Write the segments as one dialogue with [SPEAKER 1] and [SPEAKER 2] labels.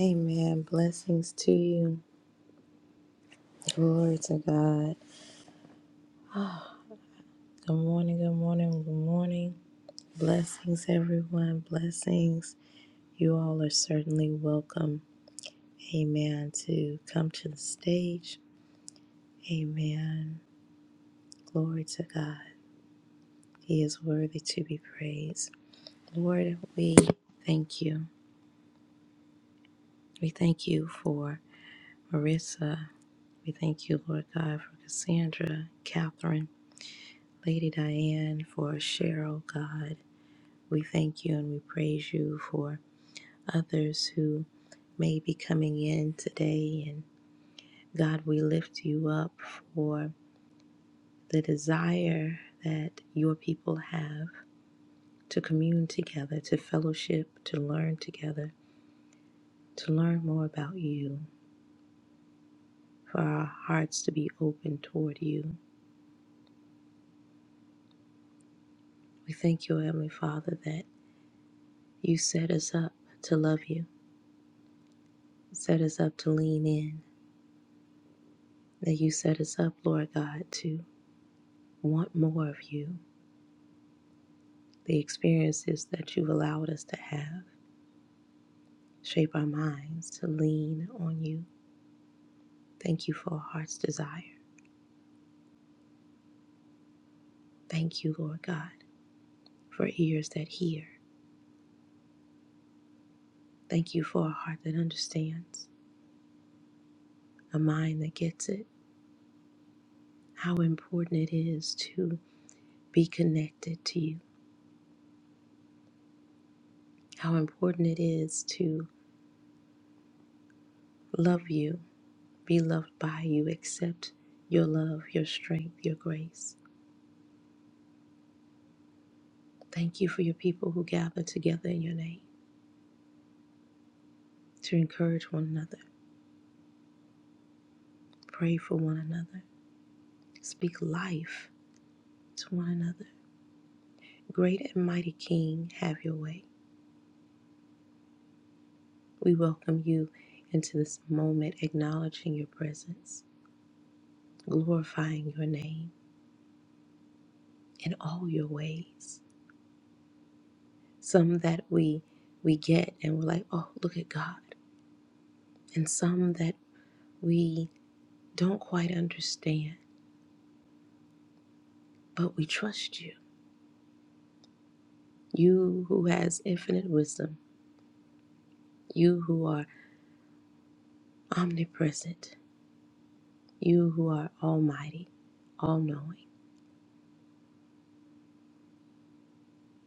[SPEAKER 1] Amen. Blessings to you. Glory to God. Good morning, good morning, good morning. Blessings, everyone. Blessings. You all are certainly welcome. Amen. To come to the stage. Amen. Glory to God. He is worthy to be praised. Lord, we thank you. We thank you for Marissa. We thank you, Lord God, for Cassandra, Catherine, Lady Diane, for Cheryl, God. We thank you and we praise you for others who may be coming in today. And God, we lift you up for the desire that your people have to commune together, to fellowship, to learn together, to learn more about you, for our hearts to be open toward you. We thank you, Heavenly Father, that you set us up to love you, set us up to lean in, that you set us up, Lord God, to want more of you, The experiences that you've allowed us to have shape our minds to lean on you. Thank you for a heart's desire. Thank you, Lord God, for ears that hear. Thank you for a heart that understands, a mind that gets it. How important it is to be connected to you. How important it is to love you, be loved by you, accept your love, your strength, your grace. Thank you for your people who gather together in your name to encourage one another Pray for one another. Speak life to one another. Great and mighty King, have your way. We welcome you into this moment, acknowledging your presence, glorifying your name in all your ways. Some that we we get and we're like, oh, look at God. And some that we don't quite understand, but we trust you. You who has infinite wisdom, you who are omnipresent, You who are almighty, all knowing.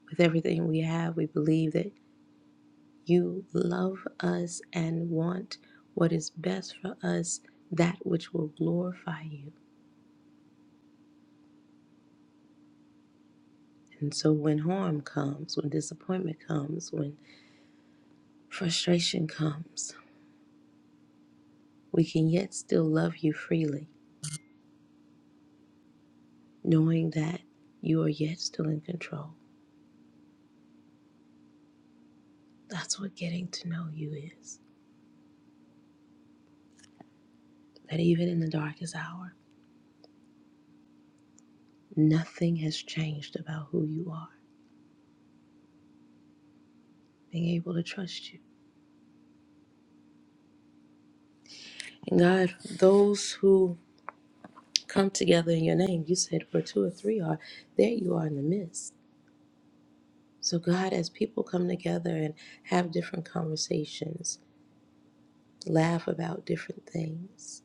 [SPEAKER 1] With everything we have, we believe that you love us and want what is best for us, that which will glorify you. And so when harm comes, when disappointment comes, when frustration comes, we can yet still love you freely, knowing that you are yet still in control. That's what getting to know you is. That even in the darkest hour, nothing has changed about who you are. being able to trust you. And God, those who come together in your name, you said where two or three are, there you are in the midst. So, God, as people come together and have different conversations, laugh about different things,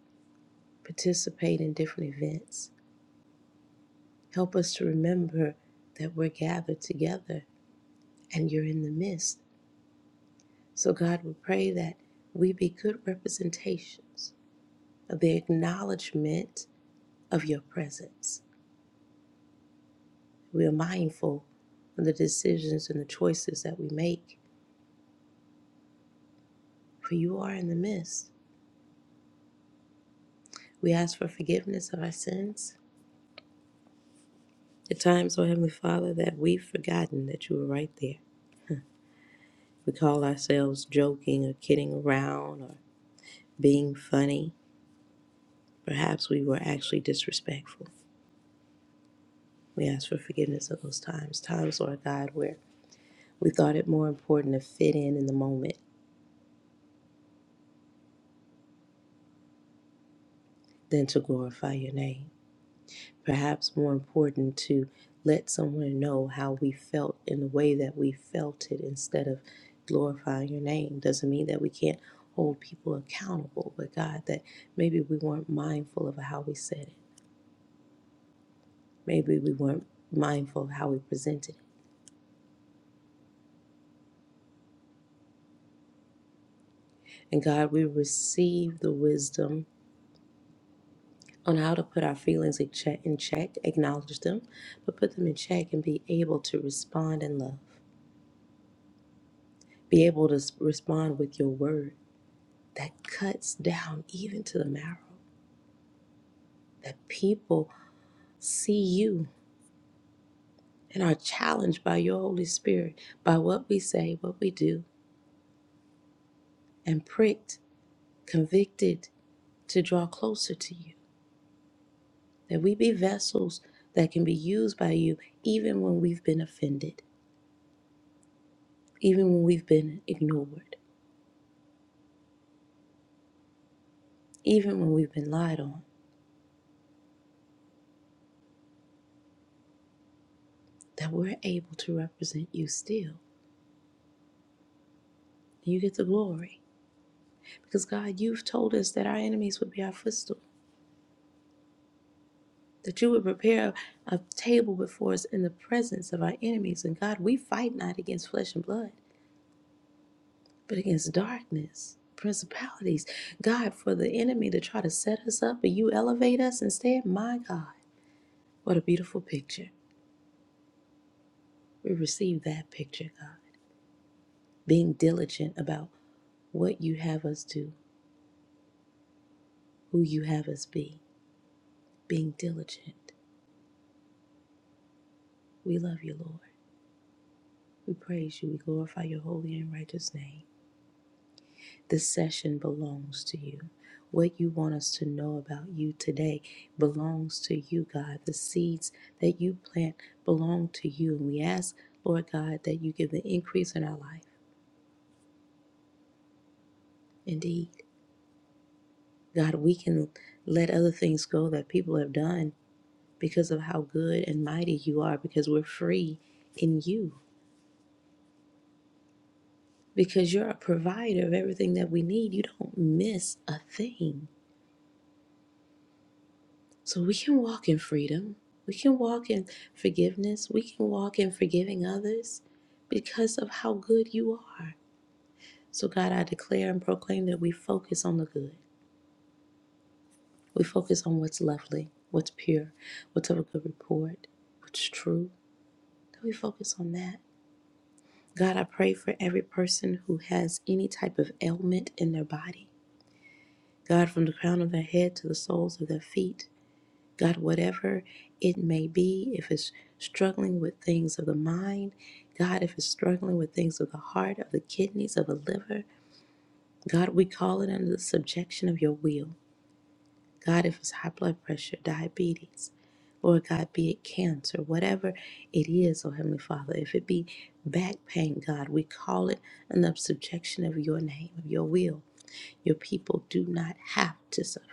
[SPEAKER 1] participate in different events, help us to remember that we're gathered together and you're in the midst. So, God, we pray that we be good representations of the acknowledgement of your presence We are mindful of the decisions and the choices that we make, for you are in the midst. We ask for forgiveness of our sins. At times, O Heavenly Father, that we've forgotten that you were right there. We call ourselves joking or kidding around or being funny. Perhaps we were actually disrespectful. We ask for forgiveness of those times, times, Lord God, where we thought it more important to fit in in the moment than to glorify your name. perhaps more important to let someone know how we felt in the way that we felt it instead of glorifying your name. Doesn't mean that we can't hold people accountable, but God, that maybe we weren't mindful of how we said it. Maybe we weren't mindful of how we presented it. And God, we receive the wisdom on how to put our feelings in check, in check, acknowledge them, but put them in check and be able to respond in love. Be able to s- respond with your word that cuts down even to the marrow, that people see you and are challenged by your Holy Spirit, by what we say, what we do, and pricked, convicted to draw closer to you, that we be vessels that can be used by you even when we've been offended, even when we've been ignored, even when we've been lied on, that we're able to represent you still. You get the glory. Because God, you've told us that our enemies would be our footstool. that you would prepare a table before us in the presence of our enemies. And God, we fight not against flesh and blood, but against darkness, principalities. God, for the enemy to try to set us up, but you elevate us instead. My God, what a beautiful picture. We receive that picture, God. Being diligent about what you have us do, who you have us be, being diligent. We love you, Lord. We praise you. We glorify your holy and righteous name. This session belongs to you. What you want us to know about you today belongs to you, God. The seeds that you plant belong to you. And we ask, Lord God, that you give the increase in our life. Indeed, God, we can let other things go that people have done because of how good and mighty you are, because we're free in you, because you're a provider of everything that we need. You don't miss a thing. So we can walk in freedom. We can walk in forgiveness. We can walk in forgiving others because of how good you are. So, God, I declare and proclaim that we focus on the good. We focus on what's lovely, what's pure, what's of a good report, what's true. That we focus on that. God, I pray for every person who has any type of ailment in their body. God, from the crown of their head to the soles of their feet, God, whatever it may be, if it's struggling with things of the mind, God, if it's struggling with things of the heart, of the kidneys, of the liver, God, we call it under the subjection of your will. God, if it's high blood pressure, diabetes, Lord God, be it cancer, whatever it is, oh Heavenly Father, if it be back pain, God, we call it under the subjection of your name, of your will. Your people do not have to suffer.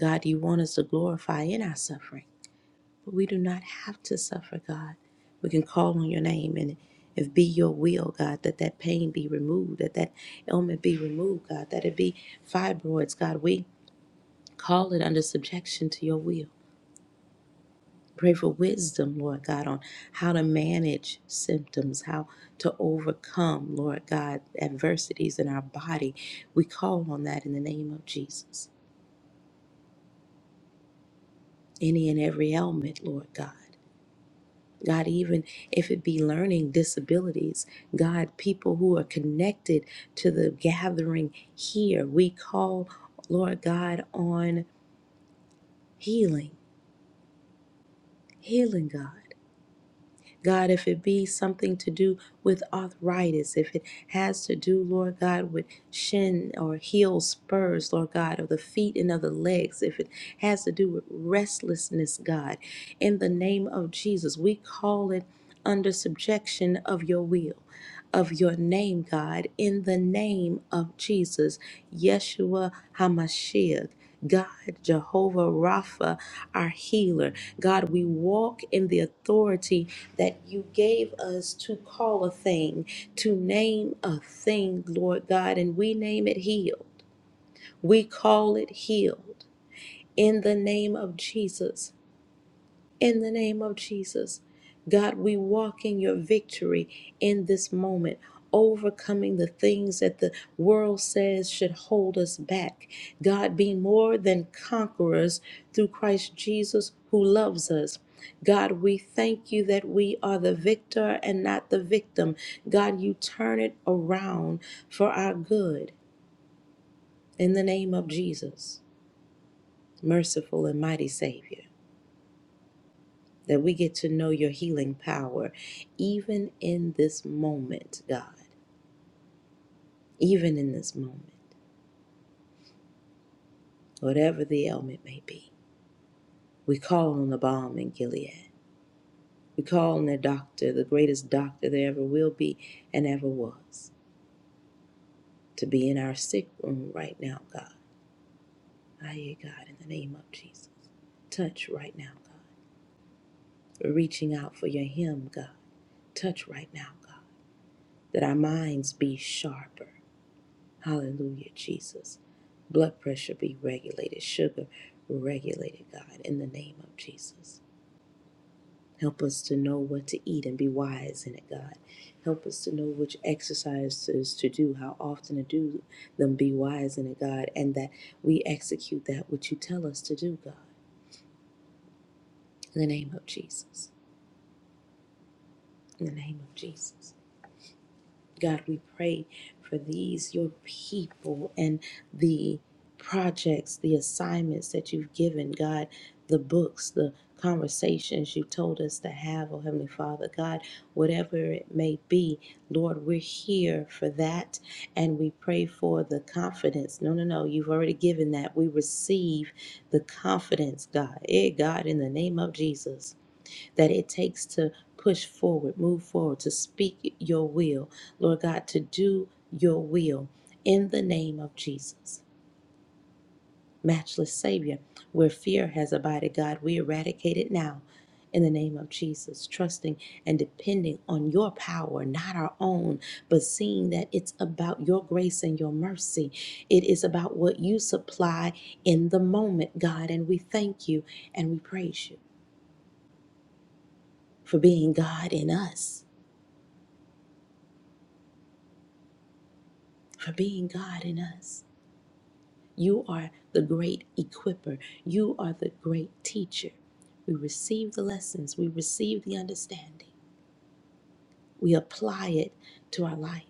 [SPEAKER 1] God, you want us to glorify in our suffering. But we do not have to suffer, God. We can call on your name and if be your will, God, that that pain be removed, that that ailment be removed, God, that it be fibroids, God. We call it under subjection to your will. Pray for wisdom, Lord God, on how to manage symptoms, how to overcome, Lord God, adversities in our body. We call on that in the name of Jesus. Any and every ailment, Lord God. God, even if it be learning disabilities, God, people who are connected to the gathering here, we call, Lord God, on healing, healing God. God, if it be something to do with arthritis, if it has to do, Lord God, with shin or heel spurs, Lord God, of the feet and of the legs, if it has to do with restlessness, God, in the name of Jesus, we call it under subjection of your will. of your name, God, in the name of Jesus, Yeshua HaMashiach. God, Jehovah Rapha, our healer. God, we walk in the authority that you gave us to call a thing, to name a thing, Lord God, and we name it healed. We call it healed in the name of Jesus in the name of Jesus. God, we walk in your victory in this moment, overcoming the things that the world says should hold us back. God, be more than conquerors through Christ Jesus who loves us. God, we thank you that we are the victor and not the victim. God, you turn it around for our good in the name of Jesus, merciful and mighty Savior. that we get to know your healing power, even in this moment, God, even in this moment, whatever the ailment may be. We call on the balm in Gilead. We call on the doctor, the greatest doctor there ever will be and ever was, to be in our sick room right now, God. Aye, God, in the name of Jesus. Touch right now, God. We're reaching out for your hymn, God. Touch right now, God, that our minds be sharper Hallelujah, Jesus. Blood pressure be regulated, sugar regulated, God, in the name of Jesus. Help us to know what to eat and be wise in it, God. Help us to know which exercises to do, how often to do them, be wise in it, God, and that we execute that which you tell us to do, God. In the name of Jesus. In the name of Jesus. God, we pray for these, your people, and the projects, the assignments that you've given, God, the books, the conversations you told us to have, oh Heavenly Father, God, whatever it may be, Lord, we're here for that. And we pray for the confidence. No, no, no, you've already given that. We receive the confidence, God. Eh, God, in the name of Jesus that it takes to push forward, move forward, to speak your will, Lord God, to do your will in the name of Jesus. Matchless Savior, where fear has abided, God, we eradicate it now in the name of Jesus, trusting and depending on your power, not our own, but seeing that it's about your grace and your mercy. It is about what you supply in the moment, God, and we thank you and we praise you for being God in us for being God in us. You are the great equiper. You are the great teacher. We receive the lessons, we receive the understanding, we apply it to our life,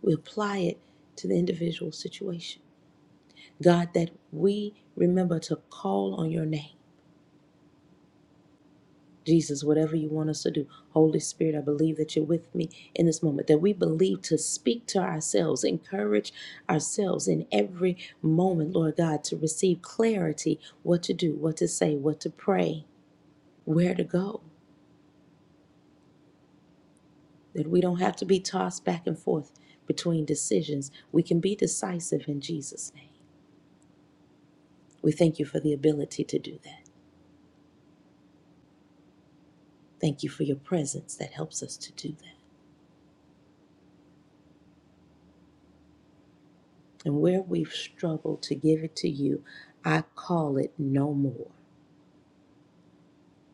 [SPEAKER 1] we apply it to the individual situation. God, that we remember to call on your name Jesus, whatever you want us to do. Holy Spirit, I believe that you're with me in this moment, that we believe to speak to ourselves, encourage ourselves in every moment, Lord God, to receive clarity what to do, what to say, what to pray, where to go, that we don't have to be tossed back and forth between decisions. We can be decisive in Jesus' name. We thank you for the ability to do that. Thank you for your presence that helps us to do that. And where we've struggled to give it to you, I call it no more.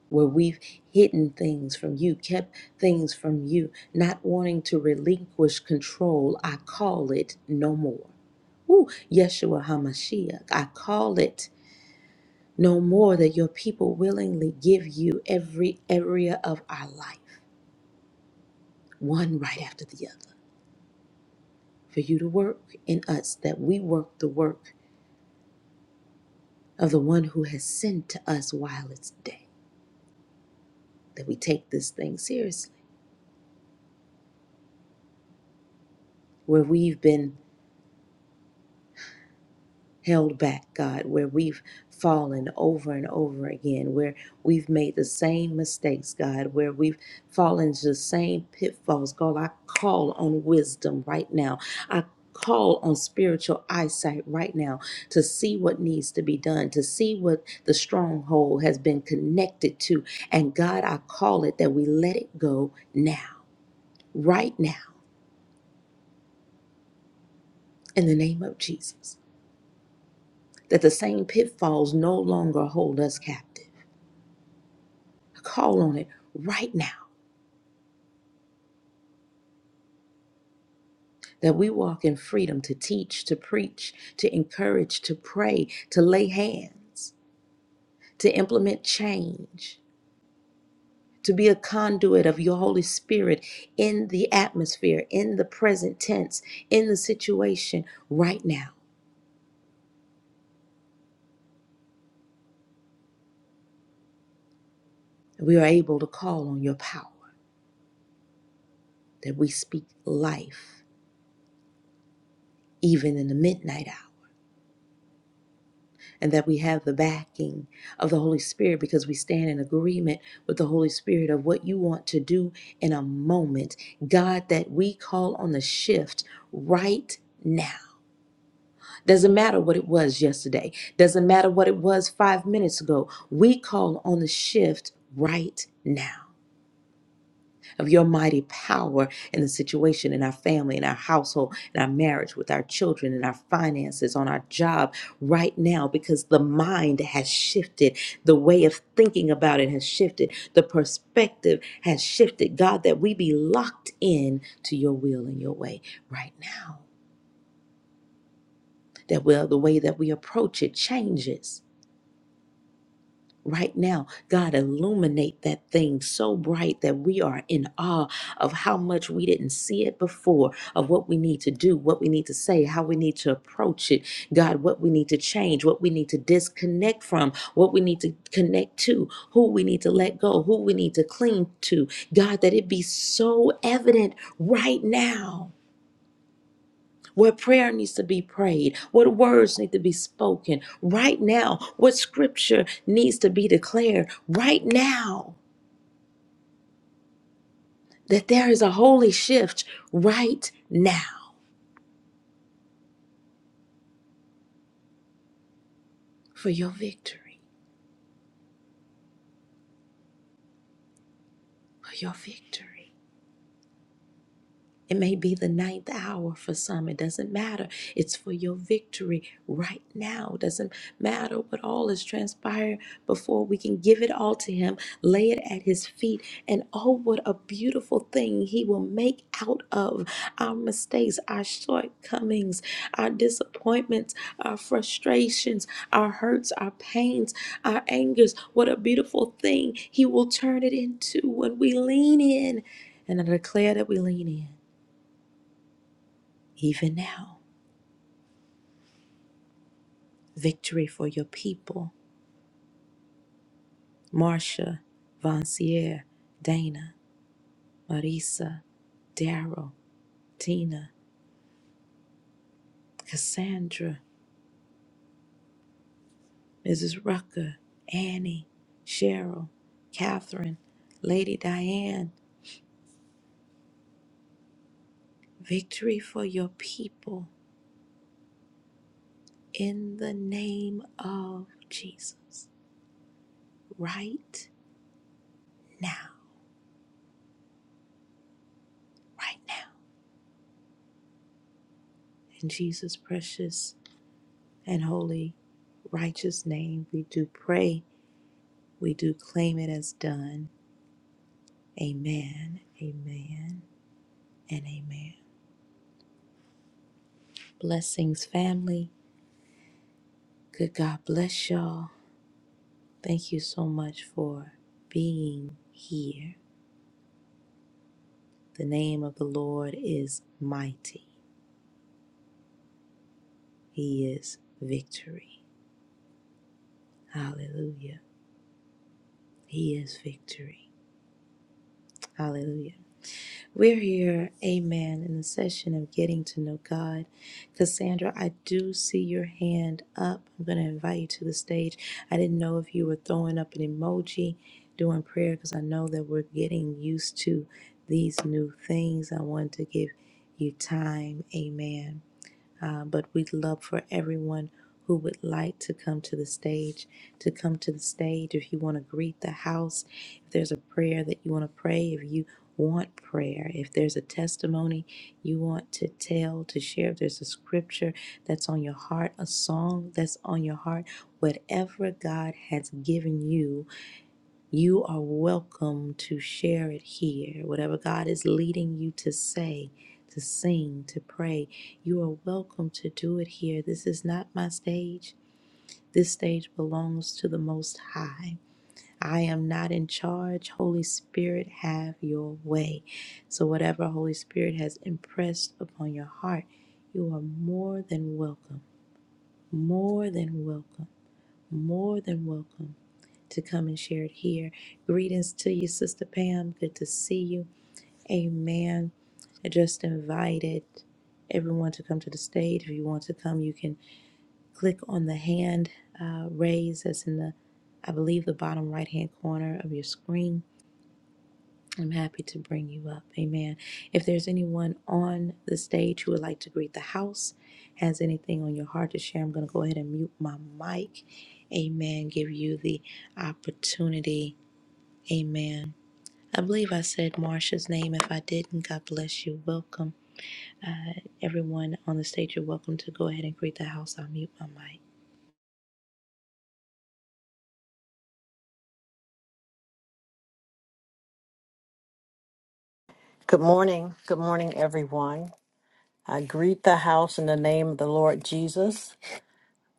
[SPEAKER 1] Where we've hidden things from you, kept things from you, not wanting to relinquish control, I call it no more. Ooh, Yeshua HaMashiach, I call it no more that your people willingly give you every area of our life, one right after the other, for you to work in us, that we work the work of the one who has sent to us while it's day. that we take this thing seriously. Where we've been held back, God, where we've fallen over and over again, where we've made the same mistakes, God, where we've fallen into the same pitfalls, God, I call on wisdom right now. I call on spiritual eyesight right now to see what needs to be done, to see what the stronghold has been connected to. And God, I call it that we let it go now, right now, in the name of Jesus. that the same pitfalls no longer hold us captive. I call on it right now that we walk in freedom to teach, to preach, to encourage, to pray, to lay hands, to implement change, to be a conduit of your Holy Spirit in the atmosphere, in the present tense, in the situation right now. We are able to call on your power that we speak life even in the midnight hour. and that we have the backing of the Holy Spirit because we stand in agreement with the Holy Spirit of what you want to do in a moment. God, that we call on the shift right now. Doesn't matter what it was yesterday, doesn't matter what it was five minutes ago. We call on the shift right now of your mighty power in the situation in our family, in our household, in our marriage, with our children, in our finances, on our job right now, because the mind has shifted. The way of thinking about it has shifted. The perspective has shifted. God, that we be locked in to your will and your way right now. That well, the way that we approach it changes Right now, God, illuminate that thing so bright that we are in awe of how much we didn't see it before, of what we need to do, what we need to say, how we need to approach it. God, what we need to change, what we need to disconnect from, what we need to connect to, who we need to let go, who we need to cling to. God, that it be so evident right now what prayer needs to be prayed, what words need to be spoken right now, what scripture needs to be declared right now, that there is a holy shift right now for your victory, for your victory. It may be the ninth hour for some. It doesn't matter. It's for your victory right now. It doesn't matter what all is transpiring before we can give it all to Him, lay it at His feet, and oh, what a beautiful thing He will make out of our mistakes, our shortcomings, our disappointments, our frustrations, our hurts, our pains, our angers. What a beautiful thing He will turn it into when we lean in. And I declare that we lean in. Even now, victory for your people. Marcia, Vancier, Dana, Marisa, Daryl, Tina, Cassandra, Mrs. Rucker, Annie, Cheryl, Catherine, Lady Diane. Victory for your people in the name of Jesus. Right now, right now. In Jesus' precious and holy, righteous name, we do pray We do claim it as done. Amen, amen, and amen. Blessings, family. Good God bless y'all. Thank you so much for being here. The name of the Lord is mighty, He is victory. Hallelujah. He is victory. Hallelujah. We're here, amen, in the session of getting to know God. Cassandra, I do see your hand up. I'm going to invite you to the stage. I didn't know if you were throwing up an emoji during prayer because I know that we're getting used to these new things. I want to give you time, amen. Uh, but we'd love for everyone who would like to come to the stage to come to the stage if you want to greet the house if there's a prayer that you want to pray if you want prayer if there's a testimony you want to tell to share if there's a scripture that's on your heart a song that's on your heart whatever god has given you you are welcome to share it here. Whatever God is leading you to say, to sing, to pray, you are welcome to do it here. This is not my stage. This stage belongs to the Most High. I am not in charge. Holy Spirit, have your way. So, whatever Holy Spirit has impressed upon your heart, you are more than welcome, more than welcome, more than welcome to come and share it here. Greetings to you, Sister Pam. Good to see you. Amen. I just invited everyone to come to the stage. If you want to come, you can click on the hand uh, raise that's in the, I believe, the bottom right hand corner of your screen. I'm happy to bring you up. Amen. If there's anyone on the stage who would like to greet the house, has anything on your heart to share, I'm going to go ahead and mute my mic. Amen. Give you the opportunity Amen. I believe I said Marsha's name. If I didn't, God bless you. Welcome. Everyone on the stage, you're welcome to go ahead and greet the house. I'll mute my mic.
[SPEAKER 2] Good morning. Good morning, everyone. I greet the house in the name of the Lord Jesus.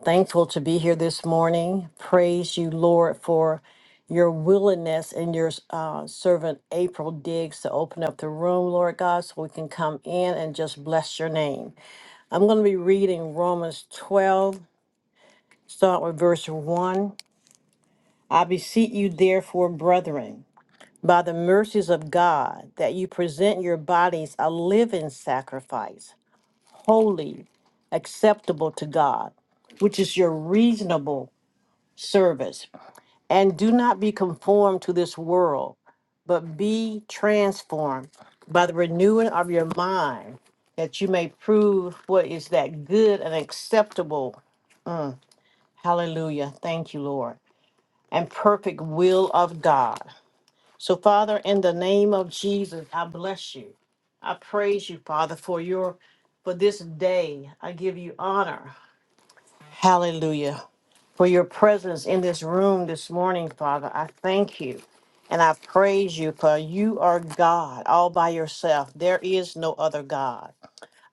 [SPEAKER 2] Thankful to be here this morning. Praise you, Lord, for your willingness and your uh, servant April Diggs to open up the room, Lord God, so we can come in and just bless your name. I'm going to be reading Romans 12, start with verse 1. I beseech you, therefore, brethren, by the mercies of God, that you present your bodies a living sacrifice holy, acceptable to God, which is your reasonable service. And do not be conformed to this world, but be transformed by the renewing of your mind, that you may prove what is that good and acceptable. Hallelujah. Thank you, Lord. And perfect will of God. So, Father, in the name of Jesus, I bless you. I praise you, Father, for your for this day. I give you honor. Hallelujah. For your presence in this room this morning, Father, I thank you and I praise you, for you are God all by yourself. There is no other God.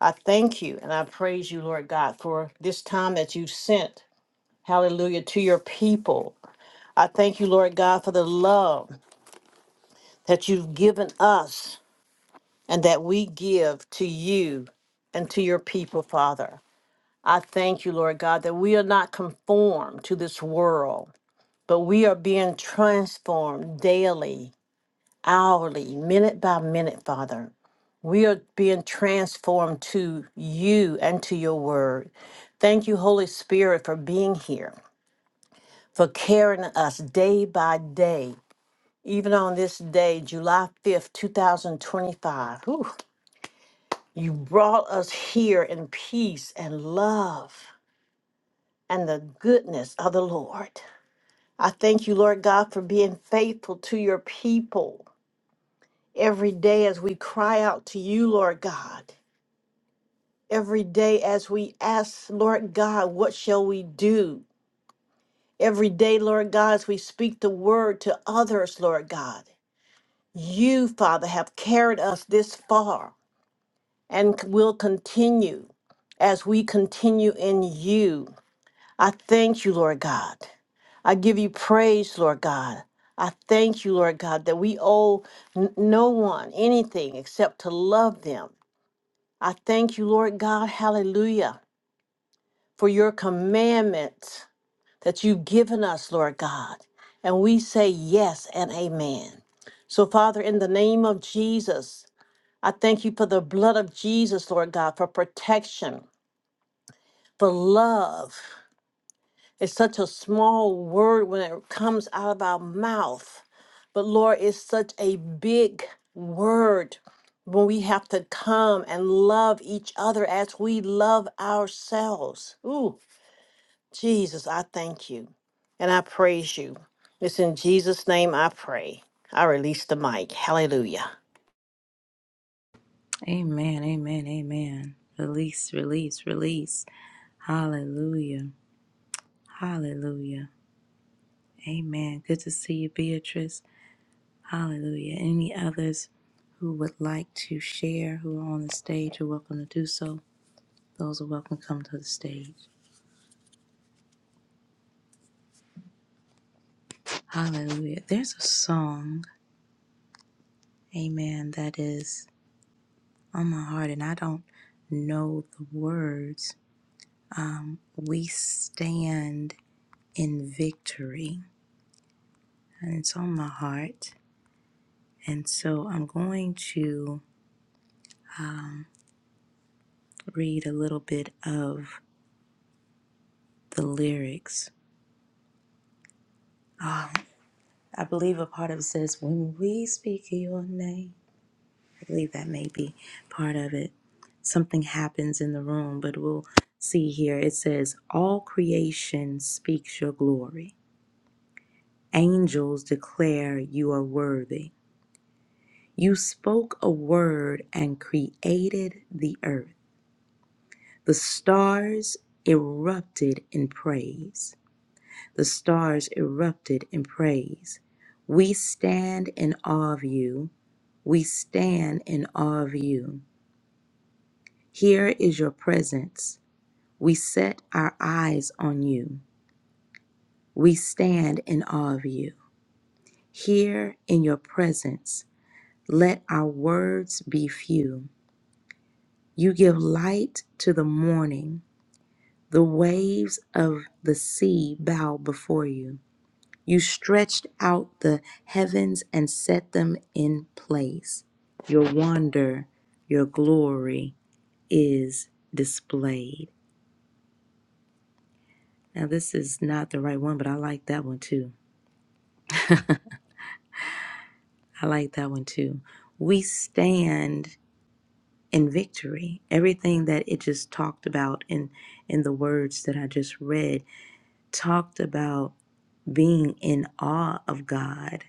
[SPEAKER 2] I thank you and I praise you, Lord God, for this time that you sent, hallelujah, to your people. I thank you, Lord God, for the love that you've given us and that we give to you and to your people, Father. I thank you, Lord God, that we are not conformed to this world, but we are being transformed daily, hourly, minute by minute, Father. We are being transformed to you and to your word. Thank you, Holy Spirit, for being here, for carrying us day by day. Even on this day, July 5th, 2025, whew, you brought us here in peace and love and the goodness of the Lord. I thank you, Lord God, for being faithful to your people. every day as we cry out to you, Lord God. Every day as we ask, Lord God, what shall we do? Every day, Lord God, as we speak the word to others, Lord God. You, Father, have carried us this far and c- will continue as we continue in you. I thank you, Lord God. I give you praise, Lord God. I thank you, Lord God, that we owe n- no one anything except to love them I thank you, Lord God, hallelujah, for your commandments that you've given us, Lord God. And we say yes and amen. So, Father, in the name of Jesus, I thank you for the blood of Jesus, Lord God, for protection, for love. It's such a small word when it comes out of our mouth. But Lord, it's such a big word when we have to come and love each other as we love ourselves. Ooh, Jesus, I thank you and I praise you. It's in Jesus' name I pray. I release the mic. Hallelujah.
[SPEAKER 1] Amen, amen, amen. Release, release, release. Hallelujah, hallelujah. Amen. Good to see you, Beatrice. Hallelujah. Any others who would like to share who are on the stage you are welcome to do so. Those are welcome to come to the stage. Hallelujah. There's a song, amen, that is. on my heart and I don't know the words. Um, we stand in victory, and it's on my heart. And so I'm going to um, read a little bit of the lyrics. Um, I believe a part of it says, When we speak your name. I believe that may be part of it. Something happens in the room, but we'll see here. It says, All creation speaks your glory. Angels declare you are worthy. You spoke a word and created the earth. The stars erupted in praise. The stars erupted in praise. We stand in awe of you. We stand in awe of you. Here is your presence. We set our eyes on you. We stand in awe of you. Here in your presence Let our words be few. You give light to the morning. The waves of the sea bow before you. You stretched out the heavens and set them in place. Your wonder, your glory is displayed. Now, this is not the right one, but I like that one too. I like that one too. We stand In victory. Everything that it just talked about in in the words that I just read talked about being in awe of God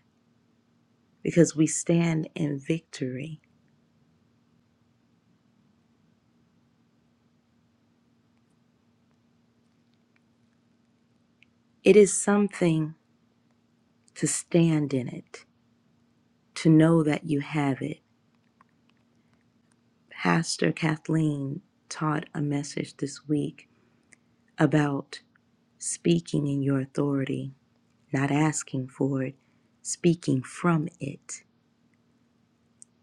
[SPEAKER 1] because we stand in victory. It is something to stand in it, to know that you have it. Pastor Kathleen taught a message this week about speaking in your authority, not asking for it, speaking from it.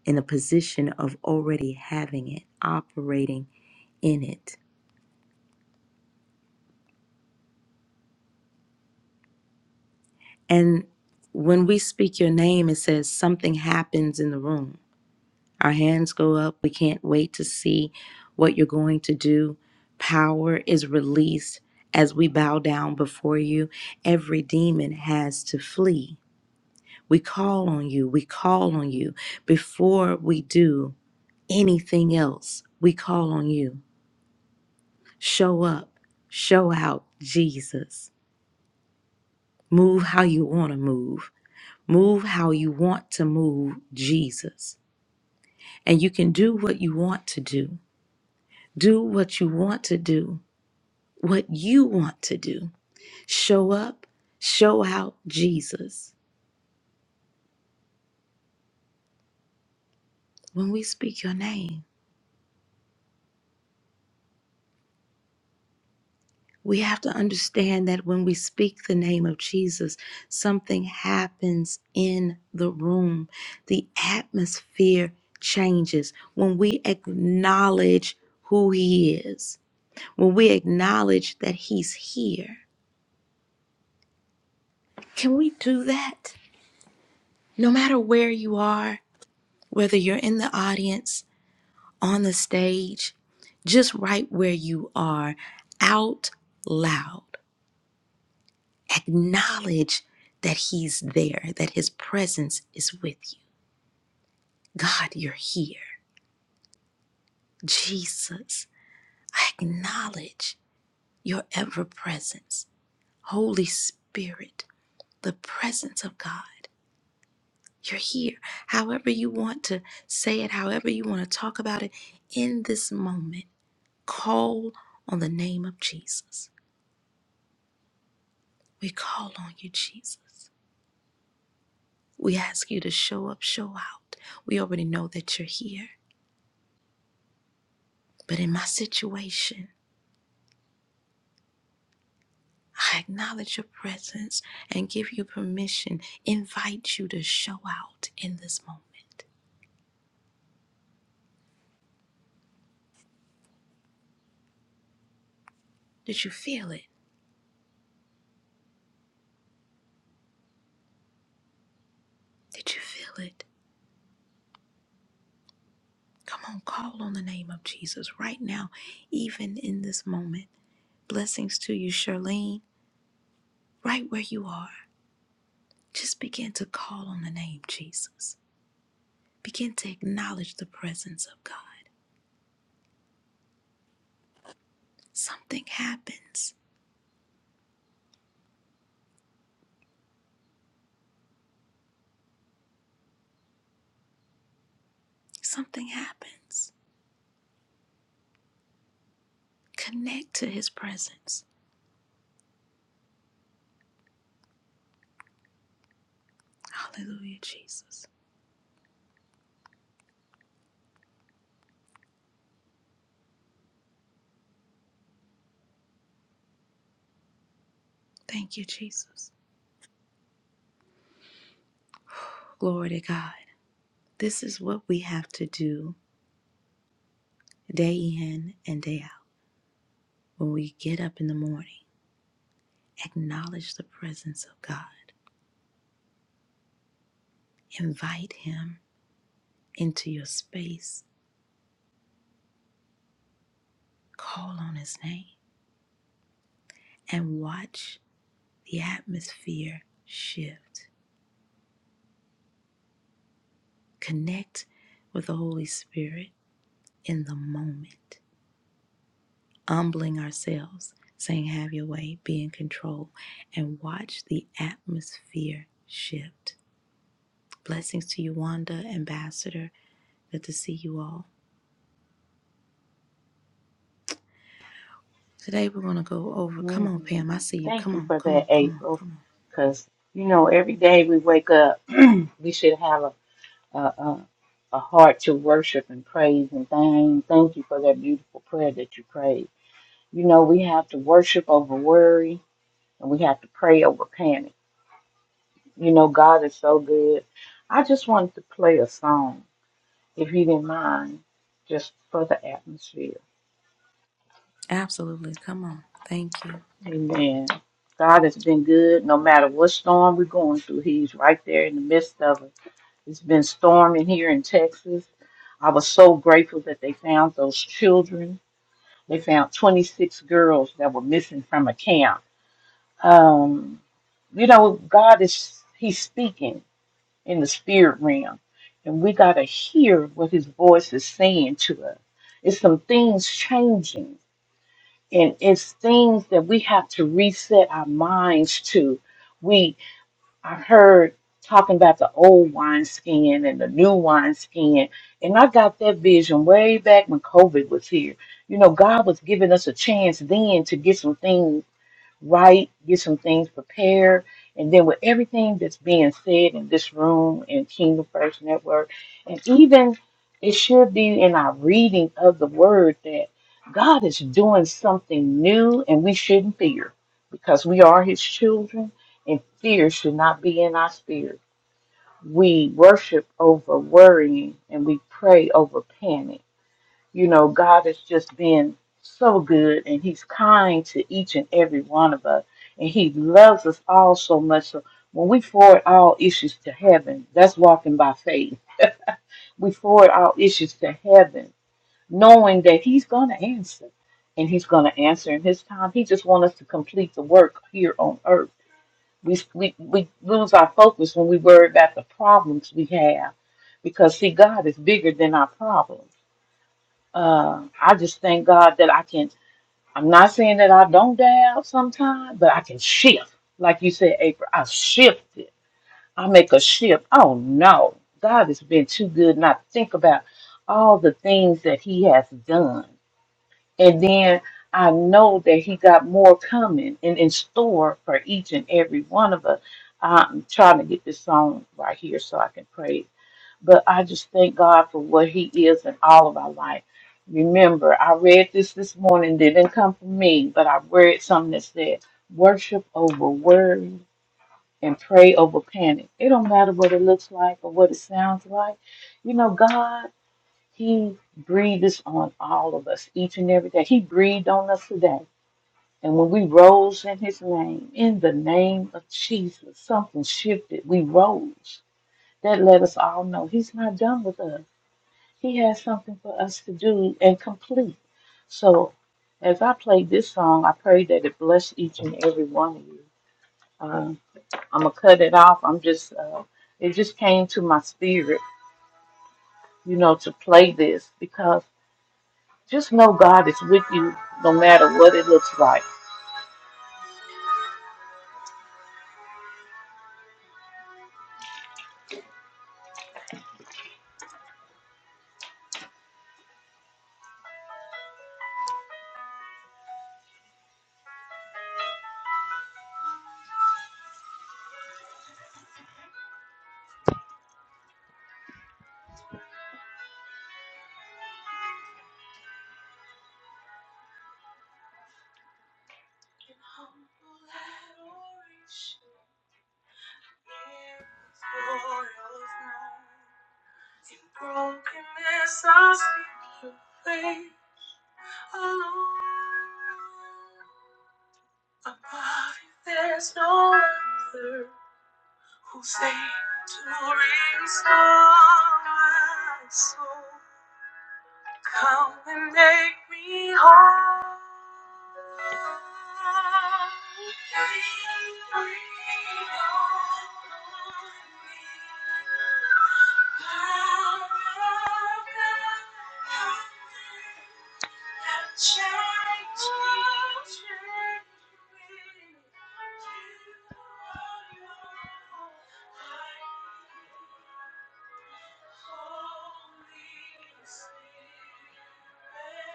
[SPEAKER 1] in a position of already having it, operating in it. And when we speak your name, it says something happens in the room. Our hands go up. We can't wait to see what you're going to do. Power is released as we bow down before you. Every demon has to flee. We call on you. We call on you. Before we do anything else, we call on you. Show up, show out Jesus. Move how you want to move. Move how you want to move Jesus. And you can do what you want to do. Do what you want to do, what you want to do. Show up, show out Jesus when we speak your name. We have to understand that when we speak the name of Jesus, something happens in the room. The atmosphere changes when we acknowledge who He is, when we acknowledge that He's here. Can we do that? No matter where you are, whether you're in the audience, on the stage, just right where you are, out loud. Acknowledge that He's there, that His presence is with you. God, you're here. Jesus, I acknowledge your ever presence. Holy Spirit, the presence of God, you're here. However, you want to say it, however, you want to talk about it in this moment, call on the name of Jesus. We call on you, Jesus. We ask you to show up, show out. We already know that you're here. But in my situation, I acknowledge your presence and give you permission, invite you to show out in this moment. Did you feel it? Did you feel it? Come on, call on the name of Jesus right now, even in this moment. Blessings to you, Charlene, right where you are. Just begin to call on the name Jesus. Begin to acknowledge the presence of God. Something happens. Something happens. Connect to his presence Hallelujah, Jesus. Thank you, Jesus. Glory to God. This is what we have to do day in and day out. When we get up in the morning, acknowledge the presence of God, invite Him into your space, call on His name, and watch the atmosphere shift. Connect with the Holy Spirit in the moment. humbling ourselves, saying, Have your way, be in control, and watch the atmosphere shift. Blessings to you, Wanda, Ambassador. Good to see you all. Today we're going to go over.
[SPEAKER 3] hmm
[SPEAKER 1] Come on, Pam. I see you.
[SPEAKER 3] Thank
[SPEAKER 1] Come
[SPEAKER 3] you
[SPEAKER 1] on,
[SPEAKER 3] for
[SPEAKER 1] come
[SPEAKER 3] that,
[SPEAKER 1] on, come on,
[SPEAKER 3] April.
[SPEAKER 1] come on.
[SPEAKER 3] Because you know, every day we wake up, we should have a a, a a heart to worship and praise and thank. Thank you for that beautiful prayer that you prayed. You know, we have to worship over worry, and we have to pray over panic. You know, God is so good. I just wanted to play a song, if you didn't mind, just for the atmosphere.
[SPEAKER 1] Absolutely. Come on. Thank you.
[SPEAKER 3] Amen. God has been good no matter what storm we're going through. He's right there in the midst of it. It's been storming here in Texas. I was so grateful that they found those children. They found 26 girls that were missing from a camp. Um, you know, God is, He's speaking in the spirit realm, and we got to hear what His voice is saying to us. It's some things changing and it's things that we have to reset our minds to. We I heard talking about the old wineskin and the new wineskin, and I got that vision way back when COVID was here. You know, God was giving us a chance then to get some things right, get some things prepared. And then with everything that's being said in this room and Kingdom First Network, and even it should be in our reading of the word that God is doing something new and we shouldn't fear because we are his children and fear should not be in our spirit. We worship over worrying and we pray over panic you know, God has just been so good and He's kind to each and every one of us. And He loves us all so much. So when we forward all issues to heaven, that's walking by faith. We forward all issues to heaven, knowing that He's going to answer. And He's going to answer in His time. He just wants us to complete the work here on earth. We, we, we lose our focus when we worry about the problems we have because, see, God is bigger than our problems. Uh, I just thank God that I can. I'm not saying that I don't doubt sometimes, but I can shift. Like you said, April, I shifted. I make a shift. Oh no, God has been too good not to think about all the things that He has done. And then I know that He got more coming and in store for each and every one of us. I'm trying to get this song right here so I can pray but I just thank God for what He is in all of our life. Remember, I read this this morning. Didn't come from me, but I read something that said, "Worship over worry and pray over panic." It don't matter what it looks like or what it sounds like. You know, God, He breathes on all of us each and every day. He breathed on us today. And when we rose in his name, in the name of Jesus, something shifted. We rose. That let us all know he's not done with us. He has something for us to do and complete. So, as I play this song, I pray that it bless each and every one of you. Um, I'm gonna cut it off. I'm just, uh, it just came to my spirit, you know, to play this because just know God is with you no matter what it looks like. In brokenness, I seek your face. Above you, there's no other who's able to restore my soul. Come and make me whole. Thank you. Holy Spirit. breathe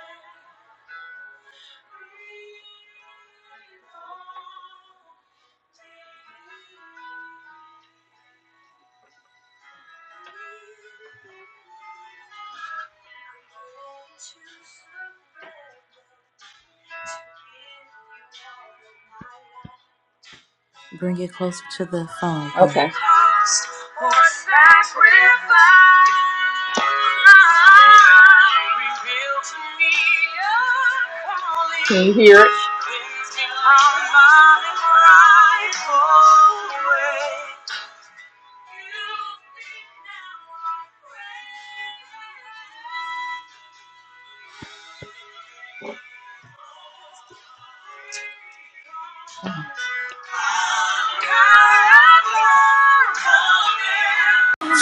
[SPEAKER 3] on me. Choose the bread to give you all of my life.
[SPEAKER 1] Bring it closer to the phone, Pam.
[SPEAKER 3] Okay. Can you hear it? Mm. Breathe on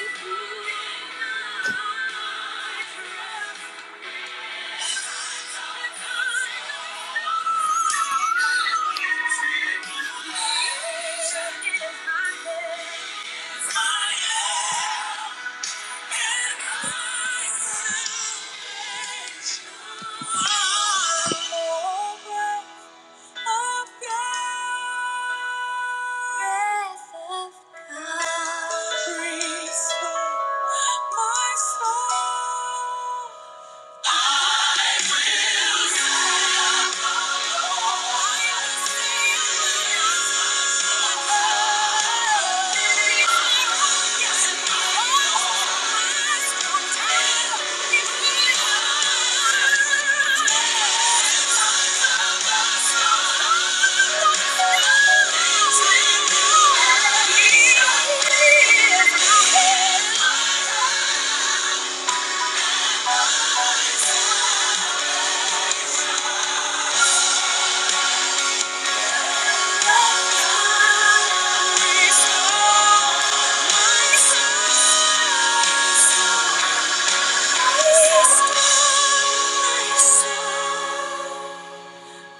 [SPEAKER 3] Thank you. My soul. Thank you.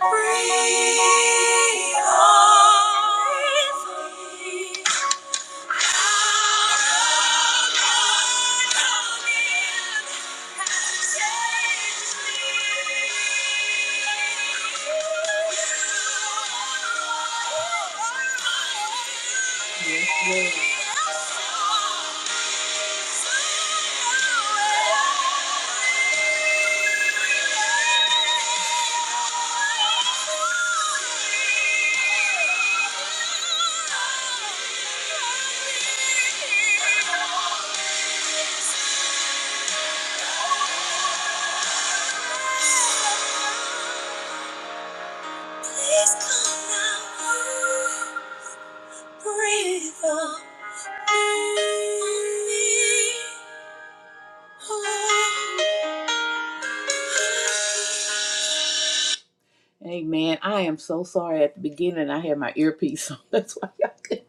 [SPEAKER 3] Breathe on me. Yes, Lord. Please come now, breathe on me. Amen. I am so sorry at the beginning I had my earpiece on. That's why y'all could.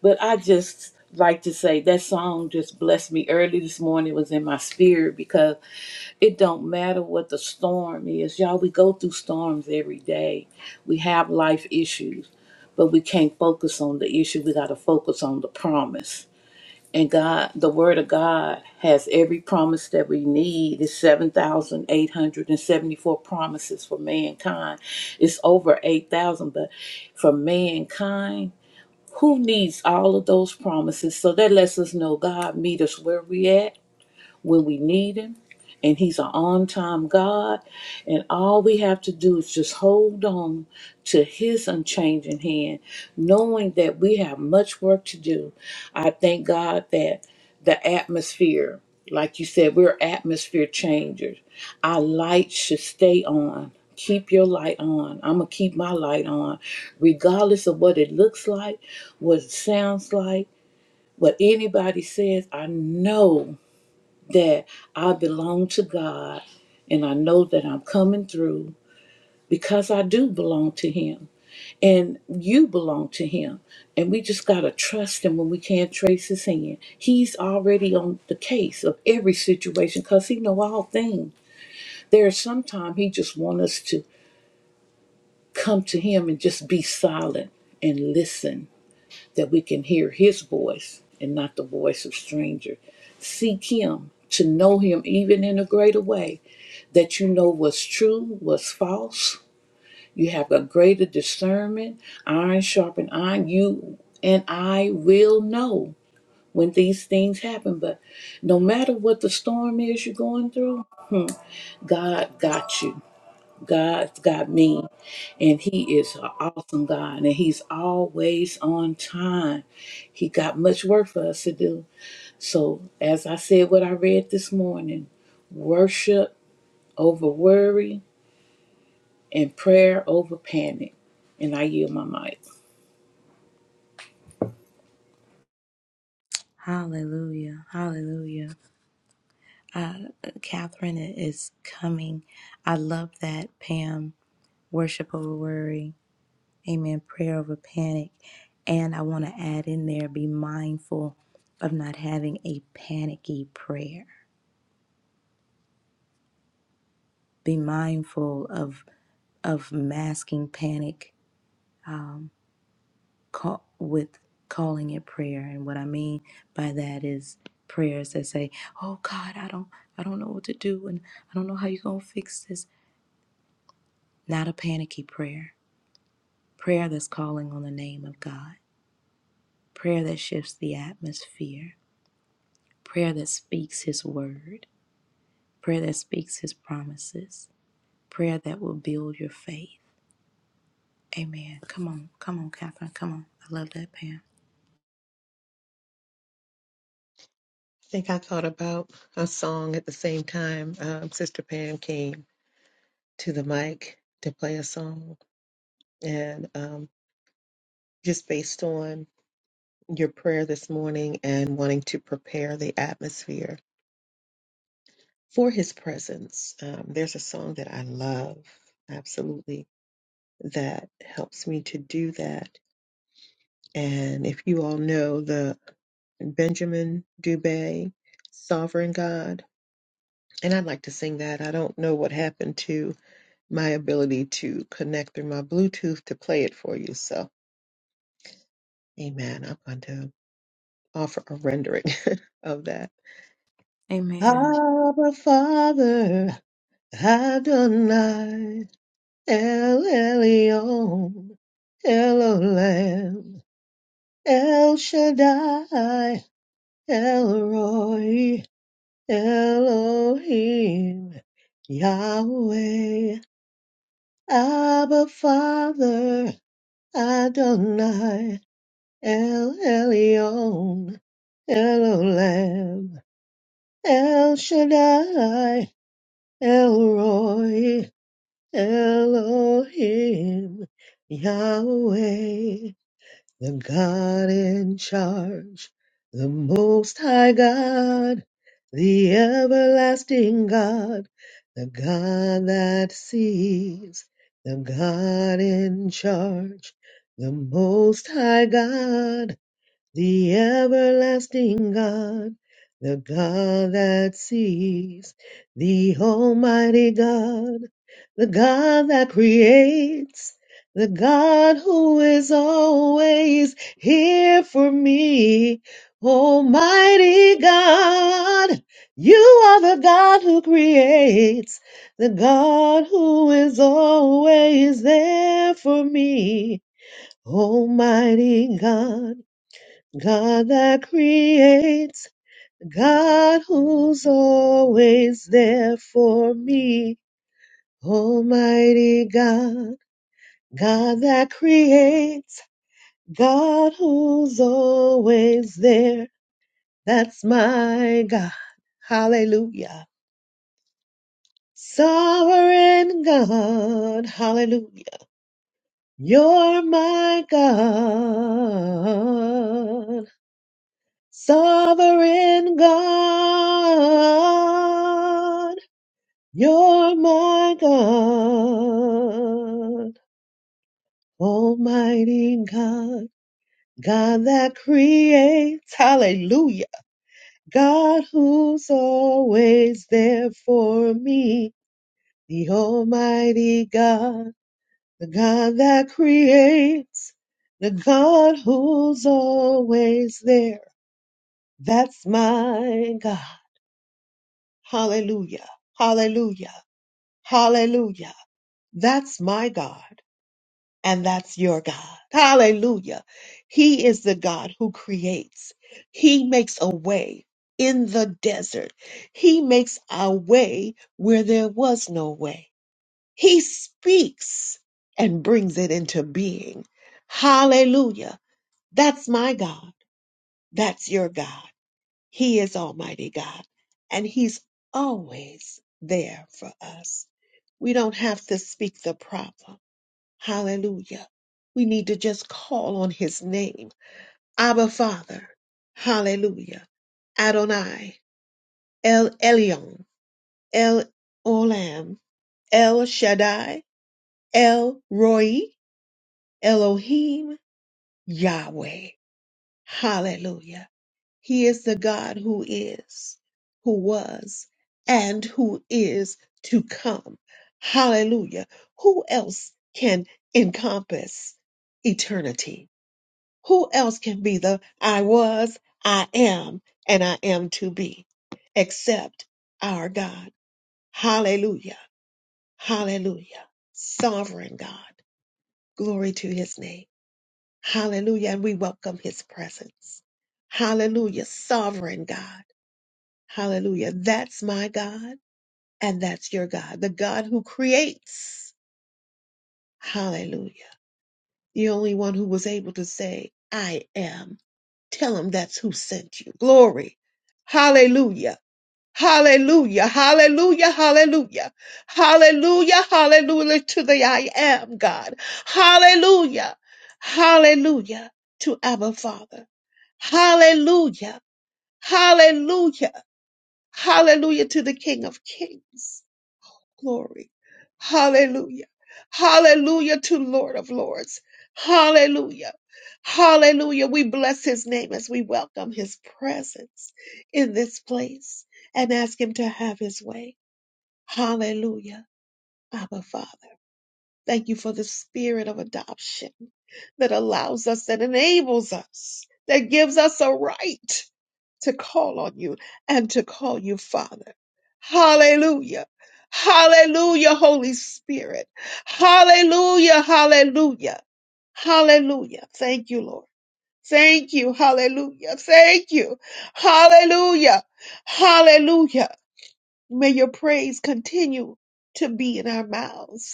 [SPEAKER 3] But I just like to say that song just blessed me early this morning. It was in my spirit because it don't matter what the storm is. Y'all, we go through storms every day. We have life issues, but we can't focus on the issue. We got to focus on the promise. And God, the Word of God has every promise that we need. It's 7,874 promises for mankind. It's over 8,000, but for mankind, who needs all of those promises? So that lets us know God meet us where we at when we need Him, and He's an on time God. And all we have to do is just hold on to His unchanging hand, knowing that we have much work to do. I thank God that the atmosphere, like you said, we're atmosphere changers. Our light should stay on. Keep your light on. I'm going to keep my light on, regardless of what it looks like, what it sounds like, what anybody says. I know that I belong to God and I know that I'm coming through because I do belong to Him and you belong to Him. And we just got to trust Him when we can't trace His hand. He's already on the case of every situation because He know all things. There's sometimes He just want us to come to Him and just be silent and listen that we can hear His voice and not the voice of stranger. Seek Him to know Him even in a greater way that you know what's true, what's false. You have a greater discernment. Iron sharpen iron. You and I will know when these things happen. But no matter what the storm is you're going through, hmm, God got you. God's got me. And He is an awesome God. And He's always on time. He got much work for us to do. So, as I said, what I read this morning worship over worry and prayer over panic. And I yield my mic.
[SPEAKER 1] Hallelujah. Hallelujah. Uh, Catherine is coming. I love that, Pam. Worship over worry Amen. Prayer over panic. And I want to add in there be mindful of not having a panicky prayer. Be mindful of of masking panic um, call, with calling it prayer. And what I mean by that is prayers that say, "Oh God, I don't I don't know what to do, and I don't know how you're gonna fix this." Not a panicky prayer. Prayer that's calling on the name of God. Prayer that shifts the atmosphere. Prayer that speaks His word prayer that speaks his promises, prayer that will build your faith. Amen. Come on, come on, Catherine. Come on. I love that, Pam.
[SPEAKER 4] think I thought about a song at the same time. Um, Sister Pam came to the mic to play a song, and um, just based on your prayer this morning and wanting to prepare the atmosphere for His presence, um, there's a song that I love absolutely that helps me to do that. And if you all know the Benjamin Dubé, Sovereign God, and I'd like to sing that. I don't know what happened to my ability to connect through my Bluetooth to play it for you. So, amen. I'm going to offer a rendering of that.
[SPEAKER 1] Amen.
[SPEAKER 4] Abba, Father, Adonai, El Elyon, Elohim, El Shaddai, El Roy, Elohim, Yahweh, Abba, Father, Adonai. El Elyon, El Olam, El Shaddai, El Roy, Elohim, Yahweh, the God in charge, the Most High God, the everlasting God, the God that sees, the God in charge, the Most High God the everlasting God, the God that sees, the Almighty God, the God that creates, the God who is always here for me. Almighty God, you are the God who creates, the God who is always there for me. Almighty God. God that creates, God who's always there for me. Almighty God, God that creates, God who's always there. That's my God. Hallelujah. Sovereign God, hallelujah. You're my God. Sovereign God, you're my God. Almighty God, God that creates, hallelujah. God who's always there for me, the Almighty God, the God that creates, the God who's always there. That's my God. Hallelujah. Hallelujah. Hallelujah. That's my God and that's your God. Hallelujah. He is the God who creates. He makes a way in the desert. He makes a way where there was no way. He speaks and brings it into being. Hallelujah. That's my God. That's your God. He is Almighty God, and He's always there for us. We don't have to speak the problem. Hallelujah. We need to just call on His name. Abba Father. Hallelujah. Adonai. El Elyon. El Olam. El Shaddai. El Roy. Elohim. Yahweh. Hallelujah. He is the God who is, who was, and who is to come. Hallelujah. Who else can encompass eternity? Who else can be the I was, I am, and I am to be except our God? Hallelujah. Hallelujah. Sovereign God. Glory to his name. Hallelujah. And we welcome his presence. Hallelujah. Sovereign God. Hallelujah. That's my God and that's your God, the God who creates. Hallelujah. The only one who was able to say, I am. Tell him that's who sent you. Glory. Hallelujah. Hallelujah. Hallelujah. Hallelujah. Hallelujah. Hallelujah to the I am God. Hallelujah. Hallelujah to Abba Father. Hallelujah. Hallelujah. Hallelujah to the King of Kings. glory. Hallelujah. Hallelujah to Lord of Lords. Hallelujah. Hallelujah. We bless his name as we welcome his presence in this place and ask him to have his way. Hallelujah. Abba Father. Thank you for the spirit of adoption that allows us, that enables us, that gives us a right to call on you and to call you Father. Hallelujah. Hallelujah, Holy Spirit. Hallelujah, hallelujah, hallelujah. Thank you, Lord. Thank you, hallelujah. Thank you, hallelujah, hallelujah. May your praise continue to be in our mouths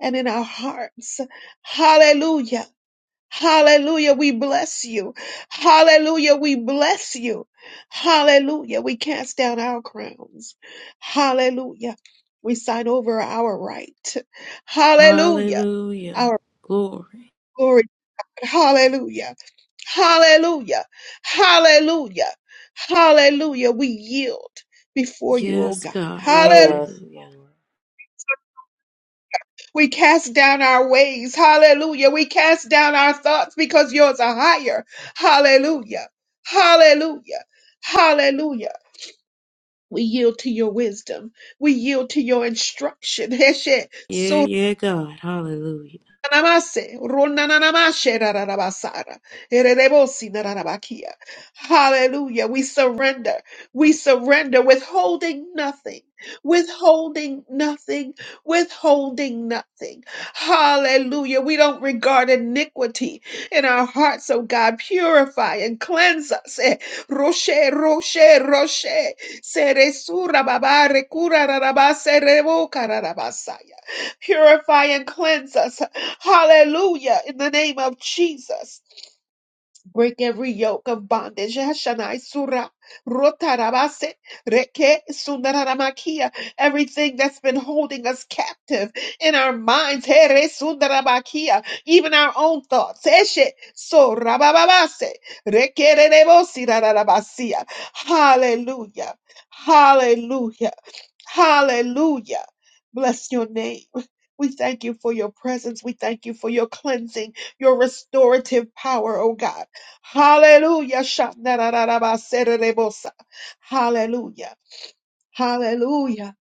[SPEAKER 4] and in our hearts. Hallelujah. Hallelujah. We bless you. Hallelujah. We bless you. Hallelujah. We cast down our crowns. Hallelujah. We sign over our right. Hallelujah.
[SPEAKER 1] Hallelujah.
[SPEAKER 4] Our
[SPEAKER 1] Glory.
[SPEAKER 4] glory. Hallelujah. Hallelujah. Hallelujah. Hallelujah. We yield before you, O
[SPEAKER 1] Yes,
[SPEAKER 4] God.
[SPEAKER 1] God.
[SPEAKER 4] Hallelujah.
[SPEAKER 1] Hallelujah.
[SPEAKER 4] We cast down our ways. Hallelujah. We cast down our thoughts because yours are higher. Hallelujah. Hallelujah. Hallelujah. We yield to your wisdom. We yield to your instruction.
[SPEAKER 1] Yeah, yeah, God. Hallelujah.
[SPEAKER 4] Namase, ronanamashe, rararabasara, ererebosi, nararabakia. Hallelujah. We surrender. We surrender, withholding nothing, withholding nothing, withholding nothing. Hallelujah. We don't regard iniquity in our hearts, oh God. Purify and cleanse us. Eh, Roshe, roshe, roshe. Seresura babare, cura rarabase, revoca Purify and cleanse us. Hallelujah. In the name of Jesus. Break every yoke of bondage. Hashanai sura rotarabase reke sundaramakia. Everything that's been holding us captive in our minds. Here sundaramakia. Even our own thoughts. Eshe sorabababase reke rerebosi rararabasia. Hallelujah. Hallelujah. Hallelujah. Bless your name. We thank you for your presence. We thank you for your cleansing, your restorative power, oh God. Hallelujah. Shandarararabaserebosa. Hallelujah. Hallelujah.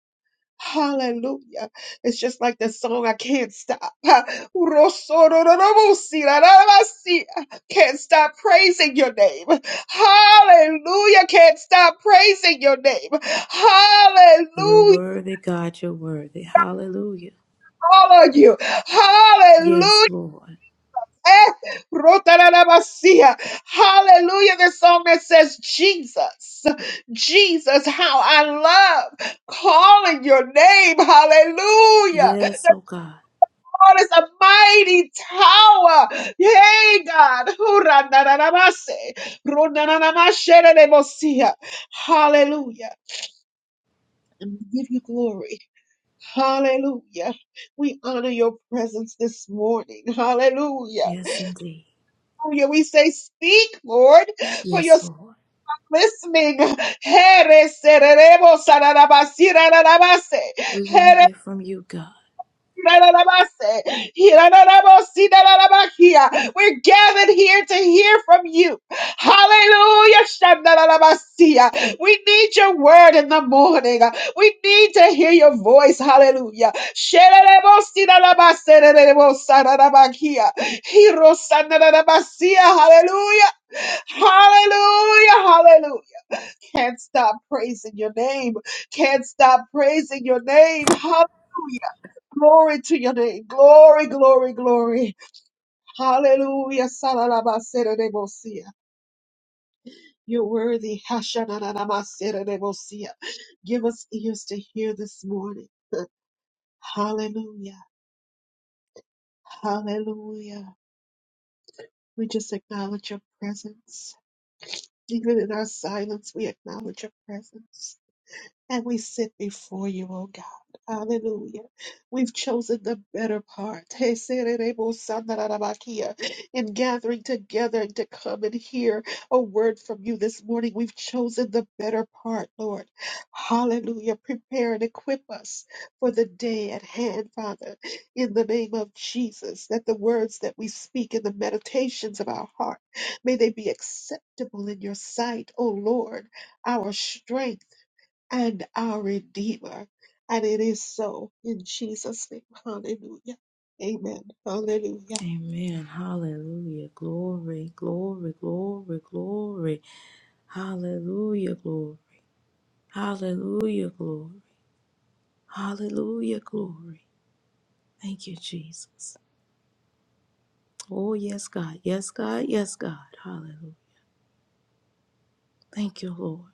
[SPEAKER 4] Hallelujah. It's just like the song, I can't stop. Ha. Rosorororobosirarabasi. Can't stop praising your name. Hallelujah. Can't stop praising your name.
[SPEAKER 1] You're
[SPEAKER 4] Hallelujah.
[SPEAKER 1] worthy, God. You're worthy. Hallelujah.
[SPEAKER 4] follow you.
[SPEAKER 1] Yes,
[SPEAKER 4] Hallelujah.
[SPEAKER 1] Lord.
[SPEAKER 4] Eh, rotararabasia. Hallelujah. The psalmist says, Jesus, Jesus, how I love calling your name. Hallelujah. God
[SPEAKER 1] Yes, oh God.
[SPEAKER 4] is a mighty tower. Yay, God. Huranararabase. Runananamasherebosia. Hallelujah. And we give you glory. Hallelujah. We honor your presence this morning. Hallelujah.
[SPEAKER 1] Yes, indeed.
[SPEAKER 4] Hallelujah. We say, Speak, Lord, for your
[SPEAKER 1] Yes, Lord.
[SPEAKER 4] listening. Here sereremos, sararabasi,
[SPEAKER 1] We want to
[SPEAKER 4] rararabase.
[SPEAKER 1] hear from you, God.
[SPEAKER 4] We're gathered here to hear from you. Hallelujah. We need your word in the morning. We need to hear your voice. Hallelujah. Hallelujah. Hallelujah. Hallelujah. Can't stop praising your name. Can't stop praising your name. Hallelujah. Glory to your name. Glory, glory, glory. Hallelujah. Salalabaserademosia. You're worthy. Hashananamaserebosia. Give us ears to hear this morning. Hallelujah. Hallelujah. We just acknowledge your presence. Even in our silence, we acknowledge your presence. And we sit before you, O God. Hallelujah. We've chosen the better part. Hey, sererebo sandararabakia. In gathering together to come and hear a word from you this morning, we've chosen the better part, Lord. Hallelujah. Prepare and equip us for the day at hand, Father, in the name of Jesus, that the words that we speak and the meditations of our heart, may they be acceptable in your sight, O Lord, our strength and our Redeemer. And it is so in Jesus' name. Hallelujah. Amen. Hallelujah.
[SPEAKER 1] Amen. Hallelujah. Glory, glory, glory, glory. Hallelujah, glory. Hallelujah, glory. Hallelujah, glory. Thank you, Jesus. Oh, yes, God. Yes, God. Yes, God. Hallelujah. Thank you, Lord.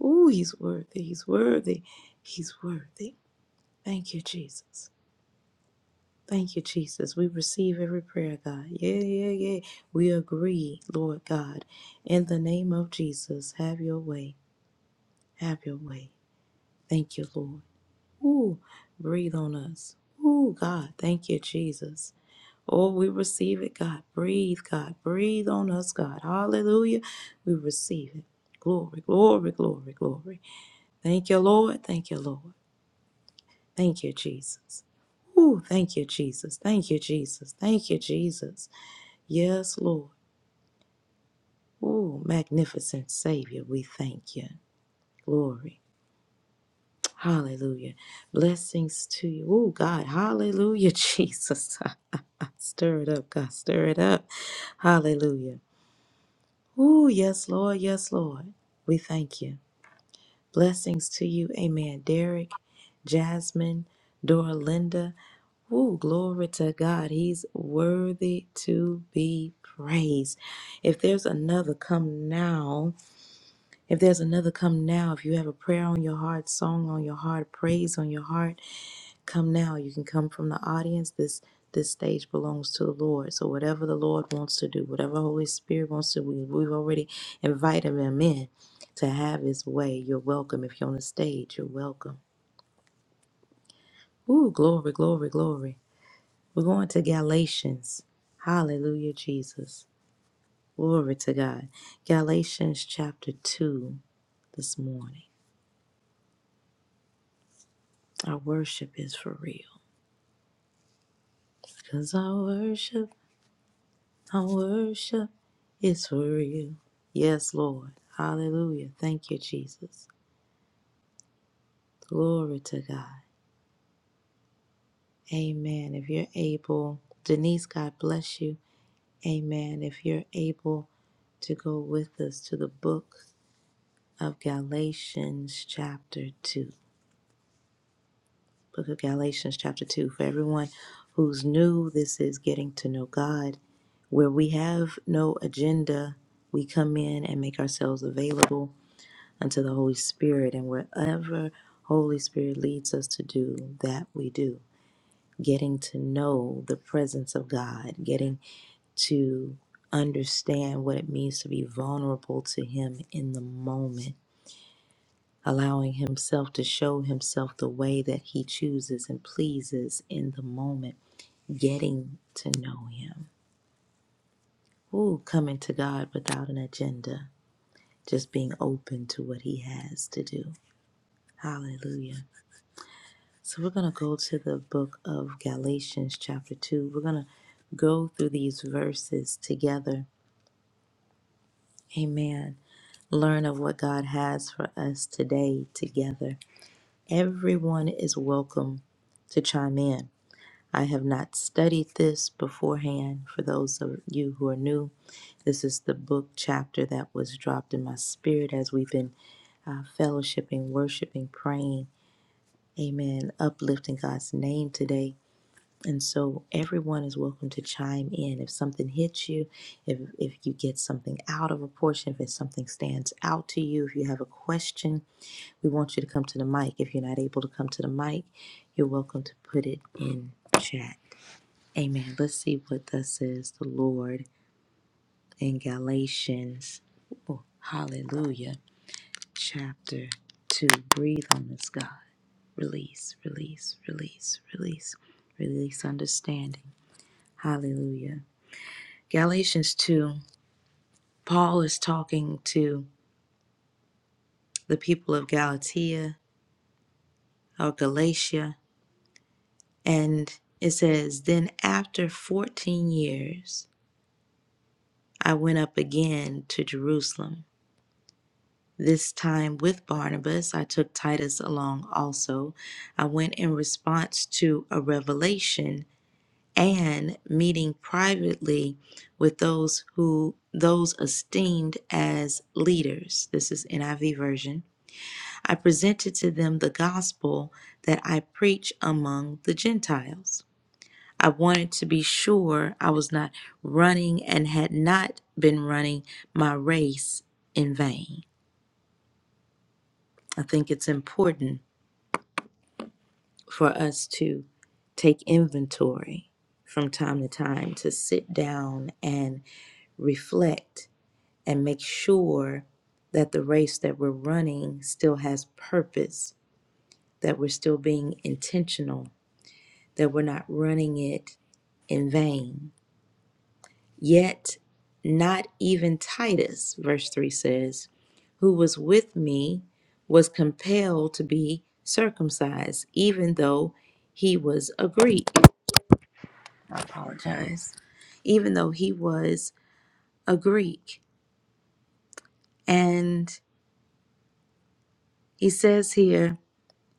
[SPEAKER 1] Oh, he's worthy. He's worthy. He's worthy. Thank you, Jesus. Thank you, Jesus. We receive every prayer, God. Yeah, yeah, yeah. We agree, Lord God. In the name of Jesus, have your way. Have your way. Thank you, Lord. Ooh, breathe on us. Ooh, God, thank you, Jesus. Oh, we receive it, God. Breathe, God. Breathe on us, God. Hallelujah. We receive it. Glory, glory, glory, glory. Thank you, Lord. Thank you, Lord. Thank you, Jesus. Ooh, thank you, Jesus. Thank you, Jesus. Thank you, Jesus. Yes, Lord. Ooh, magnificent Savior, we thank you. Glory. Hallelujah. Blessings to you. Oh, God. Hallelujah, Jesus. stir it up, God. Stir it up. Hallelujah. Oh, yes, Lord. Yes, Lord. We thank you. Blessings to you. Amen. Derek, Jasmine, Dorlinda. Oh, glory to God. He's worthy to be praised. If there's another, come now. If there's another, come now. If you have a prayer on your heart, song on your heart, praise on your heart, Come now, you can come from the audience. This this stage belongs to the Lord. So whatever the Lord wants to do, whatever Holy Spirit wants to do, we, we've already invited him in to have his way. You're welcome. If you're on the stage, you're welcome. Ooh, glory, glory, glory. We're going to Galatians. Hallelujah, Jesus. Glory to God. Galatians chapter 2 this morning. Our worship is for real. Because our worship Our worship is for real. Yes, Lord. Hallelujah. Thank you, Jesus. Glory to God. Amen. If you're able, Denise, God bless you. Amen. If you're able to go with us to the book of Galatians, chapter 2. Book of Galatians, chapter 2. For everyone who's new, this is Getting to Know God, where we have no agenda. We come in and make ourselves available and to the Holy Spirit. And wherever Holy Spirit leads us to do, that we do. Getting to know the presence of God, getting to understand what it means to be vulnerable to Him in the moment, allowing Himself to show Himself the way that He chooses and pleases in the moment, getting to know Him. Ooh, coming to God without an agenda, just being open to what He has to do. Hallelujah. So we're going to go to the book of Galatians, chapter 2. We're going to go through these verses together. Amen. Learn of what God has for us today together. Everyone is welcome to chime in. I have not studied this beforehand. For those of you who are new, this is the book chapter that was dropped in my spirit as we've been uh, fellowshipping, worshiping, praying. Amen. Uplifting God's name today. And so everyone is welcome to chime in. If something hits you, if if you get something out of a portion, if it's something stands out to you, if you have a question, we want you to come to the mic. If you're not able to come to the mic, you're welcome to put it in chat. Amen. Let's see what thus says the Lord in Galatians. Oh, hallelujah. Chapter two. Breathe on us, God. Release, release, release, release, release understanding. Hallelujah. Galatians 2, Paul is talking to the people of Galatia or Galatia, and it says, Then after 14 years, I went up again to Jerusalem. This time with Barnabas, I took Titus along also. I went in response to a revelation and meeting privately with those who those esteemed as leaders. This is NIV version I presented to them the gospel that I preach among the Gentiles. I wanted to be sure I was not running and had not been running my race in vain. I think it's important for us to take inventory from time to time to sit down and reflect and make sure that the race that we're running still has purpose, that we're still being intentional that we're not running it in vain. Yet, not even Titus, verse 3 says, who was with me was compelled to be circumcised, even though he was a Greek. I apologize. Even though he was a Greek. And he says here,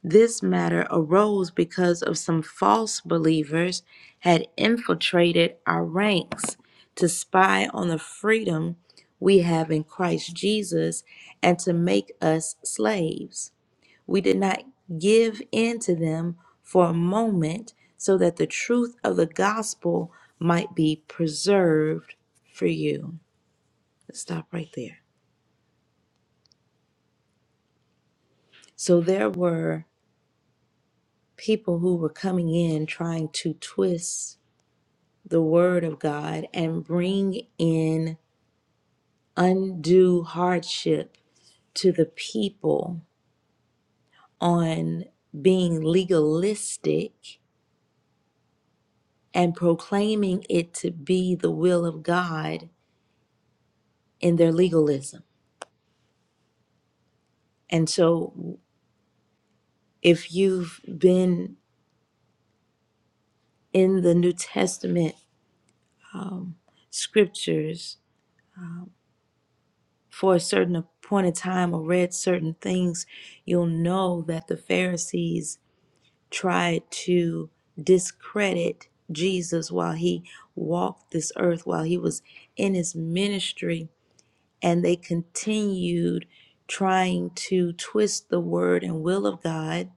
[SPEAKER 1] This matter arose because of some false believers had infiltrated our ranks to spy on the freedom we have in Christ Jesus and to make us slaves. We did not give in to them for a moment so that the truth of the gospel might be preserved for you. Let's stop right there. So there were people who were coming in trying to twist the word of God and bring in undue hardship to the people on being legalistic and proclaiming it to be the will of God in their legalism. And so, if you've been in the New Testament um, scriptures um, for a certain point of time or read certain things, you'll know that the Pharisees tried to discredit Jesus while he walked this earth, while he was in his ministry, and they continued trying to twist the word and will of God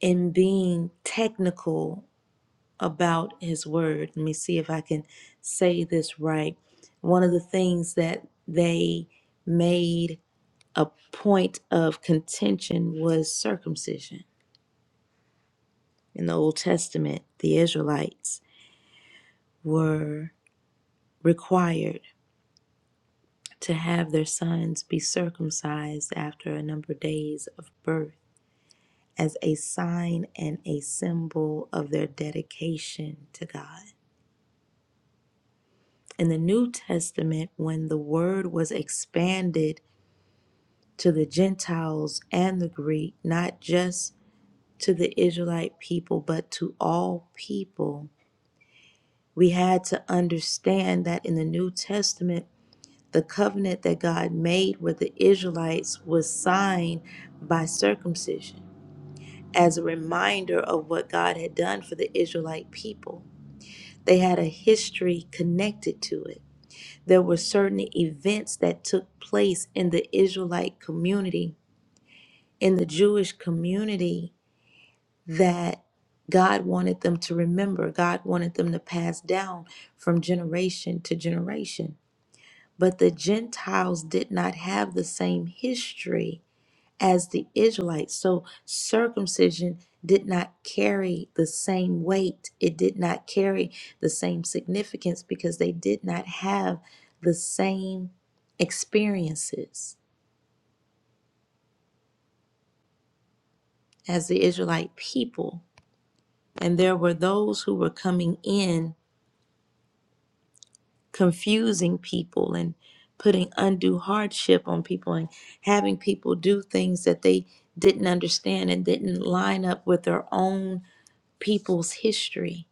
[SPEAKER 1] and being technical about his word. Let me see if I can say this right. One of the things that they made a point of contention was circumcision in the Old Testament, the Israelites were required to have their sons be circumcised after a number of days of birth as a sign and a symbol of their dedication to God. In the New Testament, when the word was expanded to the Gentiles and the Greek, not just to the Israelite people, but to all people, we had to understand that in the New Testament, The covenant that God made with the Israelites was signed by circumcision as a reminder of what God had done for the Israelite people. They had a history connected to it. There were certain events that took place in the Israelite community, in the Jewish community, that God wanted them to remember. God wanted them to pass down from generation to generation. But the Gentiles did not have the same history as the Israelites. So circumcision did not carry the same weight, it did not carry the same significance because they did not have the same experiences as the Israelite people. And there were those who were coming in confusing people and putting undue hardship on people and having people do things that they didn't understand and didn't line up with their own people's history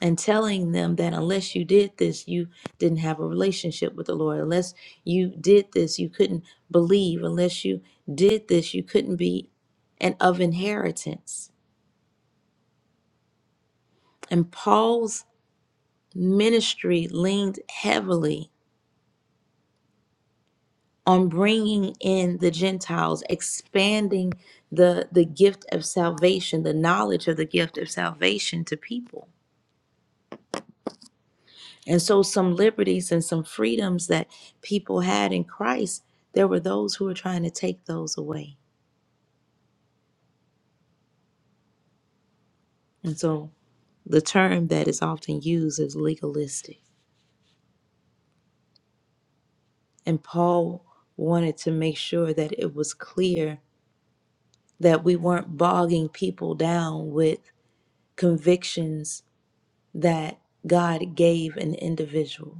[SPEAKER 1] and telling them that unless you did this you didn't have a relationship with the lord unless you did this you couldn't believe unless you did this you couldn't be and of inheritance and paul's ministry leaned heavily on bringing in the Gentiles, expanding the the gift of salvation, the knowledge of the gift of salvation to people. And so some liberties and some freedoms that people had in Christ, there were those who were trying to take those away. And so the term that is often used is legalistic. And Paul wanted to make sure that it was clear that we weren't bogging people down with convictions that God gave an individual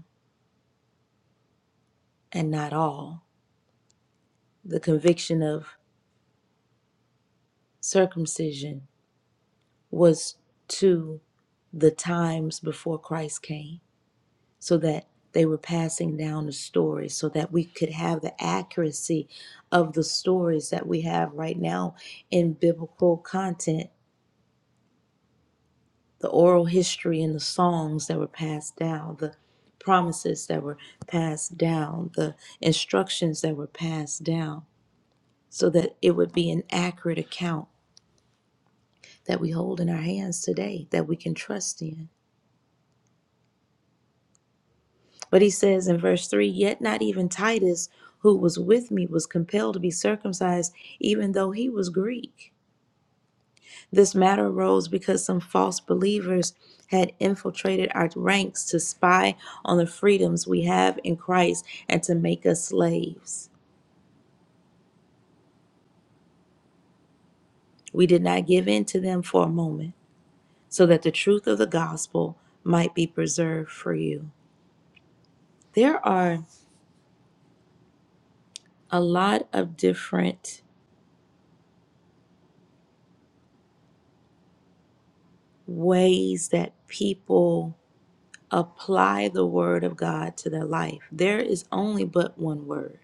[SPEAKER 1] and not all. The conviction of circumcision was to the times before Christ came, so that they were passing down the story, so that we could have the accuracy of the stories that we have right now in biblical content, the oral history and the songs that were passed down, the promises that were passed down, the instructions that were passed down so that it would be an accurate account that we hold in our hands today that we can trust in. But he says in verse 3 Yet not even Titus, who was with me, was compelled to be circumcised, even though he was Greek. This matter arose because some false believers had infiltrated our ranks to spy on the freedoms we have in Christ and to make us slaves. We did not give in to them for a moment, so that the truth of the gospel might be preserved for you. There are a lot of different ways that people apply the word of God to their life. There is only but one word.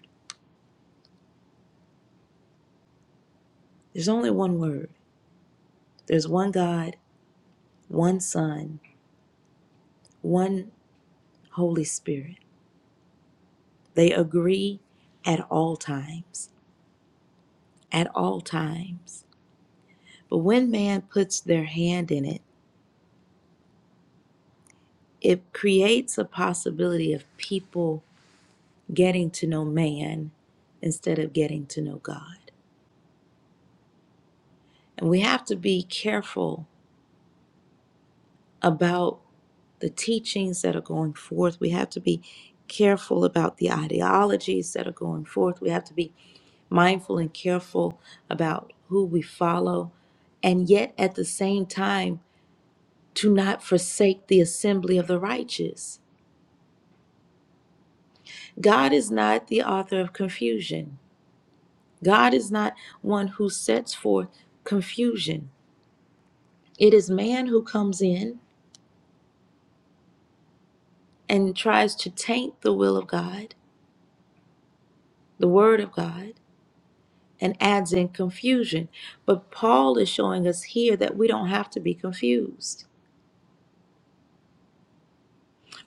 [SPEAKER 1] There's only one word. There's one God, one Son, one Holy Spirit. They agree at all times, at all times. But when man puts their hand in it, it creates a possibility of people getting to know man instead of getting to know God. And we have to be careful about the teachings that are going forth. We have to be careful about the ideologies that are going forth. We have to be mindful and careful about who we follow. And yet, at the same time, to not forsake the assembly of the righteous. God is not the author of confusion. God is not one who sets forth confusion. It is man who comes in and tries to taint the will of God the Word of God and adds in confusion. But Paul is showing us here that we don't have to be confused.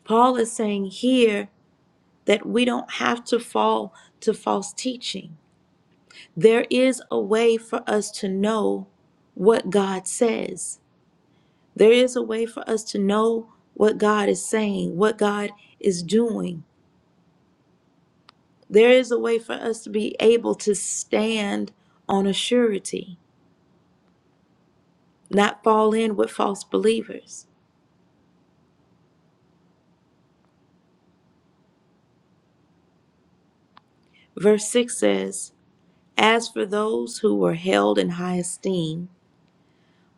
[SPEAKER 1] Paul is saying here that we don't have to fall to false teaching. There is a way for us to know what God says, there is a way for us to know what God is saying, what God is doing. There is a way for us to be able to stand on a surety, not fall in with false believers. Verse 6 says, As for those who were held in high esteem,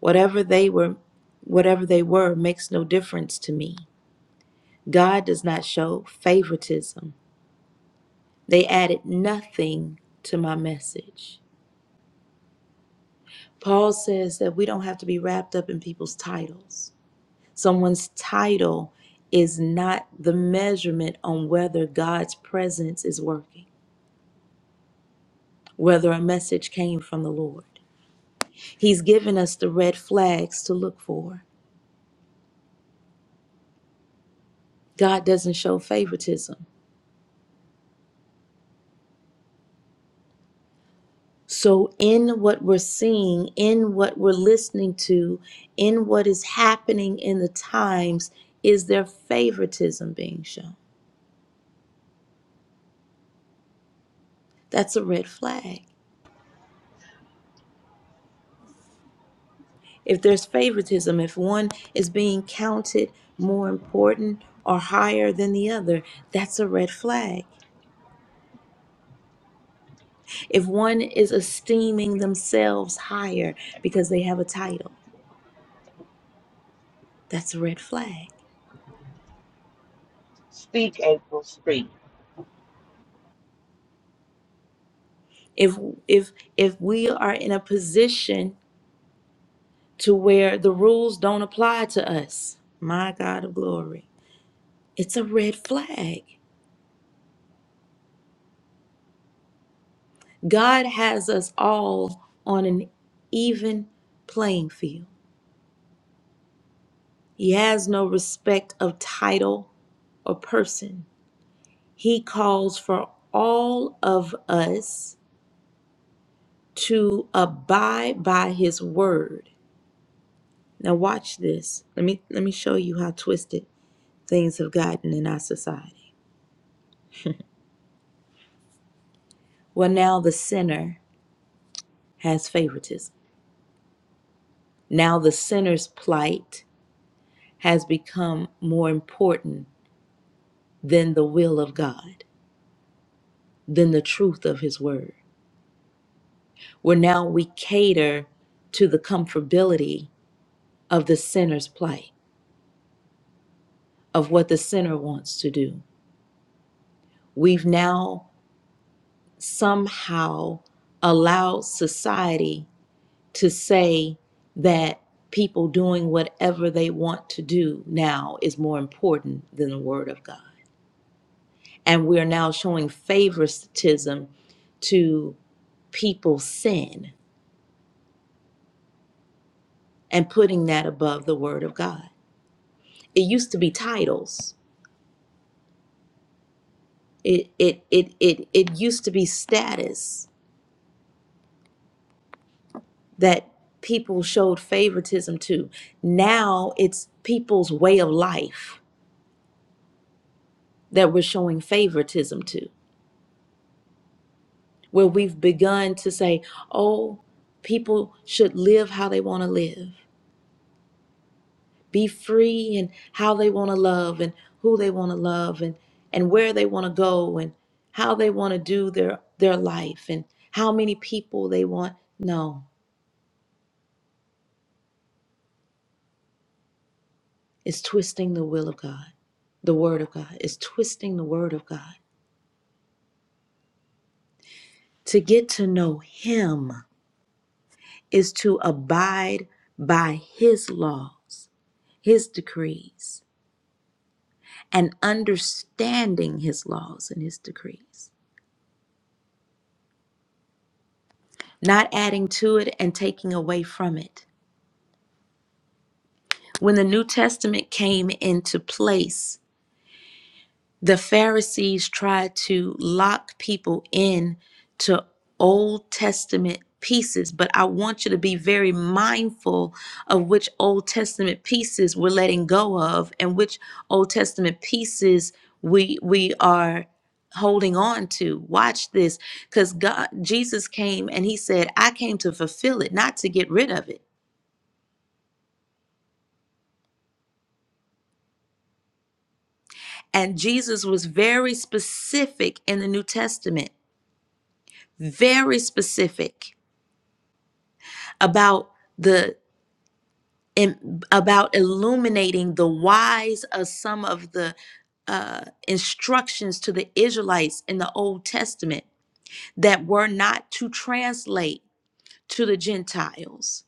[SPEAKER 1] whatever they were whatever they were makes no difference to me. God does not show favoritism. They added nothing to my message. Paul says that we don't have to be wrapped up in people's titles. Someone's title is not the measurement on whether God's presence is working, whether a message came from the Lord. He's given us the red flags to look for. God doesn't show favoritism. So, in what we're seeing, in what we're listening to, in what is happening in the times, is there favoritism being shown? That's a red flag. If there's favoritism, if one is being counted more important or higher than the other, that's a red flag. If one is esteeming themselves higher because they have a title, that's a red flag
[SPEAKER 3] Speak, April, speak.
[SPEAKER 1] if if if we are in a position to where the rules don't apply to us my god of glory it's a red flag god has us all on an even playing field he has no respect of title or person he calls for all of us to abide by his word now watch this let me let me show you how twisted things have gotten in our society. Well, now the sinner has favoritism. Now the sinner's plight has become more important than the will of God, than the truth of His Word. Where now we cater to the comfortability of the sinner's plight, of what the sinner wants to do. We've now somehow allowed society to say that people doing whatever they want to do now is more important than the Word of God. And we're now showing favoritism to people's sin and putting that above the Word of God. It used to be titles. It it it it, it used to be status that people showed favoritism to. Now it's people's way of life that we're showing favoritism to where we've begun to say, oh, people should live how they want to live, be free and how they want to love and who they want to love and, and where they want to go and how they want to do their, their life and how many people they want. No, it's twisting the will of God, the word of God. It's twisting the word of God. To get to know Him is to abide by His laws, His decrees. and understanding his laws and his decrees, not adding to it and taking away from it. When the New Testament came into place, the Pharisees tried to lock people in to Old Testament pieces, but I want you to be very mindful of which Old Testament pieces we're letting go of and which Old Testament pieces we we are holding on to. Watch this cuz God Jesus came and he said, "I came to fulfill it, not to get rid of it." And Jesus was very specific in the New Testament. Very specific about the in, about illuminating the whys of some of the uh, instructions to the Israelites in the Old Testament that were not to translate to the Gentiles.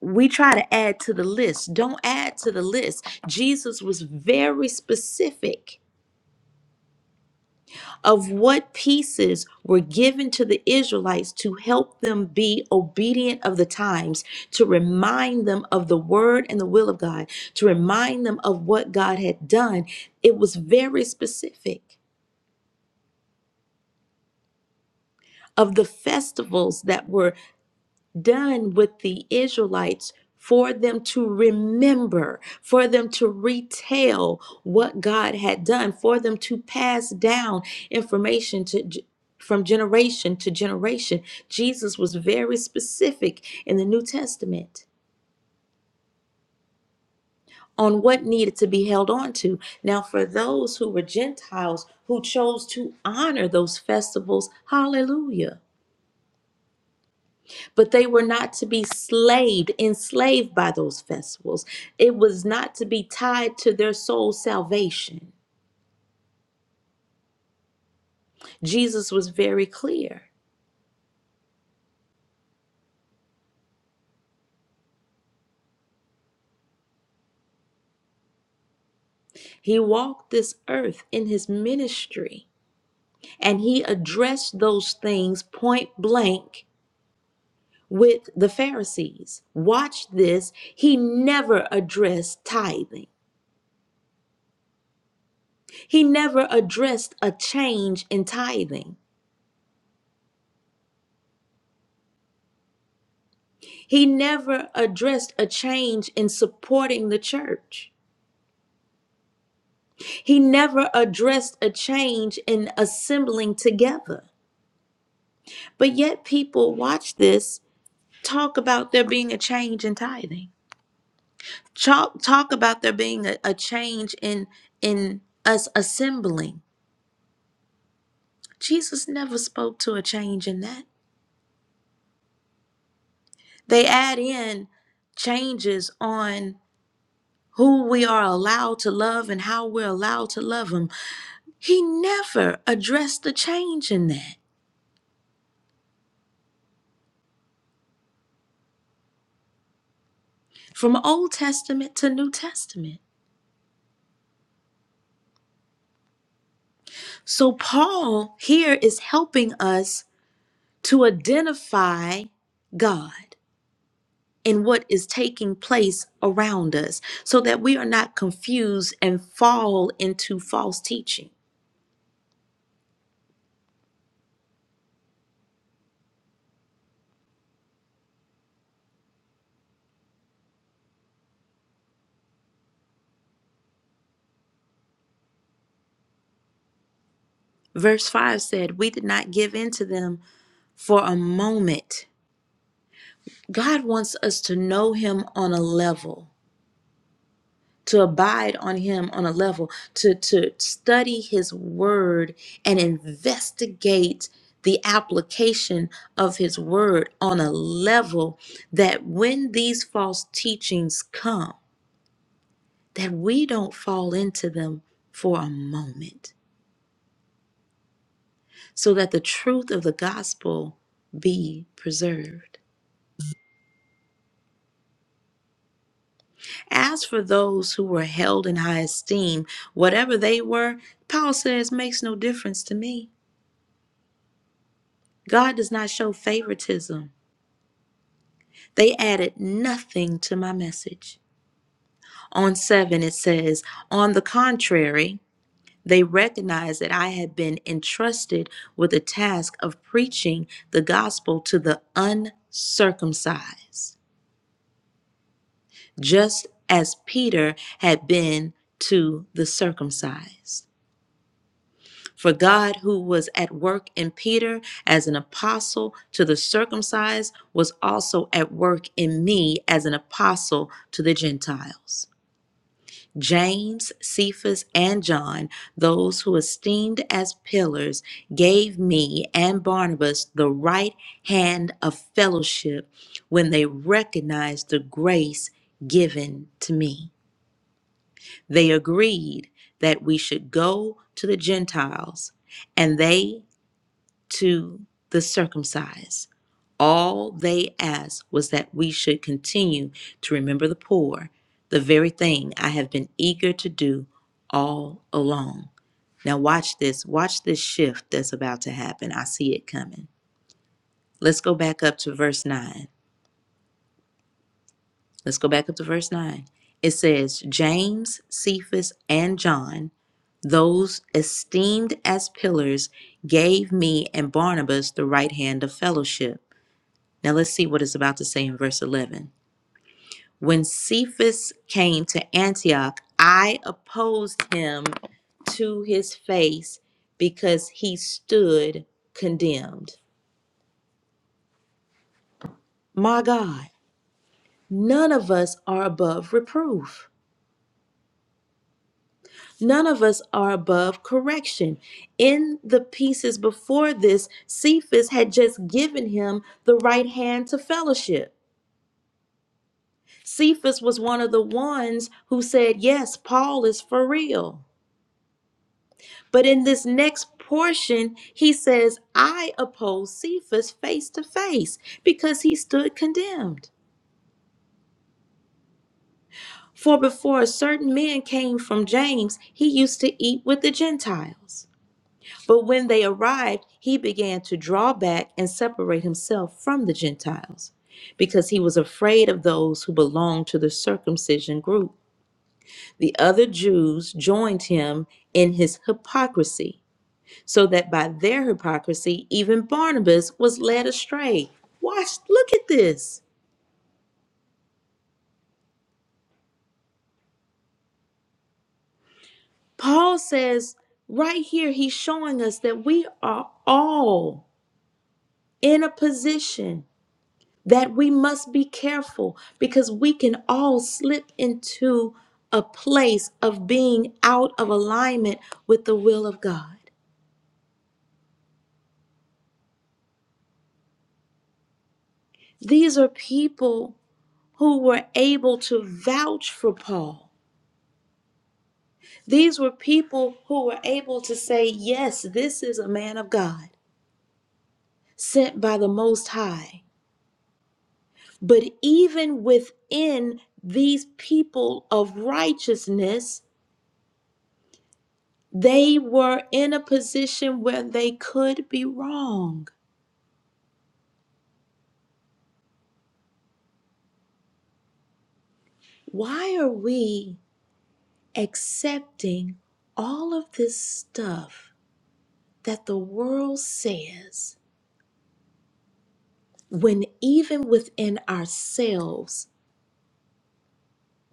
[SPEAKER 1] We try to add to the list. Don't add to the list. Jesus was very specific of what pieces were given to the Israelites to help them be obedient of the times, to remind them of the word and the will of God, to remind them of what God had done. It was very specific of the festivals that were done with the Israelites for them to remember, for them to retell what God had done, for them to pass down information to from generation to generation. Jesus was very specific in the New Testament on what needed to be held on to. Now, for those who were Gentiles who chose to honor those festivals, hallelujah. but they were not to be slaved, enslaved by those festivals. It was not to be tied to their soul salvation. Jesus was very clear. He walked this earth in his ministry and he addressed those things point blank with the Pharisees. Watch this. He never addressed tithing, he never addressed a change in tithing. He never addressed a change in supporting the church. He never addressed a change in assembling together. But yet, people watch this talk about there being a change in tithing, talk, talk about there being a, a change in, in us assembling. Jesus never spoke to a change in that. They add in changes on who we are allowed to love and how we're allowed to love them. He never addressed the change in that from Old Testament to New Testament. So, Paul here is helping us to identify God and what is taking place around us so that we are not confused and fall into false teaching. Verse 5 said, We did not give in to them for a moment. God wants us to know Him on a level to abide on him on a level to to study his word and investigate the application of his word on a level that when these false teachings come that we don't fall into them for a moment so that the truth of the gospel be preserved as for those who were held in high esteem whatever they were paul says makes no difference to me God does not show favoritism. They added nothing to my message. On 7, it says, On the contrary, they recognized that I had been entrusted with the task of preaching the gospel to the uncircumcised, just as Peter had been to the circumcised. For God, who was at work in Peter as an apostle to the circumcised, was also at work in me as an apostle to the Gentiles. James, Cephas, and John, those who esteemed as pillars, gave me and Barnabas the right hand of fellowship when they recognized the grace given to me. They agreed that we should go to the Gentiles and they to the circumcised. All they asked was that we should continue to remember the poor, the very thing I have been eager to do all along. Now, watch this. Watch this shift that's about to happen. I see it coming. Let's go back up to verse 9. Let's go back up to verse 9. It says, James, Cephas, and John, those esteemed as pillars, gave me and Barnabas the right hand of fellowship Now let's see what it's about to say in verse 11. When Cephas came to Antioch, I opposed him to his face because he stood condemned. My God, none of us are above reproof. None of us are above correction. In the pieces before this, Cephas had just given him the right hand to fellowship. Cephas was one of the ones who said, Yes, Paul is for real. But in this next portion, he says, I opposed Cephas face to face because he stood condemned. For before a certain man came from James, he used to eat with the Gentiles. But when they arrived, he began to draw back and separate himself from the Gentiles because he was afraid of those who belonged to the circumcision group. The other Jews joined him in his hypocrisy so that by their hypocrisy even Barnabas was led astray. Watch, look at this. Paul says right here, he's showing us that we are all in a position that we must be careful because we can all slip into a place of being out of alignment with the will of God. These are people who were able to vouch for Paul These were people who were able to say, Yes, this is a man of God sent by the Most High. But even within these people of righteousness, they were in a position where they could be wrong. Why are we accepting all of this stuff that the world says when even within ourselves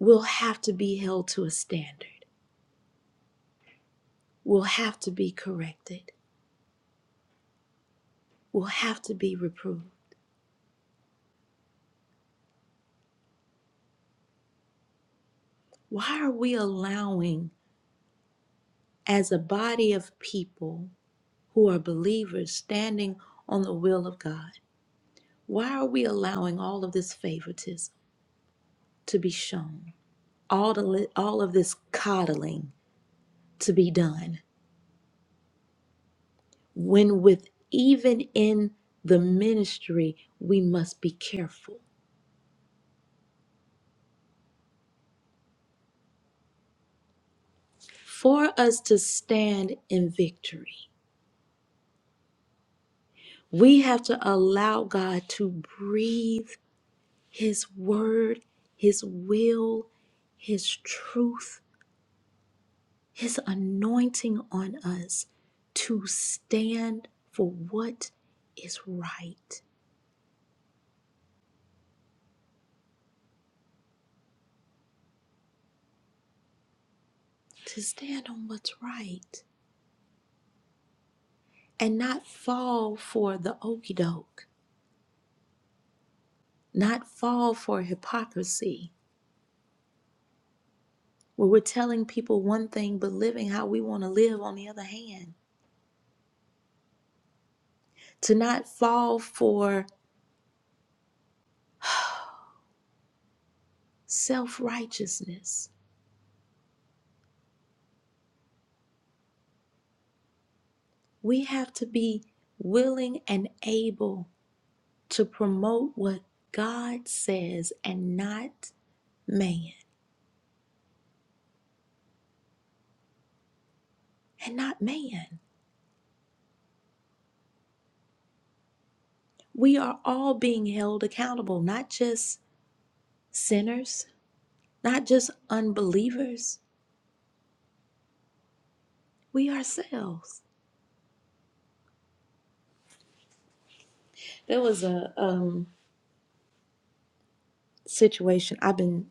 [SPEAKER 1] we'll have to be held to a standard? will have to be corrected, will have to be reproved. Why are we allowing, as a body of people who are believers standing on the will of God, why are we allowing all of this favoritism to be shown, all, the, li- all of this coddling to be done, when with even in the ministry, we must be careful for us to stand in victory? We have to allow God to breathe His word, His will, His truth, His anointing on us to stand for what is right, to stand on what's right, and not fall for the okey doke, not fall for hypocrisy, where we're telling people one thing but living how we want to live on the other hand, to not fall for self righteousness. We have to be willing and able to promote what God says and not man. And not man. We are all being held accountable, not just sinners, not just unbelievers. We ourselves. There was a um, situation. I've been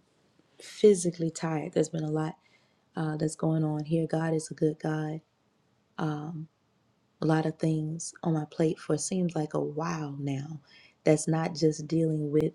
[SPEAKER 1] physically tired. There's been a lot uh, that's going on here. God is a good God Um. a lot of things on my plate for seems like a while now that's not just dealing with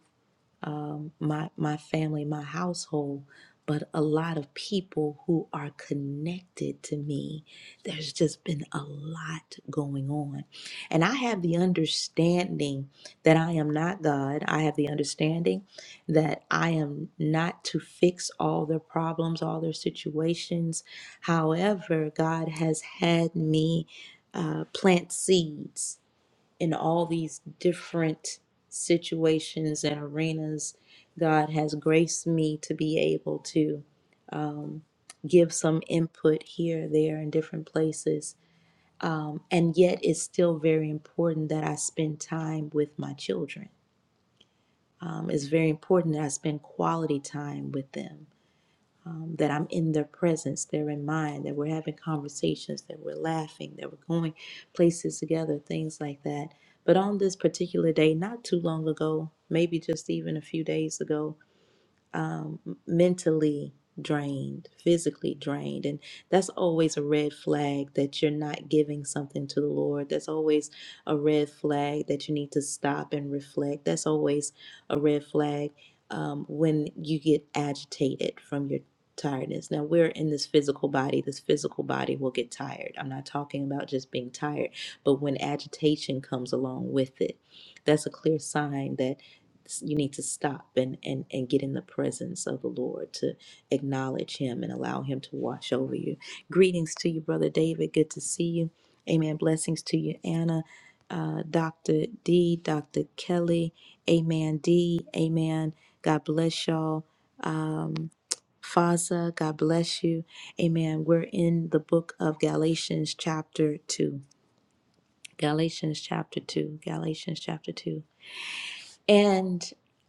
[SPEAKER 1] um, my my family, my household, but a lot of people who are connected to me. There's just been a lot going on, and I have the understanding that I am not God. I have the understanding that I am not to fix all their problems, all their situations. However, God has had me uh, plant seeds in all these different situations and arenas, God has graced me to be able to um, give some input here, there, in different places. Um, and yet, it's still very important that I spend time with my children. Um, it's very important that I spend quality time with them um, that I'm in their presence, they're in mine, that we're having conversations, that we're laughing, that we're going places together, things like that. But on this particular day, not too long ago, maybe just even a few days ago, um, mentally drained, physically drained. And that's always a red flag that you're not giving something to the Lord. That's always a red flag that you need to stop and reflect. That's always a red flag um, when you get agitated from your tiredness. Now, we're in this physical body. This physical body will get tired. I'm not talking about just being tired, but when agitation comes along with it, that's a clear sign that you need to stop and, and and get in the presence of the lord to acknowledge him and allow him to wash over you greetings to you brother david good to see you amen blessings to you anna uh, dr d dr kelly amen d amen god bless y'all um Faza, God bless you. Amen. We're in the book of Galatians, chapter 2. Galatians, chapter 2. Galatians, chapter 2. And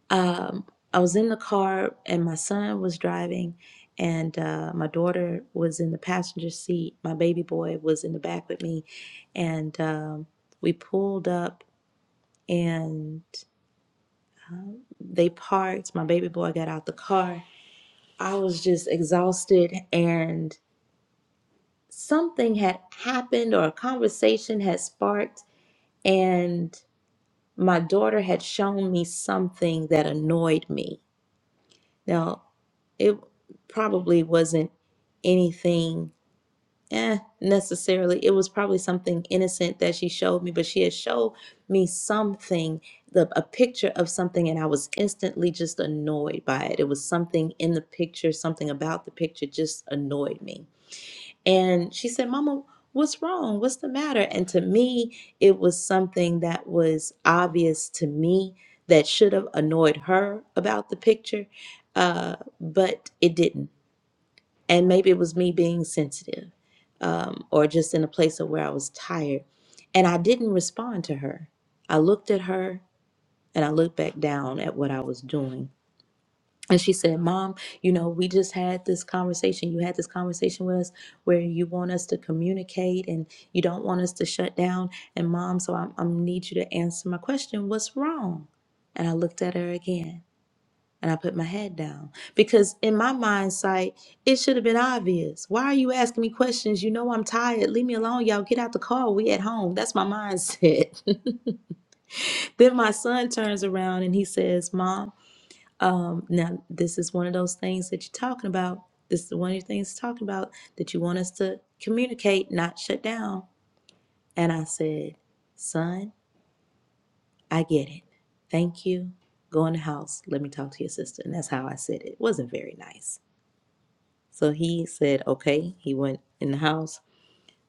[SPEAKER 1] um, I was in the car, and my son was driving, and uh, my daughter was in the passenger seat. My baby boy was in the back with me, and um, we pulled up, and um, they parked. My baby boy got out the car. I was just exhausted, and something had happened, or a conversation had sparked, and my daughter had shown me something that annoyed me Now, it probably wasn't anything eh, necessarily. It was probably something innocent that she showed me, but she had showed me something, the, a picture of something, and I was instantly just annoyed by it. It was something in the picture, something about the picture just annoyed me and she said, Mama, what's wrong? What's the matter? And to me, it was something that was obvious to me that should have annoyed her about the picture, uh, but it didn't. And maybe it was me being sensitive um, or just in a place of where I was tired. And I didn't respond to her. I looked at her and I looked back down at what I was doing. And she said, Mom, you know, we just had this conversation. You had this conversation with us where you want us to communicate and you don't want us to shut down. And mom, so I, I need you to answer my question. What's wrong? And I looked at her again and I put my head down because in my mind sight, it should have been obvious. Why are you asking me questions? You know, I'm tired. Leave me alone. Y'all get out the car. We at home. That's my mindset. then my son turns around and he says, Mom, um, now, this is one of those things that you're talking about. This is one of the things talking about that you want us to communicate, not shut down. And I said, Son, I get it. Thank you. Go in the house. Let me talk to your sister. And that's how I said it. It wasn't very nice. So he said, Okay. He went in the house.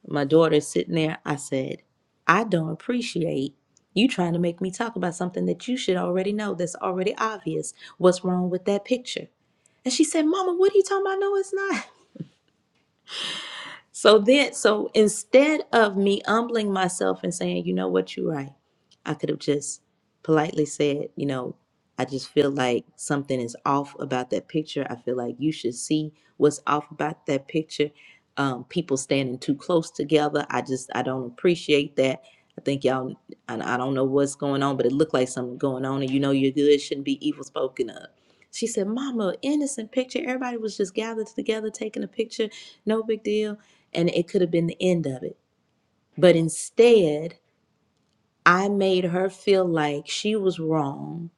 [SPEAKER 1] my daughter sitting there, I said, I don't appreciate you trying to make me talk about something that you should already know that's already obvious. What's wrong with that picture? And she said, Mama, what are you talking about? No, it's not. So then, so instead of me humbling myself and saying, you know what, you're right, I could have just politely said, you know, I just feel like something is off about that picture. I feel like you should see what's off about that picture. Um, people standing too close together. I just, I don't appreciate that. I think y'all, I, I don't know what's going on, but it looked like something going on, and you know you're good shouldn't be evil spoken of. She said, Mama, innocent picture. Everybody was just gathered together taking a picture. No big deal and it could have been the end of it. But instead, I made her feel like she was wrong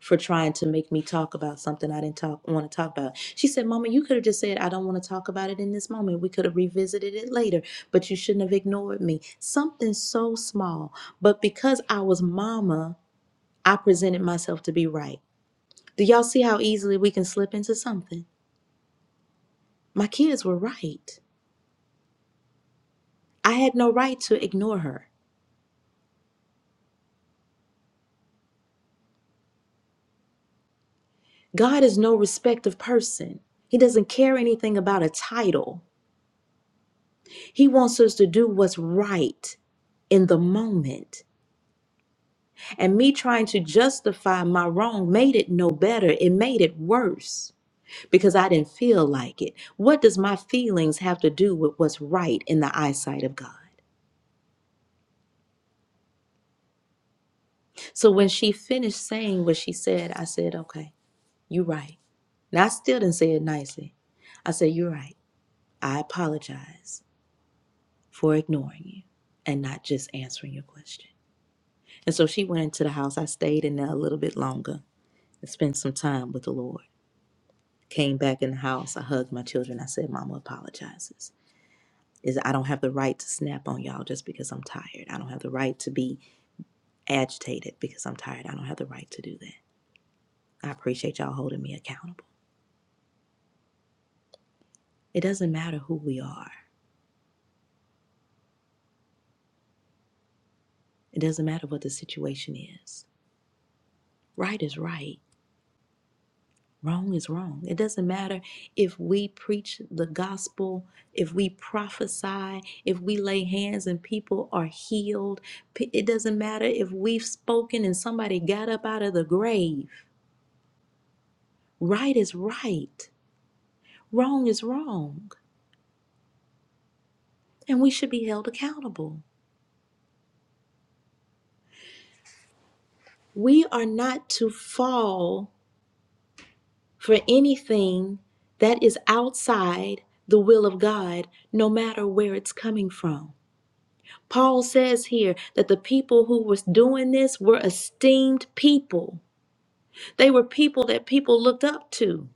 [SPEAKER 1] for trying to make me talk about something I didn't talk want to talk about. She said, "Mama, you could have just said I don't want to talk about it in this moment. We could have revisited it later, but you shouldn't have ignored me." Something so small, but because I was mama, I presented myself to be right. Do y'all see how easily we can slip into something? My kids were right. I had no right to ignore her. God is no respect of person. He doesn't care anything about a title. He wants us to do what's right in the moment. And me trying to justify my wrong made it no better. It made it worse because I didn't feel like it. What does my feelings have to do with what's right in the eyesight of God? So when she finished saying what she said, I said, okay, you're right. Now, I still didn't say it nicely. I said, you're right. I apologize. for ignoring you and not just answering your question. And so she went into the house. I stayed in there a little bit longer and spent some time with the Lord. Came back in the house. I hugged my children. I said, Mama apologizes. Is I don't have the right to snap on y'all just because I'm tired. I don't have the right to be agitated because I'm tired. I don't have the right to do that. I appreciate y'all holding me accountable. It doesn't matter who we are. It doesn't matter what the situation is. Right is right Wrong is wrong. It doesn't matter if we preach the gospel, if we prophesy, if we lay hands and people are healed. P- It doesn't matter if we've spoken and somebody got up out of the grave. Right is right. Wrong is wrong. And we should be held accountable. We are not to fall for anything that is outside the will of God, no matter where it's coming from. Paul says here that the people who was doing this were esteemed people. They were people that people looked up to.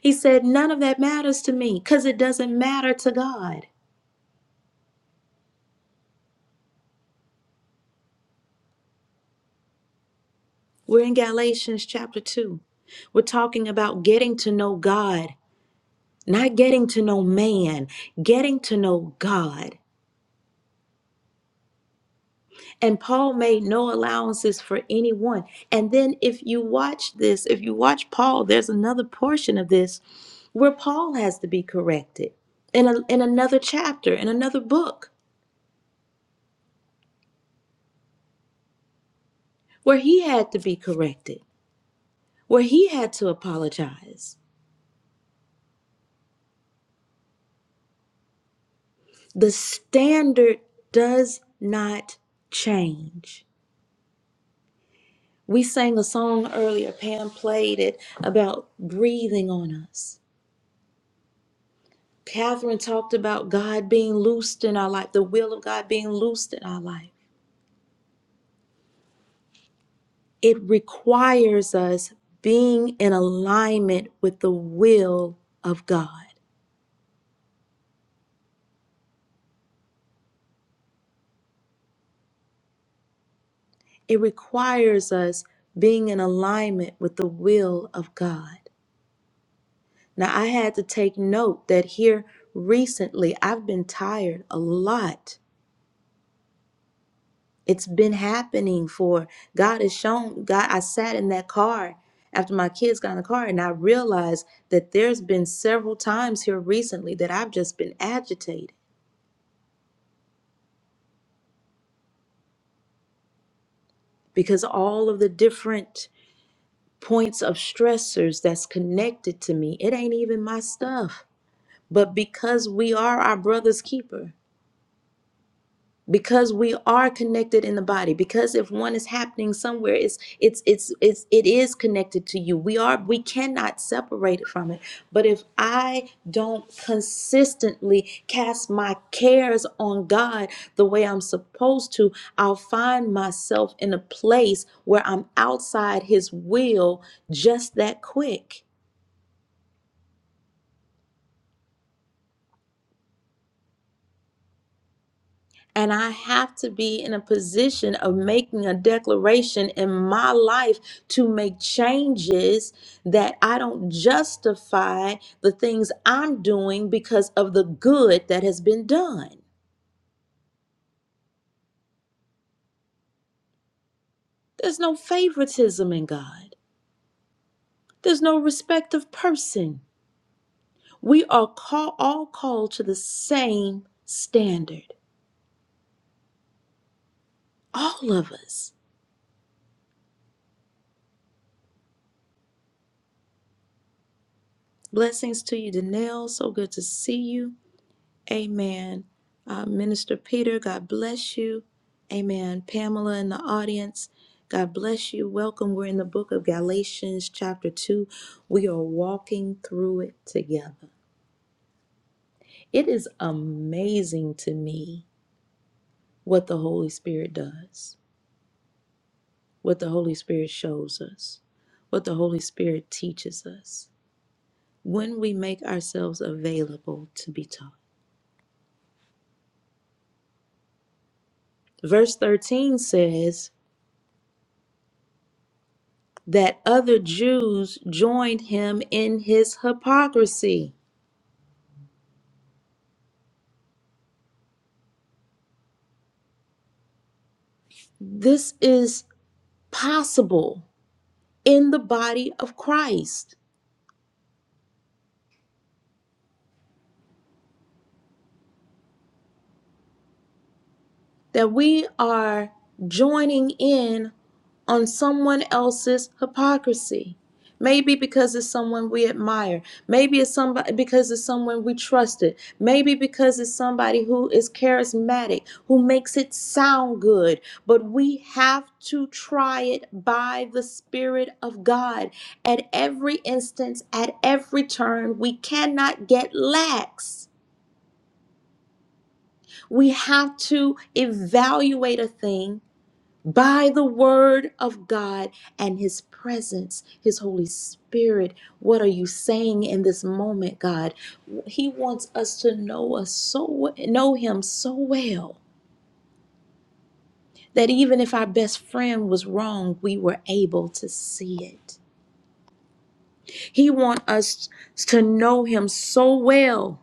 [SPEAKER 1] He said, None of that matters to me because it doesn't matter to God. We're in Galatians chapter 2. We're talking about getting to know God, not getting to know man, getting to know God. And Paul made no allowances for anyone. And then, if you watch this, if you watch Paul, there's another portion of this where Paul has to be corrected in, a, in another chapter, in another book, where he had to be corrected, where he had to apologize. The standard does not change. We sang a song earlier, Pam played it about breathing on us Catherine talked about God being loosed in our life, the will of God being loosed in our life. It requires us being in alignment with the will of God. It requires us being in alignment with the will of God. Now, I had to take note that here recently I've been tired a lot It's been happening for God has shown God I sat in that car after my kids got in the car and I realized that there's been several times here recently that I've just been agitated because all of the different points of stressors that's connected to me. It ain't even my stuff. But because we are our brother's keeper, because we are connected in the body because if one is happening somewhere it's it's it's it's it is connected to you we are we cannot separate it from it but if i don't consistently cast my cares on god the way i'm supposed to i'll find myself in a place where i'm outside his will just that quick And I have to be in a position of making a declaration in my life to make changes that I don't justify the things I'm doing because of the good that has been done. There's no favoritism in God, there's no respect of person. We are call, all called to the same standard, all of us. Blessings to you, Danelle. So good to see you. Amen. Uh, Minister Peter, God bless you. Amen. Pamela in the audience, God bless you. Welcome. We're in the book of Galatians, chapter 2. We are walking through it together. It is amazing to me what the Holy Spirit does, what the Holy Spirit shows us, what the Holy Spirit teaches us when we make ourselves available to be taught. Verse 13 says, that other Jews joined him in his hypocrisy. This is possible in the body of Christ. that we are joining in on someone else's hypocrisy. Maybe because it's someone we admire. Maybe it's somebody because it's someone we trusted. Maybe because it's somebody who is charismatic, who makes it sound good. But we have to try it by the Spirit of God at every instance, at every turn. We cannot get lax. We have to evaluate a thing by the word of God and his presence, his Holy Spirit. What are you saying in this moment, God? He wants us to know us so know him so well that even if our best friend was wrong, we were able to see it. He wants us to know him so well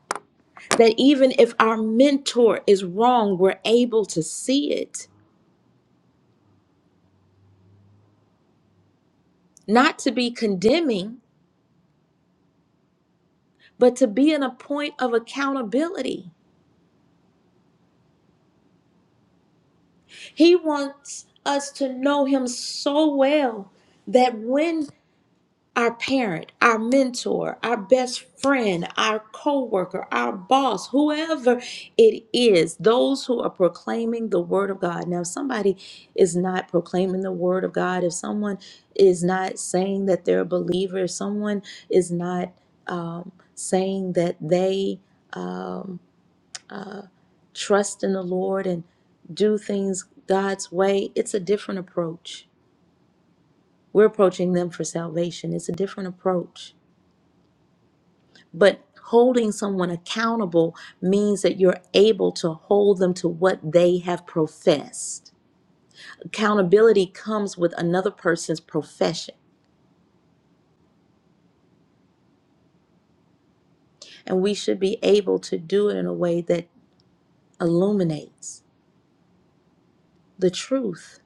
[SPEAKER 1] that even if our mentor is wrong, we're able to see it. Not to be condemning, but to be in a point of accountability. He wants us to know Him so well that when our parent, our mentor, our best friend, our coworker, our boss, whoever it is, those who are proclaiming the Word of God. Now, if somebody is not proclaiming the Word of God, if someone is not saying that they're a believer, if someone is not um, saying that they. um, uh, trust in the Lord and do things God's way, it's a different approach. We're approaching them for salvation. It's a different approach. But holding someone accountable means that you're able to hold them to what they have professed. Accountability comes with another person's profession, and we should be able to do it in a way that illuminates the truth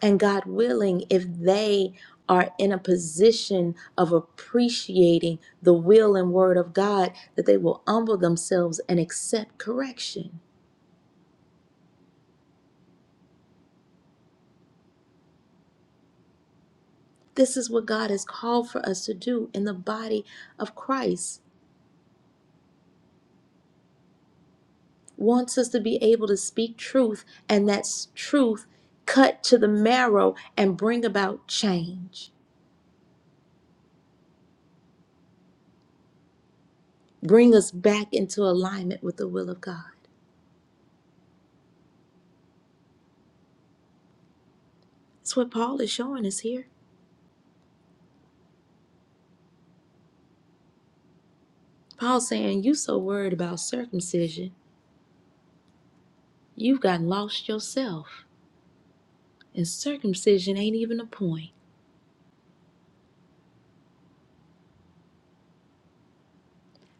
[SPEAKER 1] And God willing, if they are in a position of appreciating the will and word of God, that they will humble themselves and accept correction. This is what God has called for us to do in the body of Christ. Wants us to be able to speak truth and that truth cut to the marrow and bring about change. Bring us back into alignment with the will of God. That's what Paul is showing us here. Paul saying, You so worried about circumcision, you've gotten lost yourself. And circumcision ain't even a point.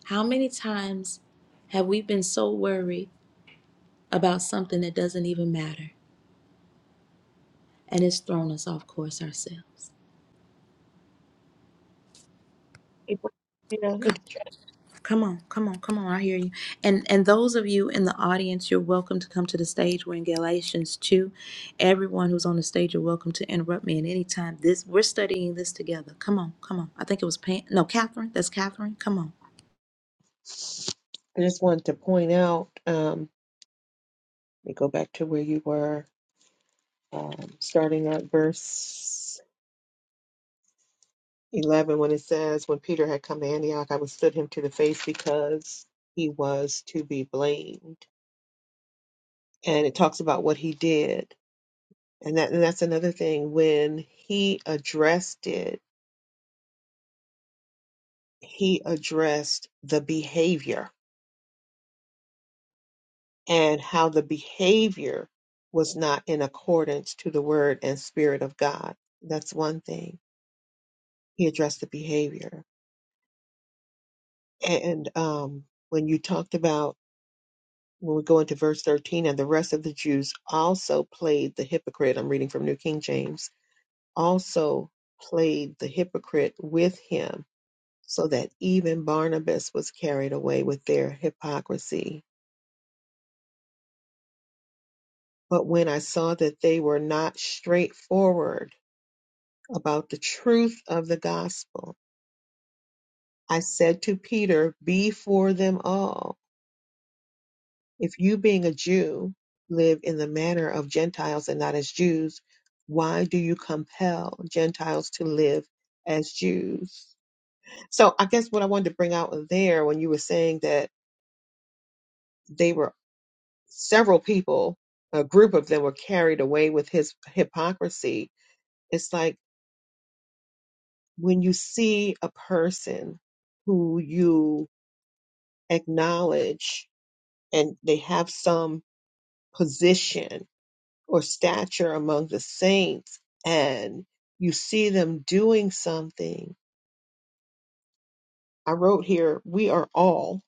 [SPEAKER 1] How many times have we been so worried about something that doesn't even matter? And it's thrown us off course ourselves.
[SPEAKER 4] April, you know, it-
[SPEAKER 1] Come, come on, come on, come on, I hear you. And and those of you in the audience, you're welcome to come to the stage. We're in Galatians 2. Everyone who's on the stage, you're welcome to interrupt me at any time. This we're studying this together. Come on, come on. I think it was Pam. No, Catherine. That's Catherine. Come on.
[SPEAKER 4] I just wanted to point out, um, let me go back to where you were, um, starting at verse 11 when it says, When Peter had come to Antioch, I withstood him to the face because he was to be blamed. And it talks about what he did. And, that, and that's another thing. When he addressed it, he addressed the behavior and how the behavior was not in accordance to the word and spirit of God. That's one thing. He addressed the behavior. And um, when you talked about, when we go into verse 13, and the rest of the Jews also played the hypocrite, I'm reading from New King James, also played the hypocrite with him, so that even Barnabas was carried away with their hypocrisy But when I saw that they were not straightforward about the truth of the gospel, I said to Peter, Be for them all. If you, being a Jew, live in the manner of Gentiles and not as Jews, why do you compel Gentiles to live as Jews? So I guess what I wanted to bring out there when you were saying that they were several people, a group of them were carried away with his hypocrisy. It's like, when you see a person who you acknowledge and they have some position or stature among the saints and you see them doing something, I wrote here, we are all,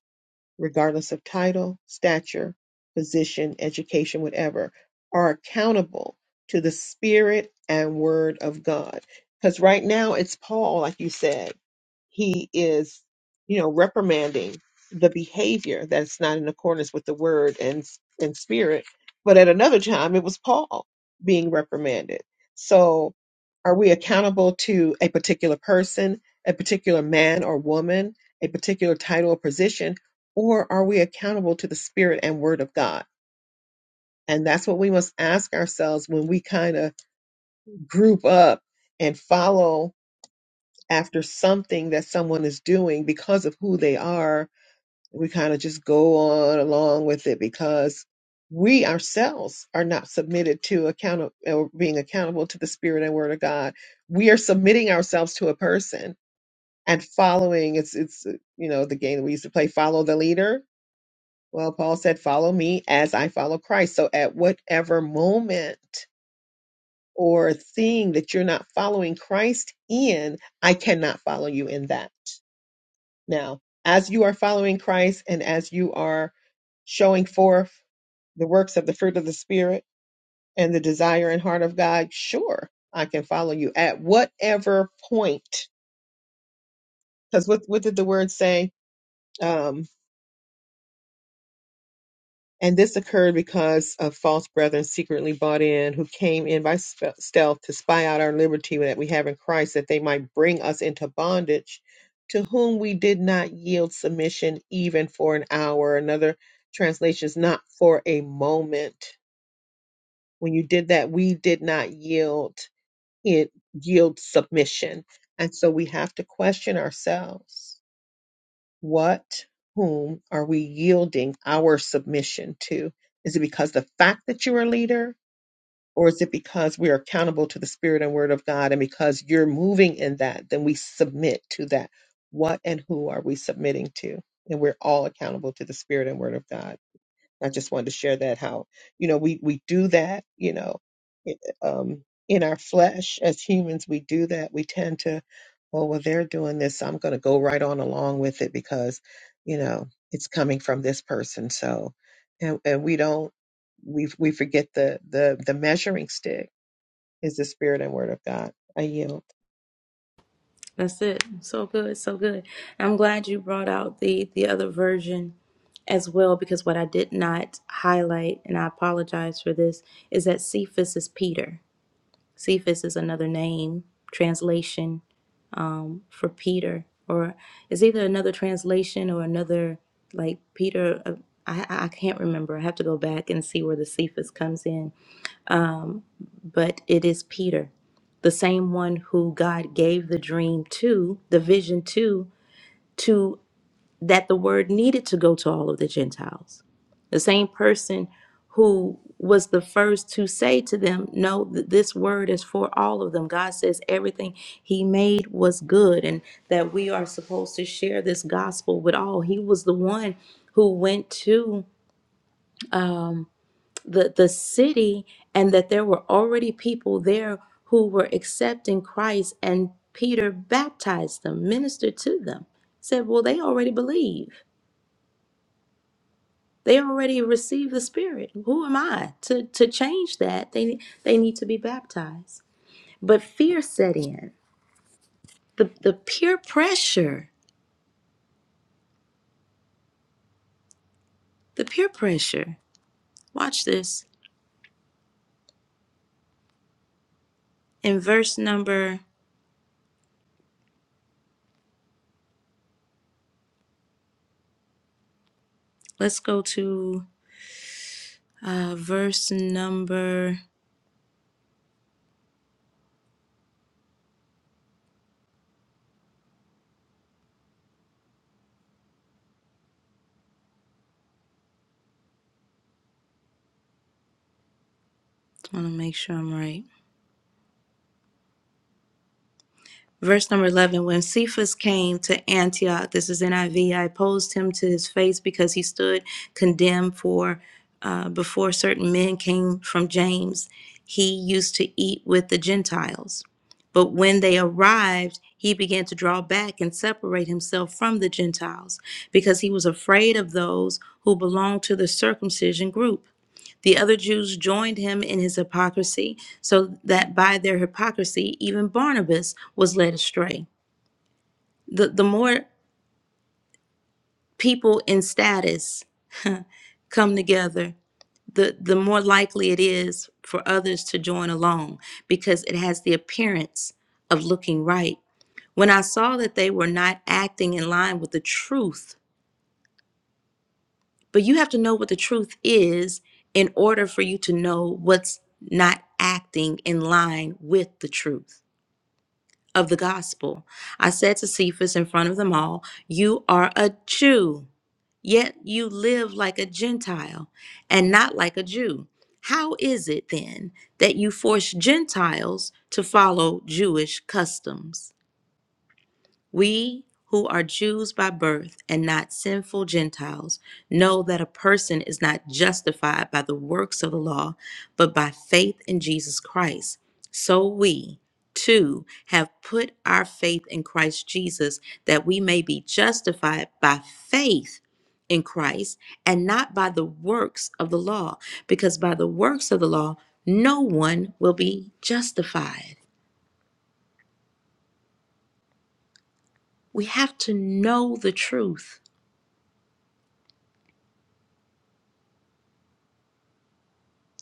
[SPEAKER 4] regardless of title, stature, position, education, whatever, are accountable to the spirit and word of God. Because right now it's Paul, like you said he is, you know, reprimanding the behavior that's not in accordance with the word and and spirit. But at another time, it was Paul being reprimanded. So, are we accountable to a particular person, a particular man or woman, a particular title or position, or are we accountable to the spirit and word of God? And that's what we must ask ourselves when we kind of group up and follow after something that someone is doing because of who they are. We kind of just go on along with it because we ourselves are not submitted to account or being accountable to the spirit and word of God. We are submitting ourselves to a person and following. It's it's uh, you know the game that we used to play, follow the leader. Well, Paul said, "Follow me as I follow Christ." So at whatever moment or thing that you're not following Christ in, I cannot follow you in that. Now, as you are following Christ and as you are showing forth the works of the fruit of the Spirit and the desire and heart of God, sure, I can follow you at whatever point. Because what, what did the word say? Um, And this occurred because of false brethren secretly bought in, who came in by spe- stealth to spy out our liberty that we have in Christ, that they might bring us into bondage, to whom we did not yield submission even for an hour. Another translation is not for a moment. When you did that, we did not yield it yield submission. And so we have to question ourselves what, whom are we yielding our submission to? Is it because the fact that you're a leader, or is it because we are accountable to the Spirit and Word of God, and because you're moving in that, then we submit to that? What and who are we submitting to? And we're all accountable to the Spirit and Word of God. I just wanted to share that how you know we we do that you know it- um, in our flesh as humans we do that we tend to oh well they're doing this so I'm going to go right on along with it because you know it's coming from this person so and and we don't we we forget the the the measuring stick is the spirit and word of God I yield.
[SPEAKER 1] That's it. So good, so good. I'm glad you brought out the the other version as well because what I did not highlight and I apologize for this is that Cephas is Peter. Cephas is another name translation for Peter or it's either another translation or another like Peter uh, I I I can't remember. I have to go back and see where the Cephas comes in, but it is Peter the same one who God gave the dream to, the vision to, to that the word needed to go to all of the Gentiles. The same person who was the first to say to them, No, th- this word is for all of them. God says everything He made was good and that we are supposed to share this gospel with all. He was the one who went to um, the, the city and that there were already people there who were accepting Christ, and Peter baptized them, ministered to them, said, Well, they already believe They already received the Spirit. Who am I to, to change that? They, they need to be baptized. But fear set in. The, the peer pressure, the peer pressure. Watch this. In verse number, let's go to uh, verse number, I want to make sure I'm right. Verse number 11 When Cephas came to Antioch, this is NIV, I V, I opposed him to his face because he stood condemned for uh, before certain men came from James. He used to eat with the Gentiles. But when they arrived, he began to draw back and separate himself from the Gentiles because he was afraid of those who belonged to the circumcision group. The other Jews joined him in his hypocrisy, so that by their hypocrisy, even Barnabas was led astray. The, the more people in status come together, the, the more likely it is for others to join along because it has the appearance of looking right. When I saw that they were not acting in line with the truth, but you have to know what the truth is in order for you to know what's not acting in line with the truth of the gospel. I said to Cephas in front of them all, You are a Jew, yet you live like a Gentile and not like a Jew. How is it then that you force Gentiles to follow Jewish customs? We who are Jews by birth and not sinful Gentiles know that a person is not justified by the works of the law, but by faith in Jesus Christ. So we, too, have put our faith in Christ Jesus that we may be justified by faith in Christ and not by the works of the law, because by the works of the law, no one will be justified. We have to know the truth.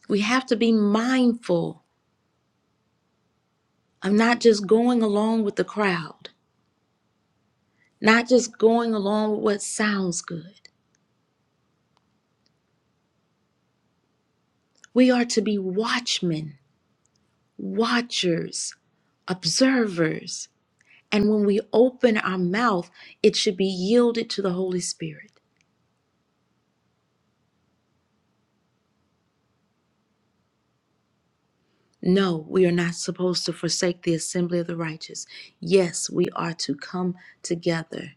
[SPEAKER 1] We have to be mindful of not just going along with the crowd, not just going along with what sounds good. We are to be watchmen, watchers, observers. And when we open our mouth, it should be yielded to the Holy Spirit. No, we are not supposed to forsake the assembly of the righteous. Yes, we are to come together.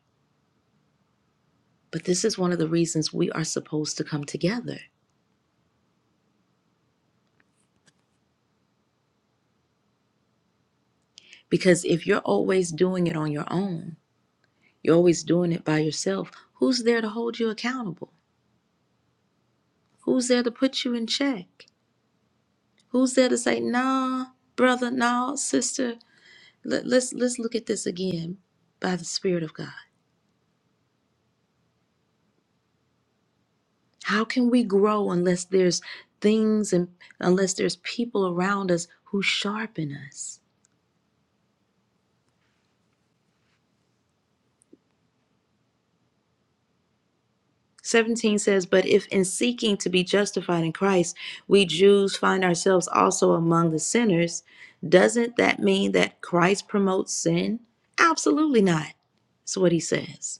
[SPEAKER 1] But this is one of the reasons we are supposed to come together. Because if you're always doing it on your own, You're always doing it by yourself. Who's there to hold you accountable? Who's there to put you in check? Who's there to say, nah, brother, nah, sister, let, let's let's look at this again by the Spirit of God. How can we grow unless there's things and unless there's people around us who sharpen us? 17 says, But if in seeking to be justified in Christ, we Jews find ourselves also among the sinners, doesn't that mean that Christ promotes sin? Absolutely not. That's what he says.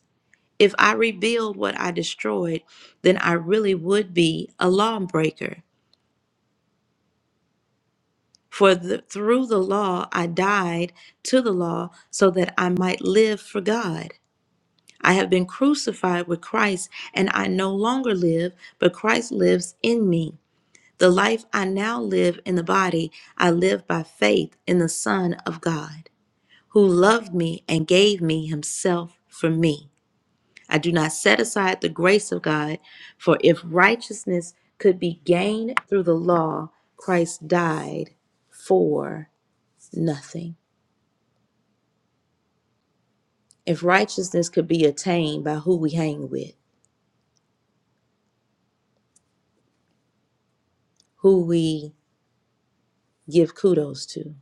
[SPEAKER 1] If I rebuild what I destroyed, then I really would be a lawbreaker. For the, through the law, I died to the law so that I might live for God. I have been crucified with Christ, and I no longer live, but Christ lives in me. The life I now live in the body, I live by faith in the Son of God, who loved me and gave me himself for me. I do not set aside the grace of God, for if righteousness could be gained through the law, Christ died for nothing. If righteousness could be attained by who we hang with, who we give kudos to,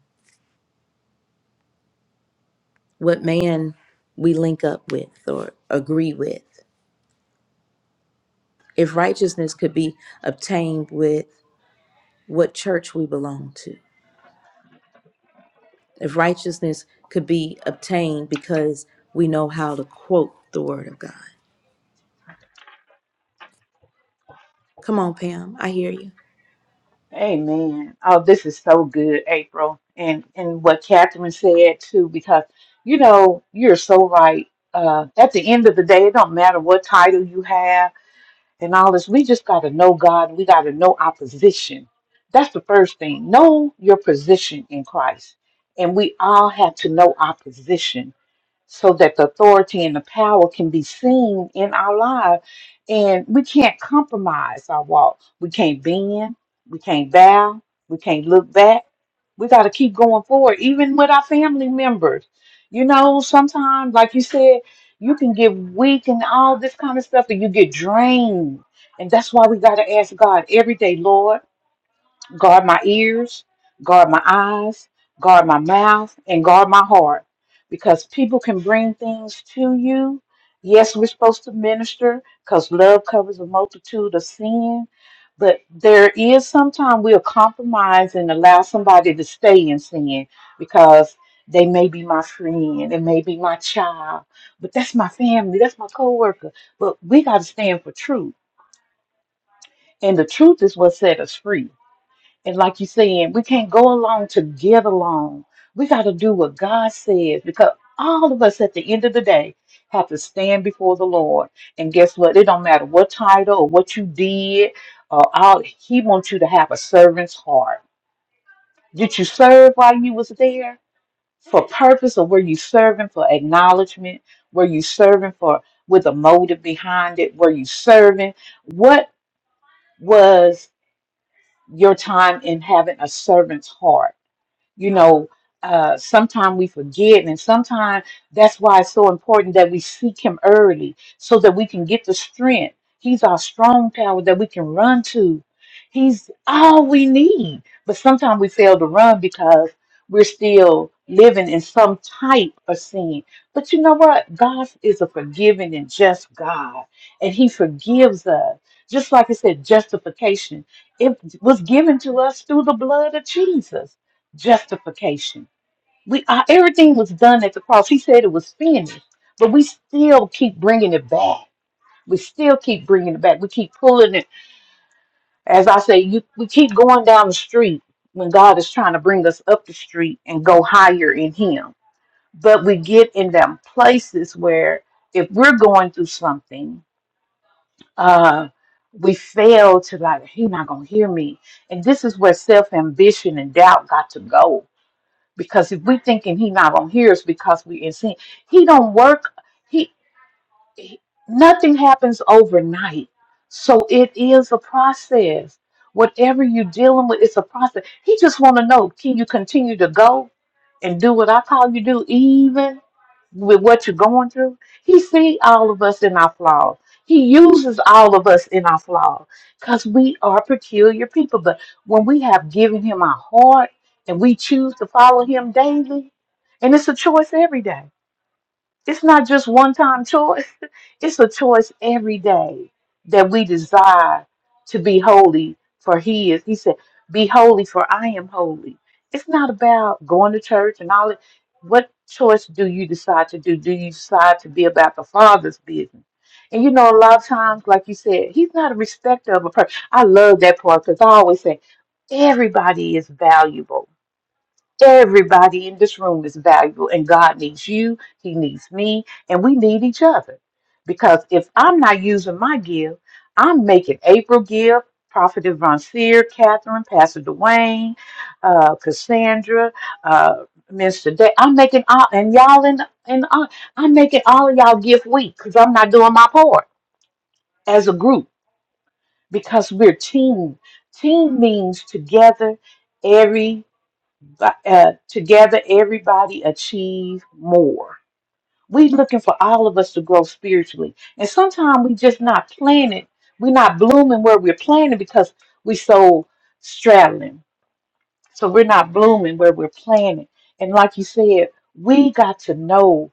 [SPEAKER 1] what man we link up with or agree with, If righteousness could be obtained with what church we belong to, if righteousness could be obtained because we know how to quote the word of God. Come on, Pam, I hear you.
[SPEAKER 3] Amen. Oh, this is so good, April, and and what Catherine said too, because you know you're so right. Uh, at the end of the day, it don't matter what title you have and all this. We just got to know God. We got to know our position. That's the first thing. Know your position in Christ, and we all have to know our position so that the authority and the power can be seen in our lives. And we can't compromise our walk. We can't bend. We can't bow. We can't look back. We got to keep going forward, even with our family members. You know, sometimes, like you said, you can get weak and all this kind of stuff, and you get drained. And that's why we got to ask God every day, Lord guard my ears, guard my eyes, guard my mouth, and guard my heart. Because people can bring things to you. Yes, we're supposed to minister because love covers a multitude of sin. But there is sometimes we'll compromise and allow somebody to stay in sin because they may be my friend, they may be my child, but that's my family, that's my coworker. But we got to stand for truth. And the truth is what set us free. And like you saying, we can't go along to get along. We got to do what God says because all of us at the end of the day have to stand before the Lord. And guess what? It don't matter what title or what you did or all he wants you to have a servant's heart. Did you serve while you was there for purpose or were you serving for acknowledgement? Were you serving for with a motive behind it? Were you serving? What was your time in having a servant's heart? you know uh sometimes we forget and sometimes that's why it's so important that we seek him early so that we can get the strength he's our strong tower that we can run to he's all we need but sometimes we fail to run because we're still living in some type of sin but you know what god is a forgiving and just god and he forgives us just like it said justification it was given to us through the blood of jesus justification. We uh, everything was done at the cross. He said it was finished, but we still keep bringing it back. We still keep bringing it back. We keep pulling it. As I say, you, we keep going down the street when God is trying to bring us up the street and go higher in Him. But we get in them places where if we're going through something, uh, we fail to like, He not gonna hear me. And this is where self ambition and doubt got to go because if we thinking he not gonna hear us because we in sin, he don't work. He nothing happens overnight. So it is a process. Whatever you're dealing with, it's a process. He just want to know, can you continue to go and do what I call you do, even with what you're going through? He see all of us in our flaws. He uses all of us in our flaws because we are peculiar people. But when we have given him our heart and we choose to follow him daily, and it's a choice every day. It's not just one time choice it's a choice every day that we desire to be holy for He is. He said, Be holy for I am holy. It's not about going to church and all that. What choice do you decide to do? Do you decide to be about the Father's business? And you know, a lot of times, like you said, He's not a respecter of a person. I love that part because I always say, Everybody is valuable Everybody in this room is valuable, and God needs you, He needs me, and we need each other. Because if I'm not using my gift, I'm making April give, Prophet Von Seer, Catherine, Pastor Dwayne, uh, Cassandra, uh, Minister Day. I'm making all, and y'all, in, and uh, I'm making all of y'all give weak because I'm not doing my part as a group because we're team. Team means together uh, uh, together everybody achieve more we looking for all of us to grow spiritually and sometimes we just not planning we're not blooming where we're planning because we so straddling so we're not blooming where we're planning and like you said we got to know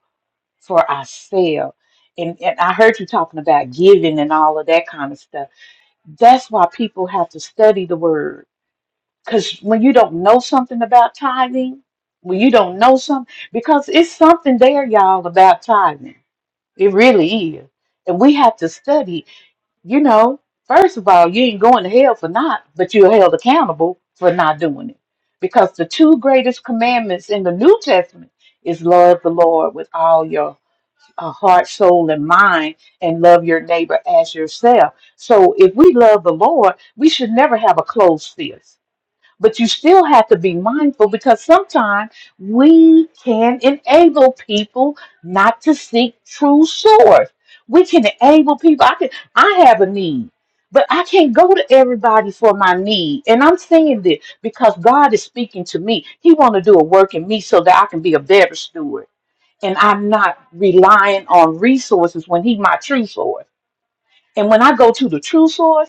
[SPEAKER 3] for ourselves and, and i heard you talking about giving and all of that kind of stuff that's why people have to study the word because when you don't know something about tithing, when you don't know something, because it's something there, y'all, about tithing. It really is. And we have to study, you know, first of all, you ain't going to hell for not, but you're held accountable for not doing it. Because the two greatest commandments in the New Testament is love the Lord with all your uh, heart, soul, and mind, and love your neighbor as yourself. So if we love the Lord, we should never have a closed fist but you still have to be mindful because sometimes we can enable people not to seek true source. We can enable people. I can I have a need, but I can't go to everybody for my need. And I'm saying this because God is speaking to me. He want to do a work in me so that I can be a better steward. And I'm not relying on resources when He my true source. And when I go to the true source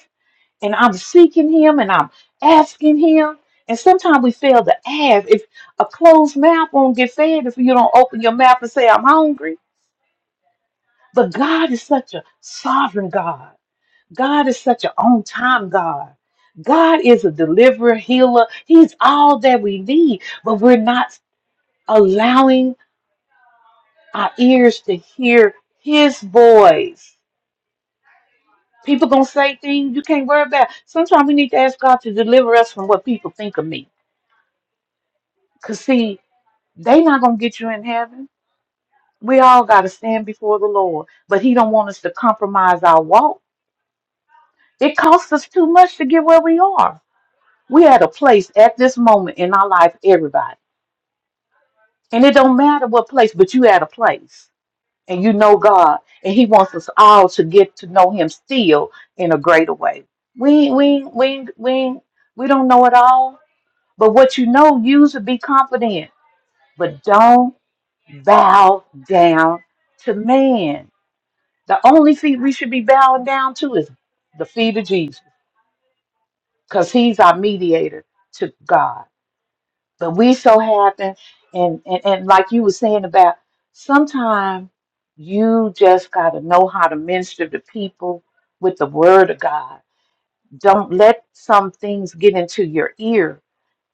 [SPEAKER 3] and I'm seeking him and I'm asking him. And sometimes we fail to ask. If a closed mouth won't get fed if you don't open your mouth and say, I'm hungry. But God is such a sovereign God. God is such an on time God. God is a deliverer, healer. He's all that we need, but we're not allowing our ears to hear his voice. People gonna say things you can't worry about. Sometimes we need to ask God to deliver us from what people think of me. Cause see, They not gonna get you in heaven. We all gotta stand before the Lord, but He don't want us to compromise our walk. It costs us too much to get where we are. We at a place at this moment in our life, everybody, and it don't matter what place, but you at a place, and you know God, and He wants us all to get to know Him still in a greater way. We we we we we don't know it all, but what you know, use it. Be confident, but don't bow down to man The only feet we should be bowing down to is the feet of Jesus, because he's our mediator to God. But we so happen, and, and, and like you were saying about, sometimes you just got to know how to minister to people with the word of God. Don't let some things get into your ear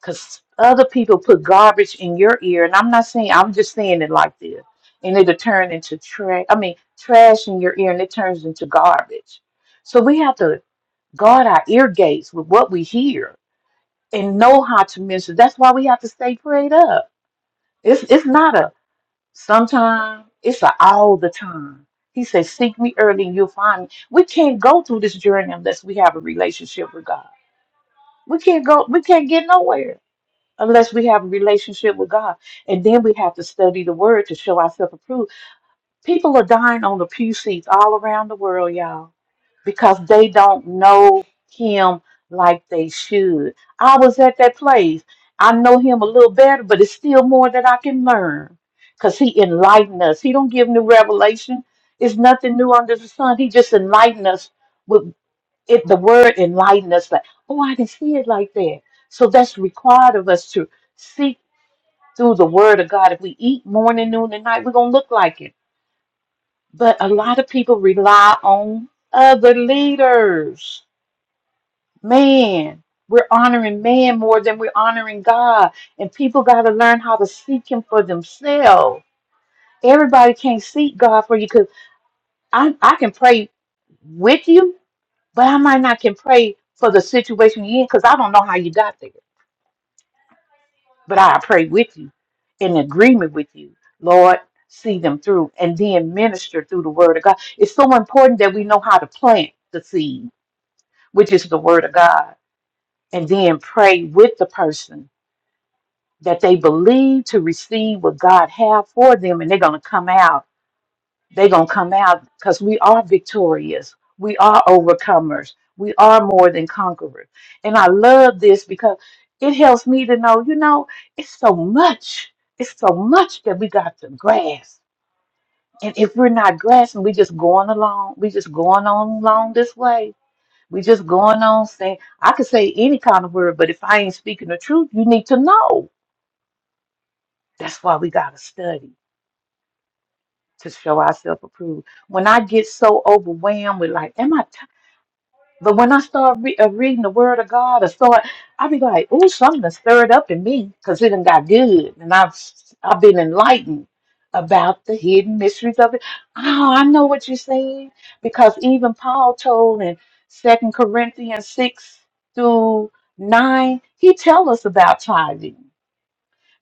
[SPEAKER 3] because other people put garbage in your ear, and I'm not saying I'm just saying it like this, and it'll turn into trash. I mean, trash in your ear, and it turns into garbage. So we have to guard our ear gates with what we hear and know how to minister. That's why we have to stay prayed up. It's it's not a sometime. It's a all the time. He says, "Seek me early, and you'll find me." We can't go through this journey unless we have a relationship with God. We can't go. We can't get nowhere unless we have a relationship with God. And then we have to study the word to show ourselves approved. People are dying on the pew seats all around the world, y'all, because they don't know him like they should. I was at that place. I know him a little better, but it's still more that I can learn because he enlightened us. He don't give new revelation. It's nothing new under the sun. He just enlightened us with it. The word enlightened us like, oh, I didn't see it like that. So that's required of us to seek through the word of God. If we eat morning, noon, and night, we're going to look like it. But a lot of people rely on other leaders. Man, we're honoring man more than we're honoring God. And people got to learn how to seek Him for themselves. Everybody can't seek God for you because I, I can pray with you, but I might not can pray for the situation you're in because I don't know how you got there. But I pray with you in agreement with you, Lord. See them through and then minister through the word of God. It's so important that we know how to plant the seed, which is the word of God, and then pray with the person that they believe to receive what God have for them and they're going to come out they're going to come out because we are victorious. We are overcomers. We are more than conquerors. And I love this because it helps me to know, you know, it's so much. It's so much that we got to grasp. And if we're not grasping, we just going along. We just going on along this way. We just going on saying, I could say any kind of word, but if I ain't speaking the truth, you need to know. That's why we got to study to show ourselves approved when I get so overwhelmed with like, am I But when I start re- uh, reading the Word of God, I start, I be like, "Ooh, something done stirred up in me, 'cause it done got good, and I've I've been enlightened about the hidden mysteries of it." Oh, I know what you're saying because even Paul told in Second Corinthians six through nine, he tell us about tithing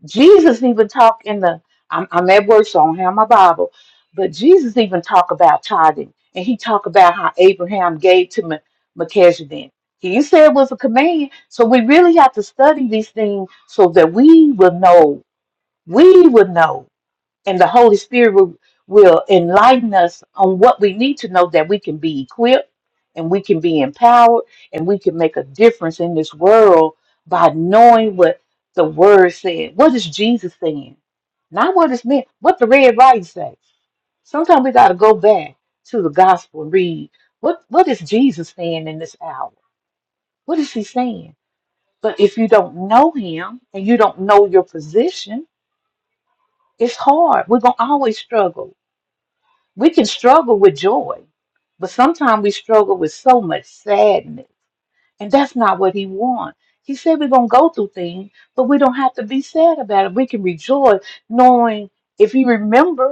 [SPEAKER 3] Jesus even talk in the I'm, I'm at work, so I don't have my Bible, but Jesus even talk about tithing, and he talk about how Abraham gave to Me- Melchizedek. He said it was a command, so we really have to study these things so that we will know. We will know and the Holy Spirit will, will enlighten us on what we need to know that we can be equipped and we can be empowered and we can make a difference in this world by knowing what the Word said. What is Jesus saying? Not what it's meant, what the red writing says. Sometimes we got to go back to the gospel and read what, what is Jesus saying in this hour? What is he saying? But if you don't know him and you don't know your position, it's hard. We're going to always struggle We can struggle with joy, but sometimes we struggle with so much sadness. And that's not what he wants. He said we're going to go through things, but we don't have to be sad about it. We can rejoice knowing if he remember.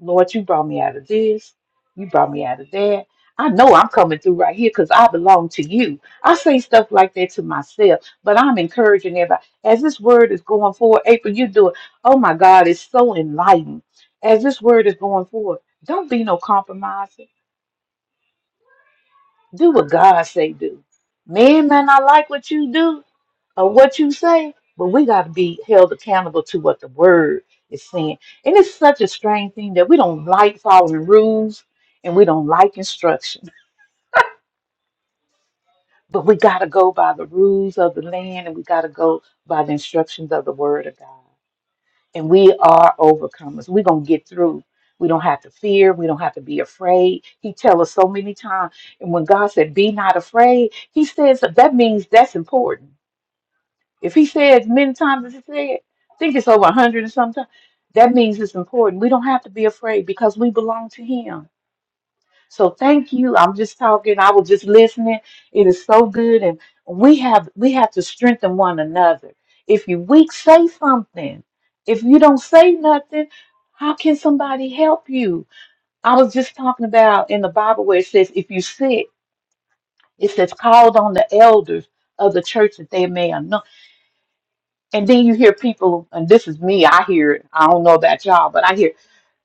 [SPEAKER 3] Lord, you brought me out of this. You brought me out of that. I know I'm coming through right here because I belong to you. I say stuff like that to myself, but I'm encouraging everybody. As this word is going forward, April, you do it. Oh my God, it's so enlightening. As this word is going forward, don't be no compromiser. Do what God say do. Man may not like what you do, of what you say, but we got to be held accountable to what the word is saying. And it's such a strange thing that we don't like following rules and we don't like instruction, but we got to go by the rules of the land and we got to go by the instructions of the word of God. And we are overcomers. We're going to get through. We don't have to fear. We don't have to be afraid. He tells us so many times. And when God said, Be not afraid, He says that means that's important If he said as many times as he said, I think it's over a hundred or something, that means it's important. We don't have to be afraid because we belong to him. So thank you. I'm just talking. I was just listening. It is so good. And we have we have to strengthen one another. If you're weak, say something. If you don't say nothing, how can somebody help you? I was just talking about in the Bible where it says, if you sick, it says called on the elders of the church that they may anoint. And then you hear people, and this is me, I hear it. I don't know about y'all, but I hear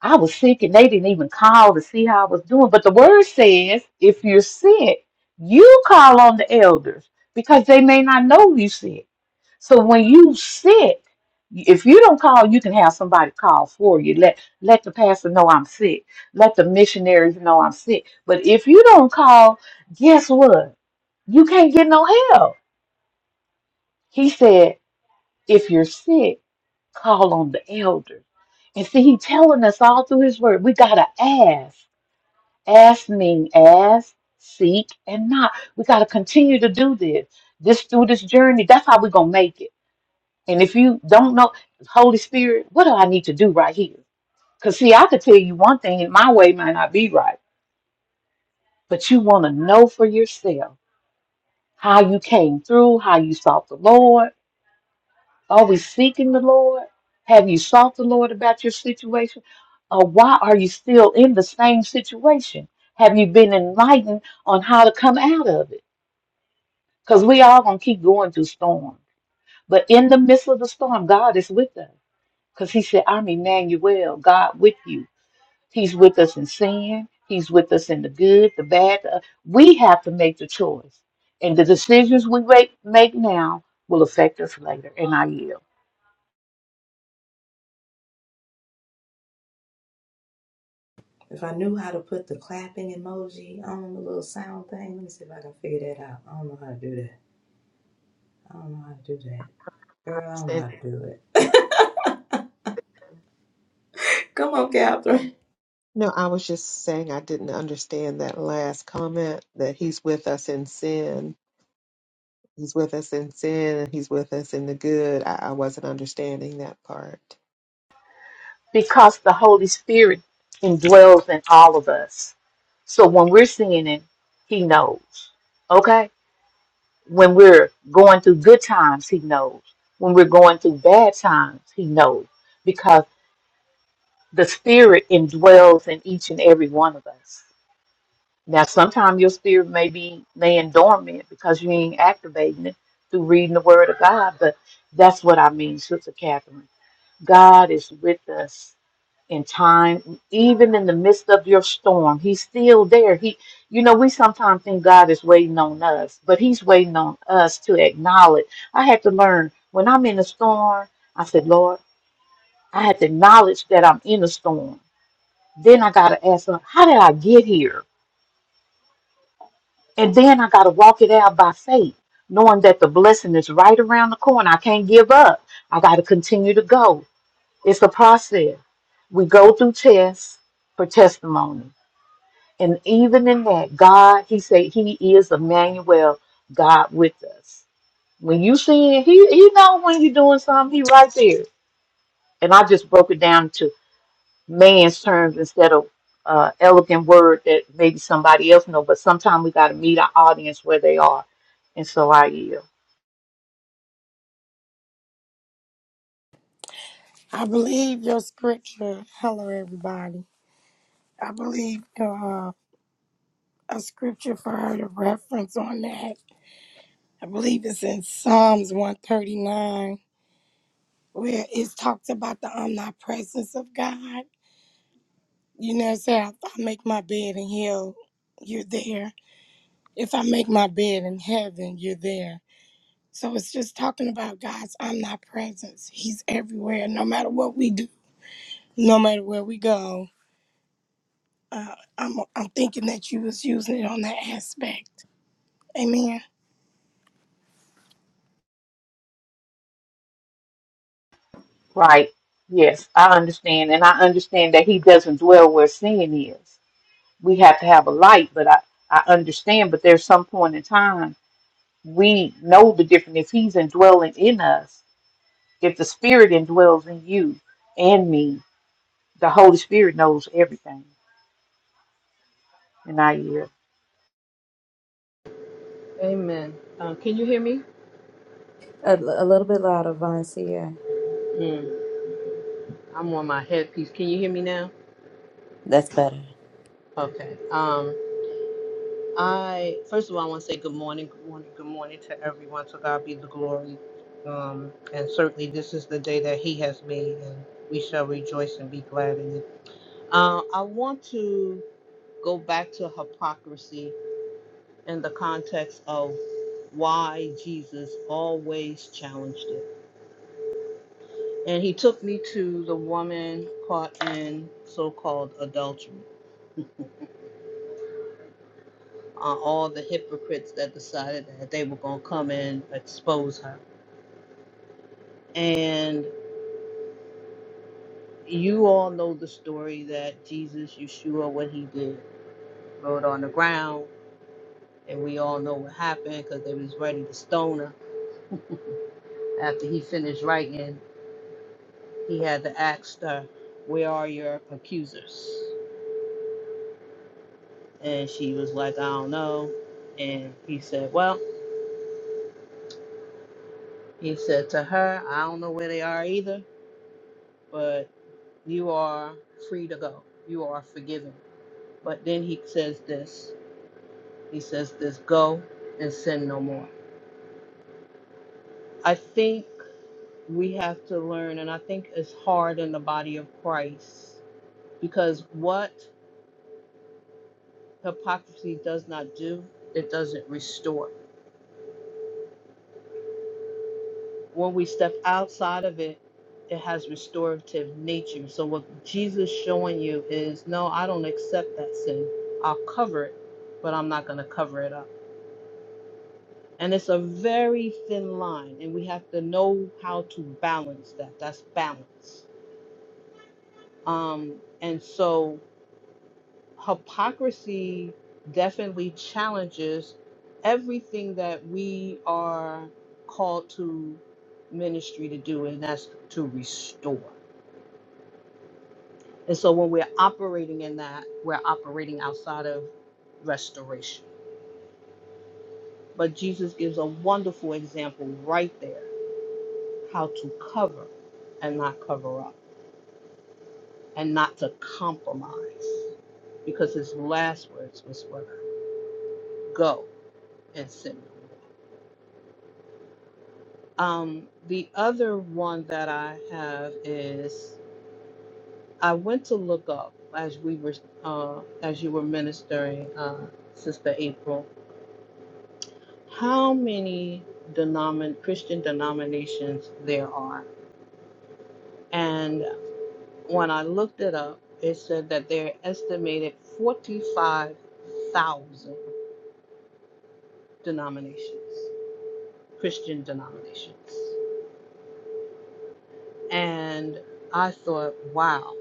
[SPEAKER 3] I was sick and they didn't even call to see how I was doing. But the word says if you're sick, you call on the elders because they may not know you sick. So when you sick, if you don't call, you can have somebody call for you. Let let the pastor know I'm sick. Let the missionaries know I'm sick. But if you don't call, guess what? You can't get no help. He said, if you're sick Call on the elder, And see, he telling us all through his word, we gotta ask. Ask mean ask, seek, and not. We gotta continue to do this. This through this journey, that's how we are gonna make it. And if you don't know, Holy Spirit, what do I need to do right here? Because see, I could tell you one thing, and my way might not be right, but you wanna know for yourself how you came through, how you sought the Lord Are we seeking the Lord? Have you sought the Lord about your situation? Or why are you still in the same situation? Have you been enlightened on how to come out of it? Because we all gonna keep going through storm. But in the midst of the storm, God is with us. Because He said, I'm Emmanuel, God with you. He's with us in sin, He's with us in the good, the bad. the- We have to make the choice. And the decisions we make make now will affect us later. And I yield.
[SPEAKER 1] If I knew how to put the clapping emoji on the little sound thing, let me see if I can figure that out. I don't know how to do that. I don't know how to do that. Girl, I don't know
[SPEAKER 4] understand.
[SPEAKER 1] how to do it. Come on, Catherine.
[SPEAKER 4] No, I was just saying I didn't understand that last comment that he's with us in sin He's with us in sin and he's with us in the good. I, I wasn't understanding that part.
[SPEAKER 3] because the Holy Spirit indwells in all of us. So when we're sinning, He knows. Okay? When we're going through good times, He knows. When we're going through bad times, He knows. Because the Spirit indwells in each and every one of us. Now, sometimes your spirit may be laying dormant because you ain't activating it through reading the Word of God, but that's what I mean, Sister Catherine. God is with us in time, even in the midst of your storm. He's still there. He, you know, we sometimes think God is waiting on us, but He's waiting on us to acknowledge. I had to learn when I'm in a storm, I said, Lord, I had to acknowledge that I'm in a storm. Then I got to ask Him, how did I get here? And then I got to walk it out by faith, knowing that the blessing is right around the corner. I can't give up. I got to continue to go. It's a process. We go through tests for testimony And even in that, God, He said He is Emmanuel, God with us. When you see He, He know when you're doing something, He right there. And I just broke it down to man's terms instead of uh, elegant word that maybe somebody else know. But sometimes we got to meet our audience where they are. And so I yield.
[SPEAKER 5] I believe your scripture. Hello, everybody. I believe uh, a scripture for her to reference on that. I believe it's in Psalms 139, where it's talked about the omnipresence of God. You know, say, if I make my bed in hell, you're there. If I make my bed in heaven, you're there. So it's just talking about God's omnipresence. He's everywhere, no matter what we do, no matter where we go. Uh, I'm I'm thinking that you was using it on that aspect. Amen.
[SPEAKER 3] Right. Yes, I understand. And I understand that He doesn't dwell where sin is. We have to have a light, but I, I understand. But there's some point in time we know the difference if he's indwelling in us if the spirit indwells in you and me the holy spirit knows everything and i hear
[SPEAKER 6] Amen. Uh, can you hear me?
[SPEAKER 1] A, a little bit louder, Von Sierra.
[SPEAKER 6] Mm, I'm on my headpiece. Can you hear me now?
[SPEAKER 1] That's better.
[SPEAKER 6] Okay. Um, I first of all, I want to say good morning, good morning, good morning to everyone. To God be the glory. Um, and certainly, this is the day that He has made, and we shall rejoice and be glad in it. Uh, I want to go back to hypocrisy in the context of why Jesus always challenged it. and he took me to the woman caught in so-called adultery uh, all the hypocrites that decided that they were going to come and expose her and you all know the story that jesus yeshua what he did rolled on the ground and we all know what happened because they was ready to stone her after he finished writing he had to ask her where are your accusers and she was like i don't know and he said well He said to her, I don't know where they are either, but you are free to go. You are forgiven. But then he says this. He says this, go and sin no more. I think we have to learn, and I think it's hard in the body of Christ because what hypocrisy does not do, it doesn't restore. When we step outside of it, it has restorative nature. So what Jesus is showing you is, no, I don't accept that sin. I'll cover it, but I'm not going to cover it up. And it's a very thin line, and we have to know how to balance that. That's balance. Um, and so hypocrisy definitely challenges everything that we are called to ministry to do, and that's to restore. And so when we're operating in that, we're operating outside of restoration. But Jesus gives a wonderful example right there how to cover and not cover up and not to compromise. Because his last words was what? Go and sin no more. Um, the other one that I have is I went to look up as we were uh, as you were ministering, uh, Sister April how many denomin- Christian denominations there are. And when I looked it up, it said that there are estimated 45,000 denominations, Christian denominations. And I thought, wow,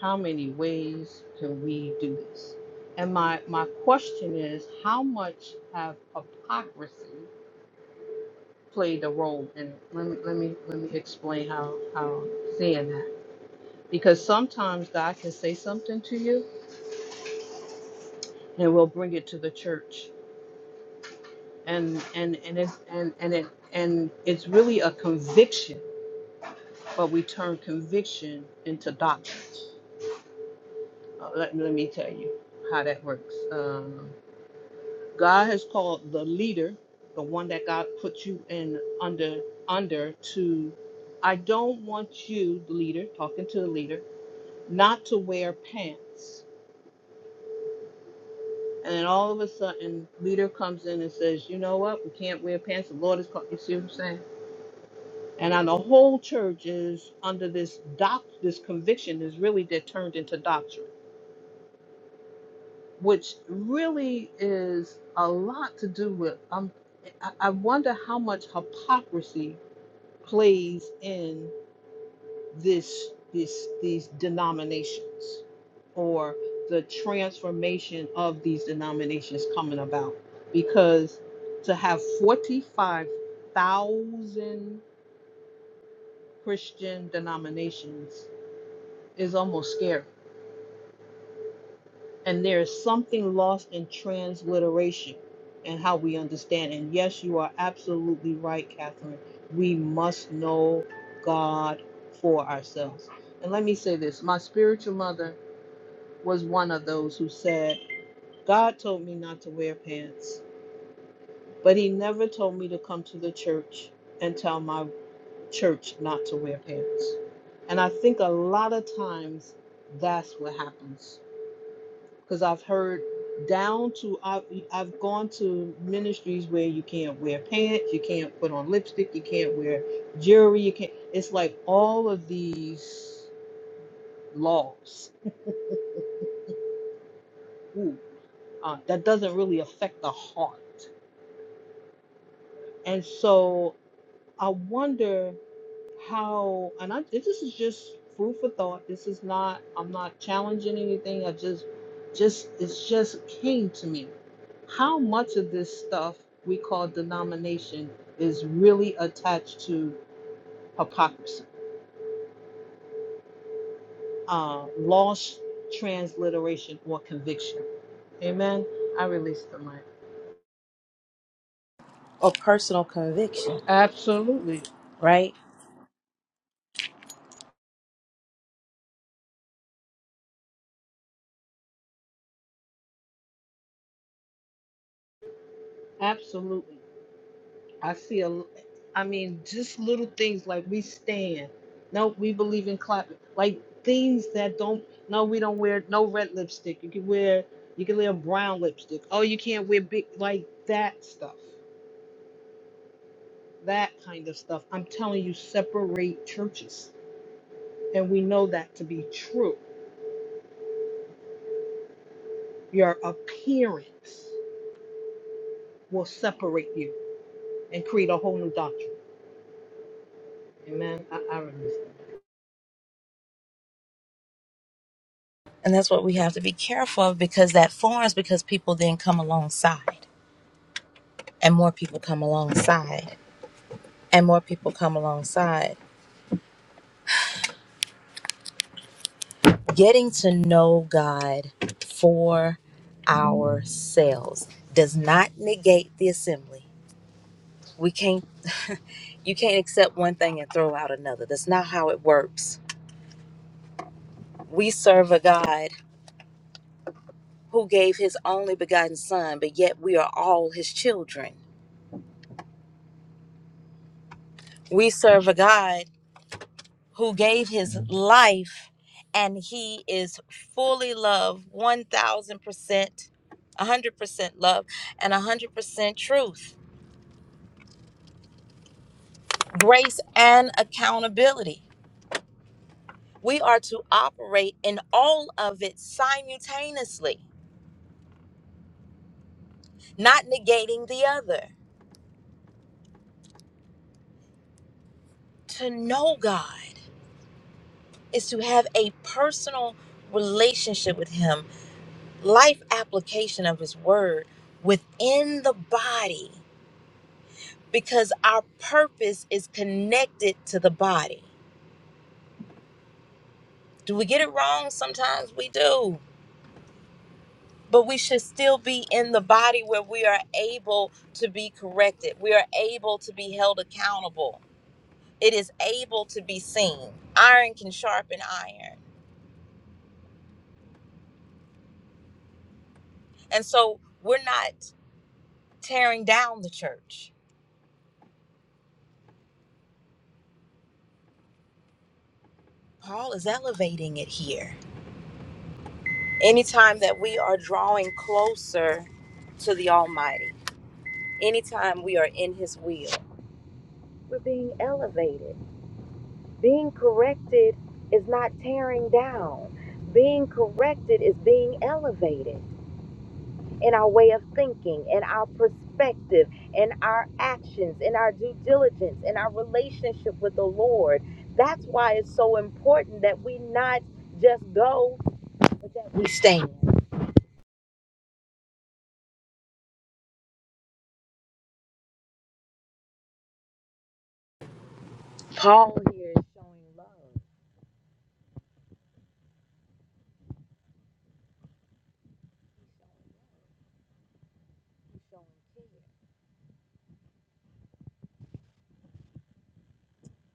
[SPEAKER 6] how many ways can we do this? And my, my question is, how much have hypocrisy played a role in it? Let me, let me, let me explain how, how I'm seeing that. because sometimes God can say something to you and will bring it to the church and and and it's and and it and it's really a conviction but we turn conviction into doctrine uh, let, let me tell you how that works um, God has called the leader the one that God put you in under under to I don't want you the leader talking to the leader not to wear pants And then all of a sudden, leader comes in and says, "You know what? We can't wear pants. The Lord is called." You see what I'm saying? And now the whole church is under this doc, this conviction is really that turned into doctrine, which really is a lot to do with. Um, I I wonder how much hypocrisy plays in this this these denominations or the transformation of these denominations coming about because to have 45,000 Christian denominations is almost scary and there is something lost in transliteration and how we understand and yes you are absolutely right Catherine we must know God for ourselves and let me say this my spiritual mother was one of those who said, God told me not to wear pants, but he never told me to come to the church and tell my church not to wear pants. And I think a lot of times that's what happens because I've heard down to I've, I've gone to ministries where you can't wear pants, you can't put on lipstick, you can't wear jewelry, you can't. It's like all of these laws. Ooh, uh, that doesn't really affect the heart. And so I wonder how, and I, this is just food for thought. This is not, I'm not challenging anything. I just, just, it's just came to me. How much of this stuff we call denomination is really attached to hypocrisy, uh, lost transliteration or conviction? Amen. I release the mic.
[SPEAKER 1] Or personal conviction,
[SPEAKER 6] Absolutely.
[SPEAKER 1] right?
[SPEAKER 6] Absolutely. I see a, I mean, just little things like we stand. No, we believe in clapping. Like things that don't. No, we don't wear no red lipstick. You can wear, you can wear brown lipstick. Oh, you can't wear big like that stuff. That kind of stuff. I'm telling you, separate churches, and we know that to be true. Your appearance will separate you and create a whole new doctrine. Amen. I, I remember.
[SPEAKER 1] And that's what we have to be careful of because that forms because people then come alongside and more people come alongside and more people come alongside. Getting to know God for ourselves does not negate the assembly. We can't, you can't accept one thing and throw out another. That's not how it works. We serve a God who gave his only begotten son, but yet we are all his children. We serve a God who gave his Mhm. life and he is fully love 1000% 100% love and 100% truth grace and accountability we are to operate in all of it simultaneously not negating the other to know god is to have a personal relationship with him life application of his word within the body because our purpose is connected to the body. Do we get it wrong? Sometimes we do. But we should still be in the body where we are able to be corrected. We are able to be held accountable. It is able to be seen. Iron can sharpen iron. And so we're not tearing down the church. Paul is elevating it here. Anytime that we are drawing closer to the Almighty, anytime we are in His will We're being elevated. Being corrected is not tearing down. Being corrected is being elevated in our way of thinking, in our perspective, in our actions, in our due diligence, in our relationship with the Lord. That's why it's so important that we not just go, but that we stand. Paul here is showing love. He's showing care.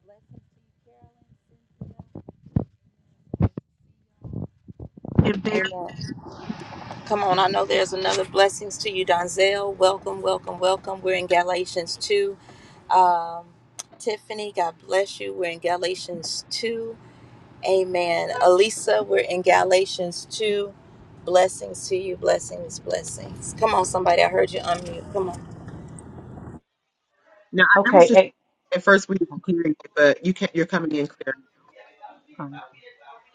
[SPEAKER 1] Blessings to you,
[SPEAKER 4] And there,
[SPEAKER 1] Carolyn. Cynthia. Come on, I know there's another blessings to you, Donzel. Welcome, welcome, welcome. We're in Galatians 2. Um, Tiffany, God bless you. We're in Galatians 2. Amen. Elisa, we're in Galatians 2. Blessings to you, blessings, blessings. Come on, somebody. I heard you unmute. Come on.
[SPEAKER 4] now I- that was just
[SPEAKER 3] okay
[SPEAKER 4] at first we
[SPEAKER 3] april
[SPEAKER 4] didn't hear you, but you can You're coming in clear.
[SPEAKER 3] um,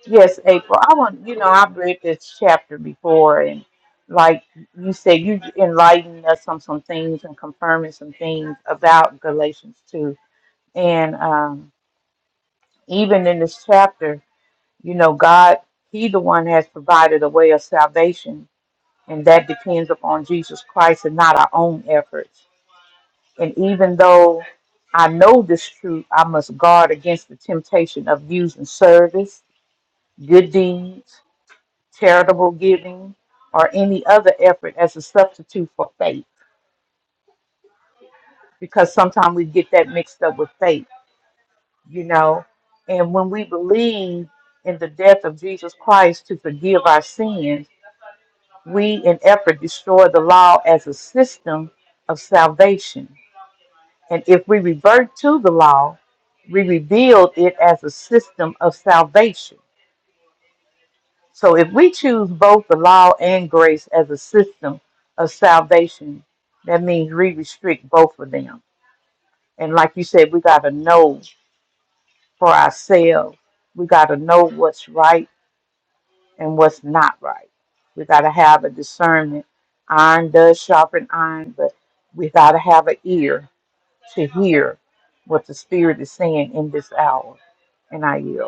[SPEAKER 3] yes april i want you know i've read this chapter before and like you said you enlightened us on some things and confirming some things about galatians 2 and um, even in this chapter you know god he the one has provided a way of salvation and that depends upon Jesus Christ and not our own efforts. And even though I know this truth, I must guard against the temptation of using service, good deeds, charitable giving, or any other effort as a substitute for faith, because sometimes we get that mixed up with faith, you know. And when we believe in the death of Jesus Christ to forgive our sins, we in effort destroy the law as a system of salvation And if we revert to the law, we rebuild it as a system of salvation. So if we choose both the law and grace as a system of salvation, that means we restrict both of them. And like you said, we got to know for ourselves. We got to know what's right and what's not right. We got to have a discernment. Iron does sharpen iron, but we got to have an ear to hear what the Spirit is saying in this hour. and I yield.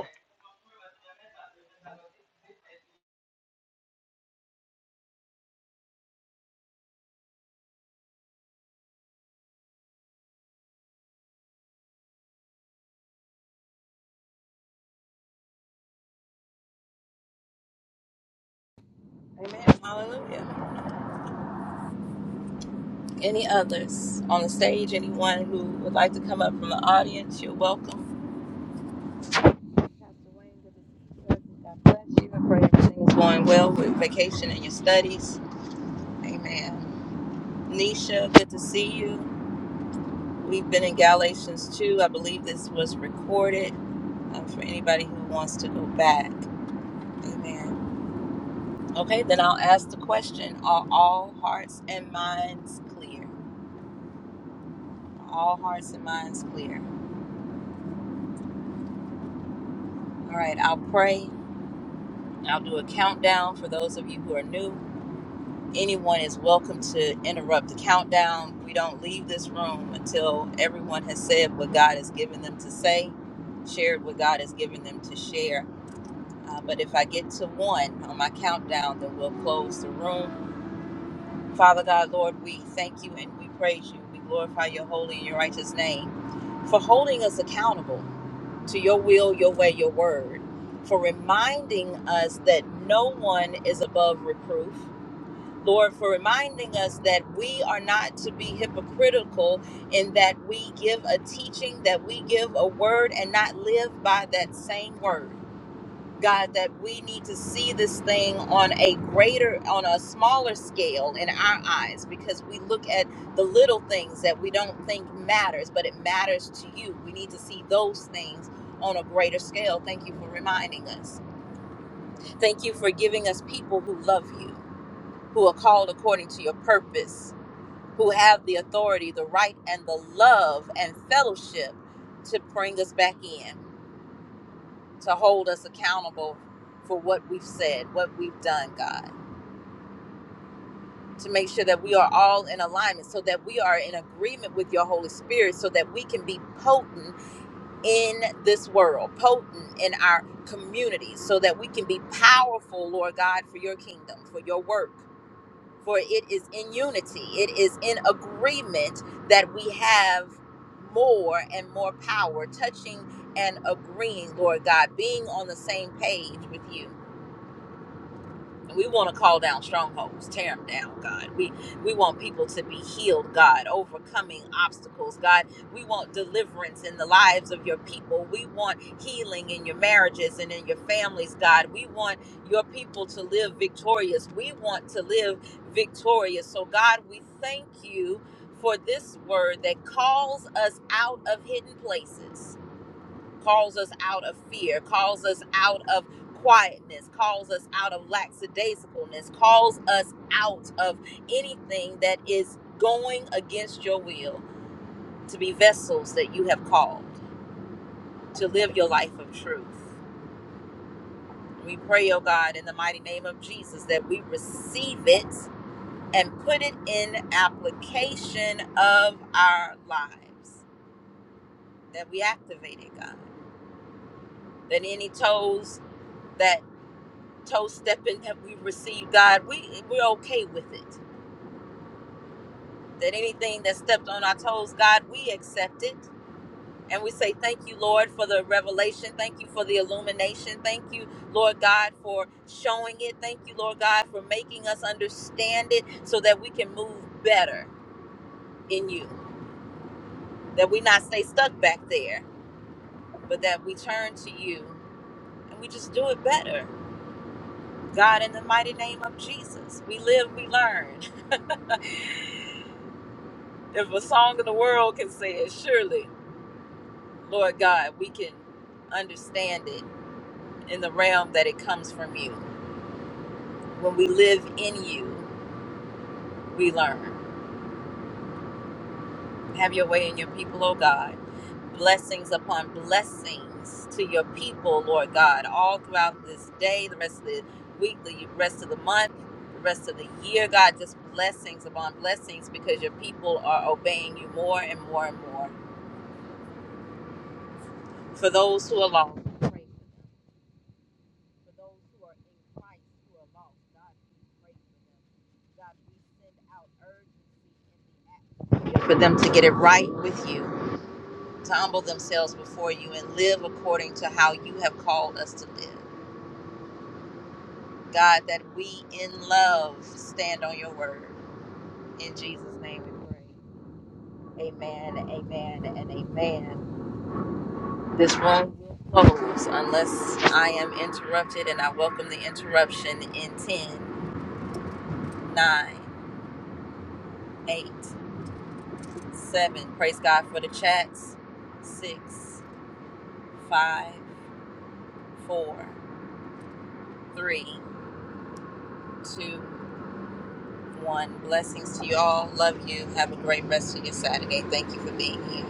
[SPEAKER 1] Amen. Hallelujah. Any others on the stage? Anyone who would like to come up from the audience? You're welcome. Pastor Wayne, good to see you. God bless you. I pray everything is going well with vacation and your studies. Amen. Nisha, good to see you. We've been in Galatians 2. I believe this was recorded uh, for anybody who wants to go back. Amen. Okay, then I'll ask the question Are all hearts and minds clear? Are all hearts and minds clear? All right, I'll pray. I'll do a countdown for those of you who are new. anyone is welcome to interrupt the countdown. We don't leave this room until everyone has said what God has given them to say, shared what God has given them to share. Uh, but if I get to one on my countdown, then we'll close the room. Father God, Lord, we thank you and we praise you. We glorify your holy and your righteous name for holding us accountable to your will, your way, your word, for reminding us that no one is above reproof Lord, for reminding us that we are not to be hypocritical in that we give a teaching, that we give a word and not live by that same word. God, that we need to see this thing on a greater, on a smaller scale in our eyes because we look at the little things that we don't think matters, but it matters to you. We need to see those things on a greater scale. Thank you for reminding us. Thank you for giving us people who love you, who are called according to your purpose who have the authority, the right, and the love and fellowship to bring us back in, to hold us accountable for what we've said, what we've done, God, to make sure that we are all in alignment so that we are in agreement with your Holy Spirit so that we can be potent in this world, potent in our communities, so that we can be powerful, Lord God, for your kingdom, for your work. for it is in unity, it is in agreement that we have more and more power, touching and agreeing, Lord God, being on the same page with you. And We want to call down strongholds, tear them down, God. We we want people to be healed, God, overcoming obstacles, God. We want deliverance in the lives of your people. We want healing in your marriages and in your families, God. We want your people to live victorious. We want to live victorious. So God, we thank you for this word that calls us out of hidden places calls us out of fear, calls us out of quietness, calls us out of lackadaisicalness, calls us out of anything that is going against your will to be vessels that you have called to live your life of truth. We pray, oh God, in the mighty name of Jesus, that we receive it and put it in application of our lives, that we activate it, God. That any toes that toe stepping that we received, God, we we're okay with it. That anything that stepped on our toes, God, we accept it. And we say thank you, Lord, for the revelation. Thank you for the illumination. Thank you, Lord God, for showing it. Thank you, Lord God, for making us understand it so that we can move better in you. That we not stay stuck back there, but that we turn to you and we just do it better. God, in the mighty name of Jesus, we live, we learn. if a song of the world can say it, surely, Lord God, we can understand it in the realm that it comes from you. When we live in you, we learn. Have your way in your people, O God. Blessings upon blessings to your people, Lord God, all throughout this day, the rest of the week, the rest of the month, the rest of the year, God, just blessings upon blessings because your people are obeying you more and more and more. For those who are lost, we pray for those who are in Christ who are lost. God, we pray for them. God, we send out urgency in the atmosphere for them to get it right with you, to humble themselves before you and live according to how you have called us to live. God, that we in love stand on your word. In Jesus' name we pray. Amen, amen, and amen. This room will close unless I am interrupted, and I welcome the interruption in ten, nine, 8, Seven, praise God for the chats. Six, five, four, three, two, one. Blessings to you all. Love you. Have a great rest of your Saturday. Thank you for being here.